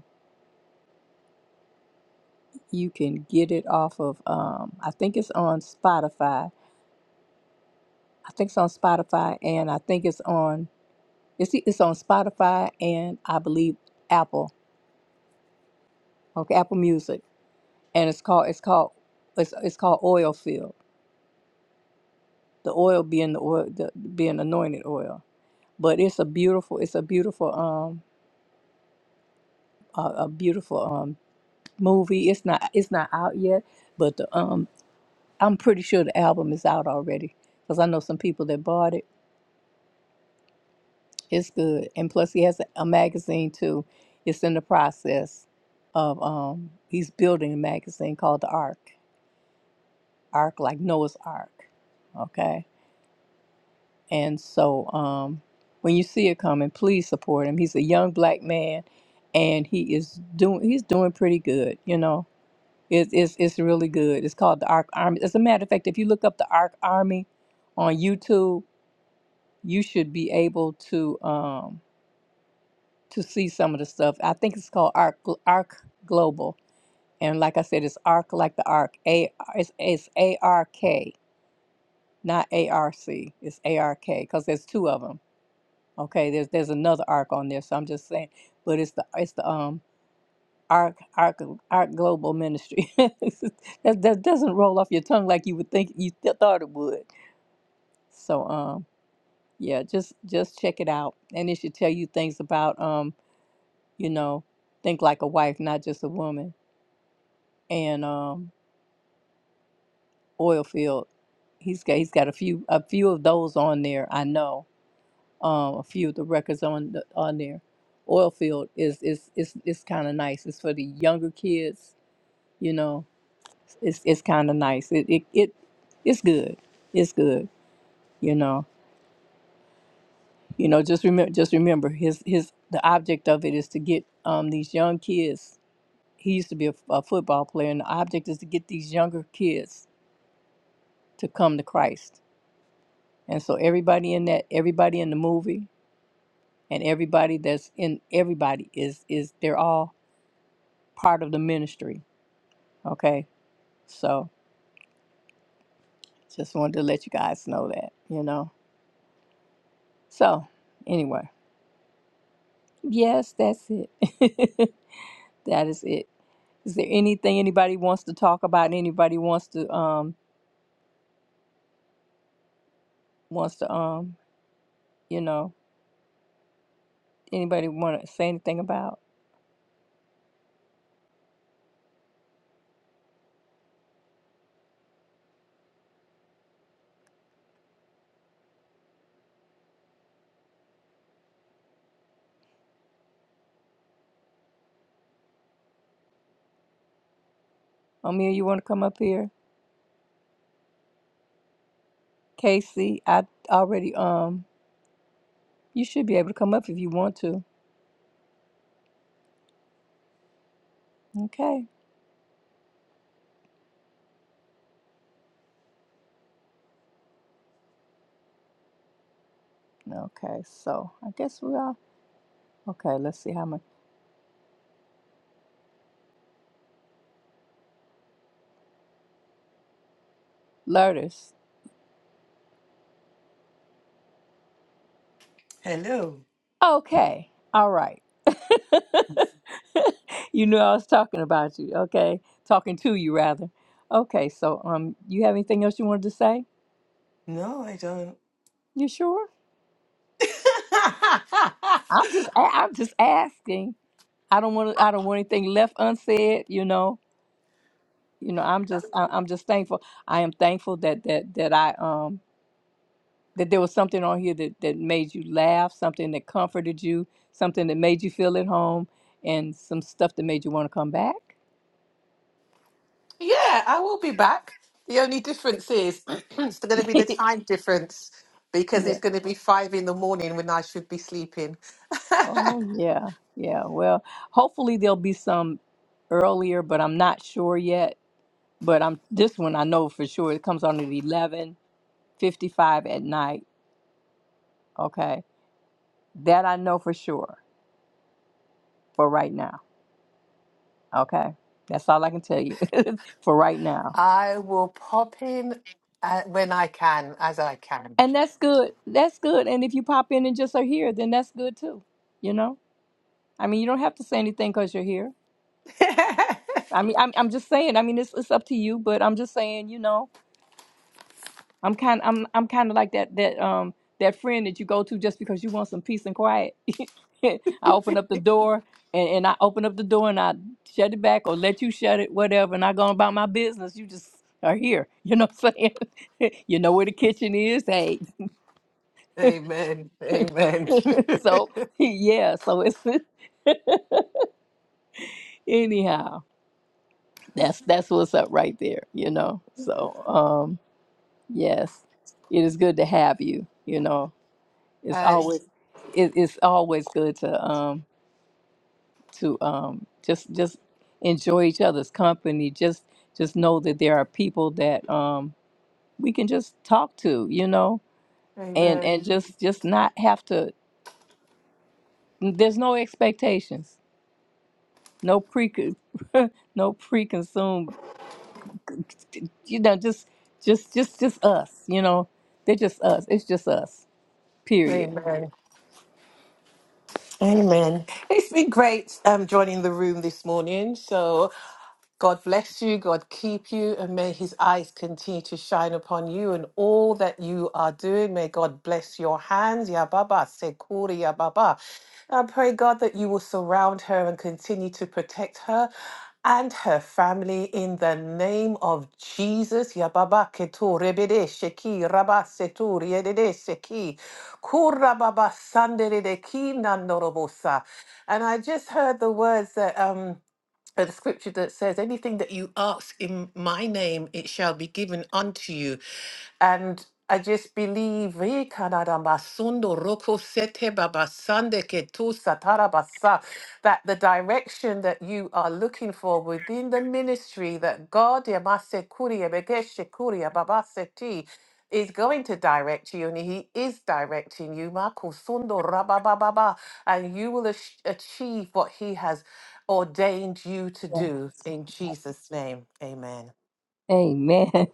S1: You can get it off of, um, I think it's on Spotify. I think it's on Spotify, and I think it's on it's it's on Spotify and I believe Apple, okay, Apple Music, and it's called it's called it's it's called Oil Field. The oil being the oil the, being anointed oil, but it's a beautiful it's a beautiful um a, a beautiful um movie. It's not it's not out yet, but the um I'm pretty sure the album is out already because I know some people that bought it It's good. And plus, he has a, a magazine too. It's in the process of um he's building a magazine called the Ark. Ark like Noah's Ark. Okay. And so um when you see it coming, please support him. He's a young black man and he is doing he's doing pretty good, you know. It's it's it's really good. It's called the Ark Army. As a matter of fact, if you look up the Ark Army on YouTube, you should be able to Um, to see some of the stuff. I think it's called Arc Arc Global, and like I said, it's Arc like the Arc. A it's it's A R K, not A R C. It's A R K because there's two of them. Okay, there's there's another Arc on there, so I'm just saying. But it's the it's the um Arc Arc Arc Global Ministry. that that doesn't roll off your tongue like you would think you th- thought it would. So um yeah, just just check it out, and it should tell you things about um you know think like a wife, not just a woman and um, oil field. He's got he's got a few a few of those on there. I know um, a few of the records on the, on there. Oil field is is is is kind of nice. It's for the younger kids. You know, it's it's kind of nice. It, it it it's good. It's good. You know. You know. Just remember. Just remember. His his the object of it is to get um these young kids. He used to be a, a football player, and the object is to get these younger kids to come to Christ And so everybody in that, everybody in the movie, and everybody that's in everybody is is they're all part of the ministry. Okay, so just wanted to let you guys know that you know. So anyway, yes, that's it. that is it. Is there anything anybody wants to talk about? Anybody wants to um wants to um you know? Anybody want to say anything about? Amir, you want to come up here? Casey, I already um, you should be able to come up if you want to. Okay. Okay. So I guess we are. Okay. Let's see how much. Lourdes.
S10: Hello.
S1: Okay. All right. you knew I was talking about you. Okay. Talking to you rather. Okay. So, um, you have anything else you wanted to say?
S10: No, I don't.
S1: You sure? I'm just, a- I'm just asking. I don't want to, I don't want anything left unsaid. You know, you know, I'm just, I, I'm just thankful. I am thankful that, that, that I, um, that there was something on here that, that made you laugh, something that comforted you, something that made you feel at home, and some stuff that made you want to come back.
S10: Yeah, I will be back. The only difference is it's going to be the
S1: yeah.
S10: time difference because it's going to be five in the morning when I should be sleeping.
S1: Yeah, yeah. Well, hopefully there'll be some earlier, but I'm not sure yet. But I'm this one I know for sure. It comes on at eleven fifty five at night. Okay. That I know for sure for right now. Okay. That's all I can tell you for right now.
S10: I will pop in uh, when I can, as I can.
S1: And that's good. That's good. And if you pop in and just are here, then that's good too. You know? I mean, you don't have to say anything because you're here. I mean, I'm, I'm just saying. I mean, it's, it's up to you, but I'm just saying, you know, I'm kind I'm I'm kind of like that that um that friend that you go to just because you want some peace and quiet. I open up the door and, and I open up the door and I shut it back or let you shut it, whatever, and I go about my business. You just are here. You know what I'm saying? you know where the kitchen is, hey.
S10: amen. Amen.
S1: so
S10: uh,
S1: yeah, so it's anyhow. That's that's what's up right there, you know. So um yes. It is good to have you, you know it's
S10: it's-
S1: always it, it's always good to um to um just just enjoy each other's company just just know that there are people that um we can just talk to you know and and Mhm.
S10: amen.
S1: just just not have to there's no expectations no pre no preconceived you know just just just just us you know they're just us it's just us period
S10: Amen. Amen. It's been great um, joining the room this morning. So God bless you, God keep you, and may his eyes continue to shine upon you and all that you are doing. May God bless your hands. Ya Baba, Sekuri Ya Baba. I pray, God, that you will surround her and continue to protect her and her family in the name of Jesus. Ya Baba, Ketu Rebede Sheki, Rabba Setu Riedede Sheki, Kura Baba Sandere de Ki Nandorobosa. And I just heard the words that. um uh, the scripture that says, Anything that you ask in my name, it shall be given unto you. And I just believe eh, kanada masundo roko sete babasande ke tu satara basa, that the direction that you are looking for within the ministry that God yamase kuria begeshe kuria babase ti, is going to direct you and he is directing you Mako sundo rabababa, and you will ach- achieve what he has ordained you to do. In Jesus' name, amen.
S1: Amen.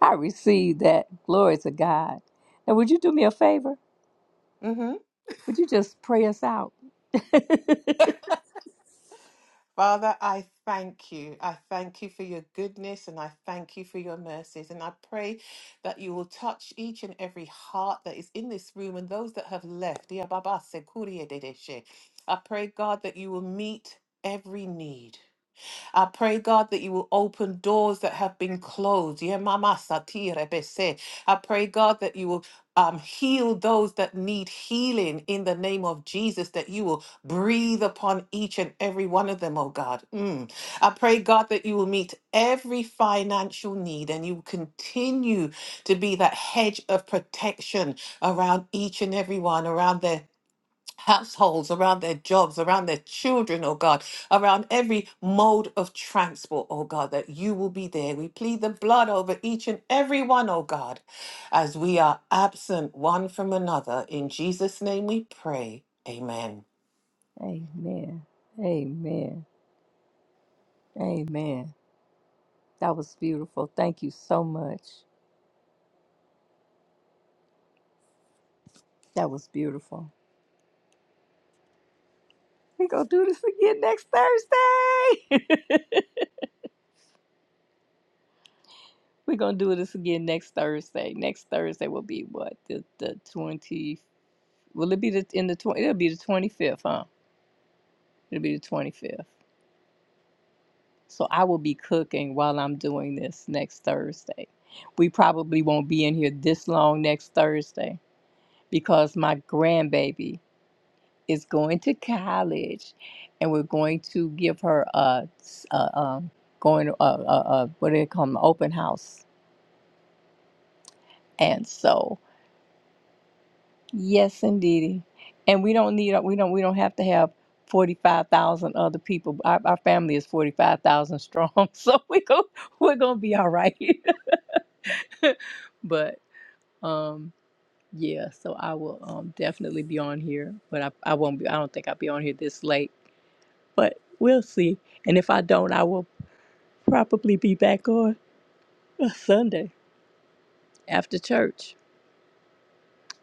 S1: I receive that. Glory to God. Now, would you do me a favor?
S10: hmm
S1: Would you just pray us out?
S10: Father, I thank you. I thank you for your goodness and I thank you for your mercies. And I pray that you will touch each and every heart that is in this room and those that have left. I pray, God, that you will meet every need. I pray, God, that you will open doors that have been closed. Yeah, mama satire bese. I pray, God, that you will um, heal those that need healing in the name of Jesus, that you will breathe upon each and every one of them, oh God. Mm. I pray, God, that you will meet every financial need and you will continue to be that hedge of protection around each and every one, around their households, around their jobs, around their children, oh God, around every mode of transport, oh God, that you will be there. We plead the blood over each and every one, oh God, as we are absent one from another. In Jesus' name we pray. Amen.
S1: Amen. Amen. Amen. That was beautiful. Thank you so much. That was beautiful. We're going to do this again next Thursday. We're going to do this again next Thursday. Next Thursday will be what? The, the 20, will it be the, in the 20, it'll be the 25th, huh? It'll be the 25th. So I will be cooking while I'm doing this next Thursday. We probably won't be in here this long next Thursday because my grandbaby is going to college and we're going to give her a, a um, going a, a, a what do they call 'em, open house. And so, yes indeedy. And we don't need we don't we don't have to have 45,000 other people. Our, our family is 45,000 strong. So we go we're going to be all right. but um yeah so i will um definitely be on here but i, I won't be i don't think i'll be on here this late but we'll see and if i don't i will probably be back on a sunday after church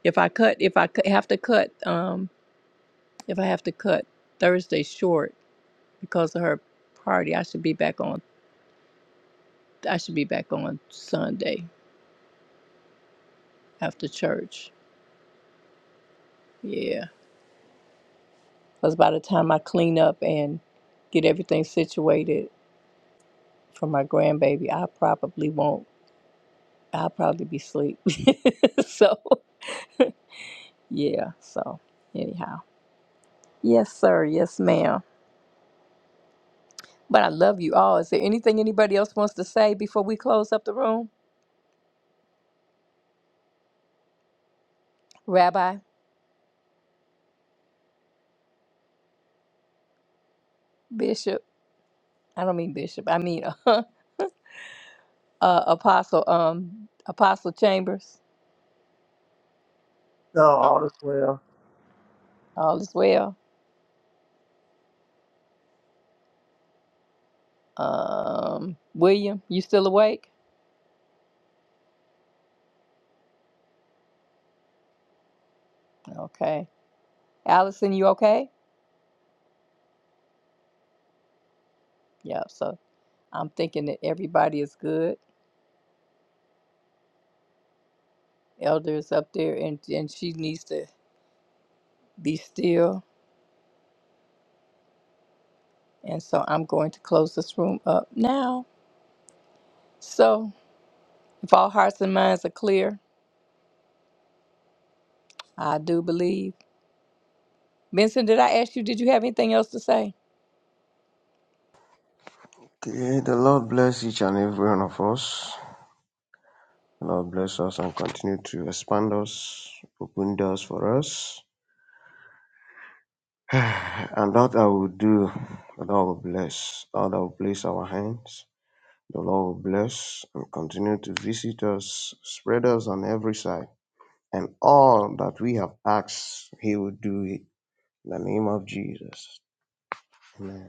S1: if i cut if i cu- have to cut um if i have to cut thursday short because of her party i should be back on i should be back on sunday after church yeah because by the time i clean up and get everything situated for my grandbaby, I probably won't. I'll probably be asleep. so, yeah. So, anyhow, yes, sir. Yes, ma'am. But I love you all. Is there anything anybody else wants to say before we close up the room? Rabbi, Bishop. I don't mean Bishop. I mean uh, uh, Apostle. Um, Apostle Chambers.
S3: No, all is well.
S1: All is well. Um, William, you still awake? Okay. Allison, you okay? Yeah. So I'm thinking that everybody is good. elders up there and, and she needs to be still. And so I'm going to close this room up now. So if all hearts and minds are clear, I do believe. Benson, did I ask you, did you have anything else to say?
S9: Okay, the Lord bless each and every one of us. The Lord bless us and continue to expand us, open doors for us. And that I will do, the Lord will bless. Lord, I will place our hands. The Lord will bless and continue to visit us, spread us on every side. And all that we have asked, He will do it. In the name of Jesus. Amen.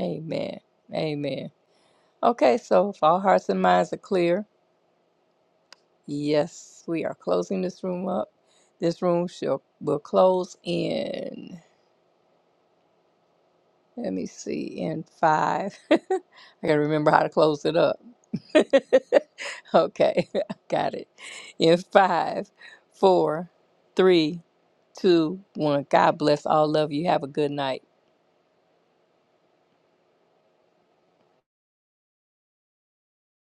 S1: Amen. Amen. Okay, so if all hearts and minds are clear, yes, we are closing this room up. This room shall will close in let me see in five. I gotta remember how to close it up. okay, I got it. In five, four, three, two, one. God bless all of you. Have a good night.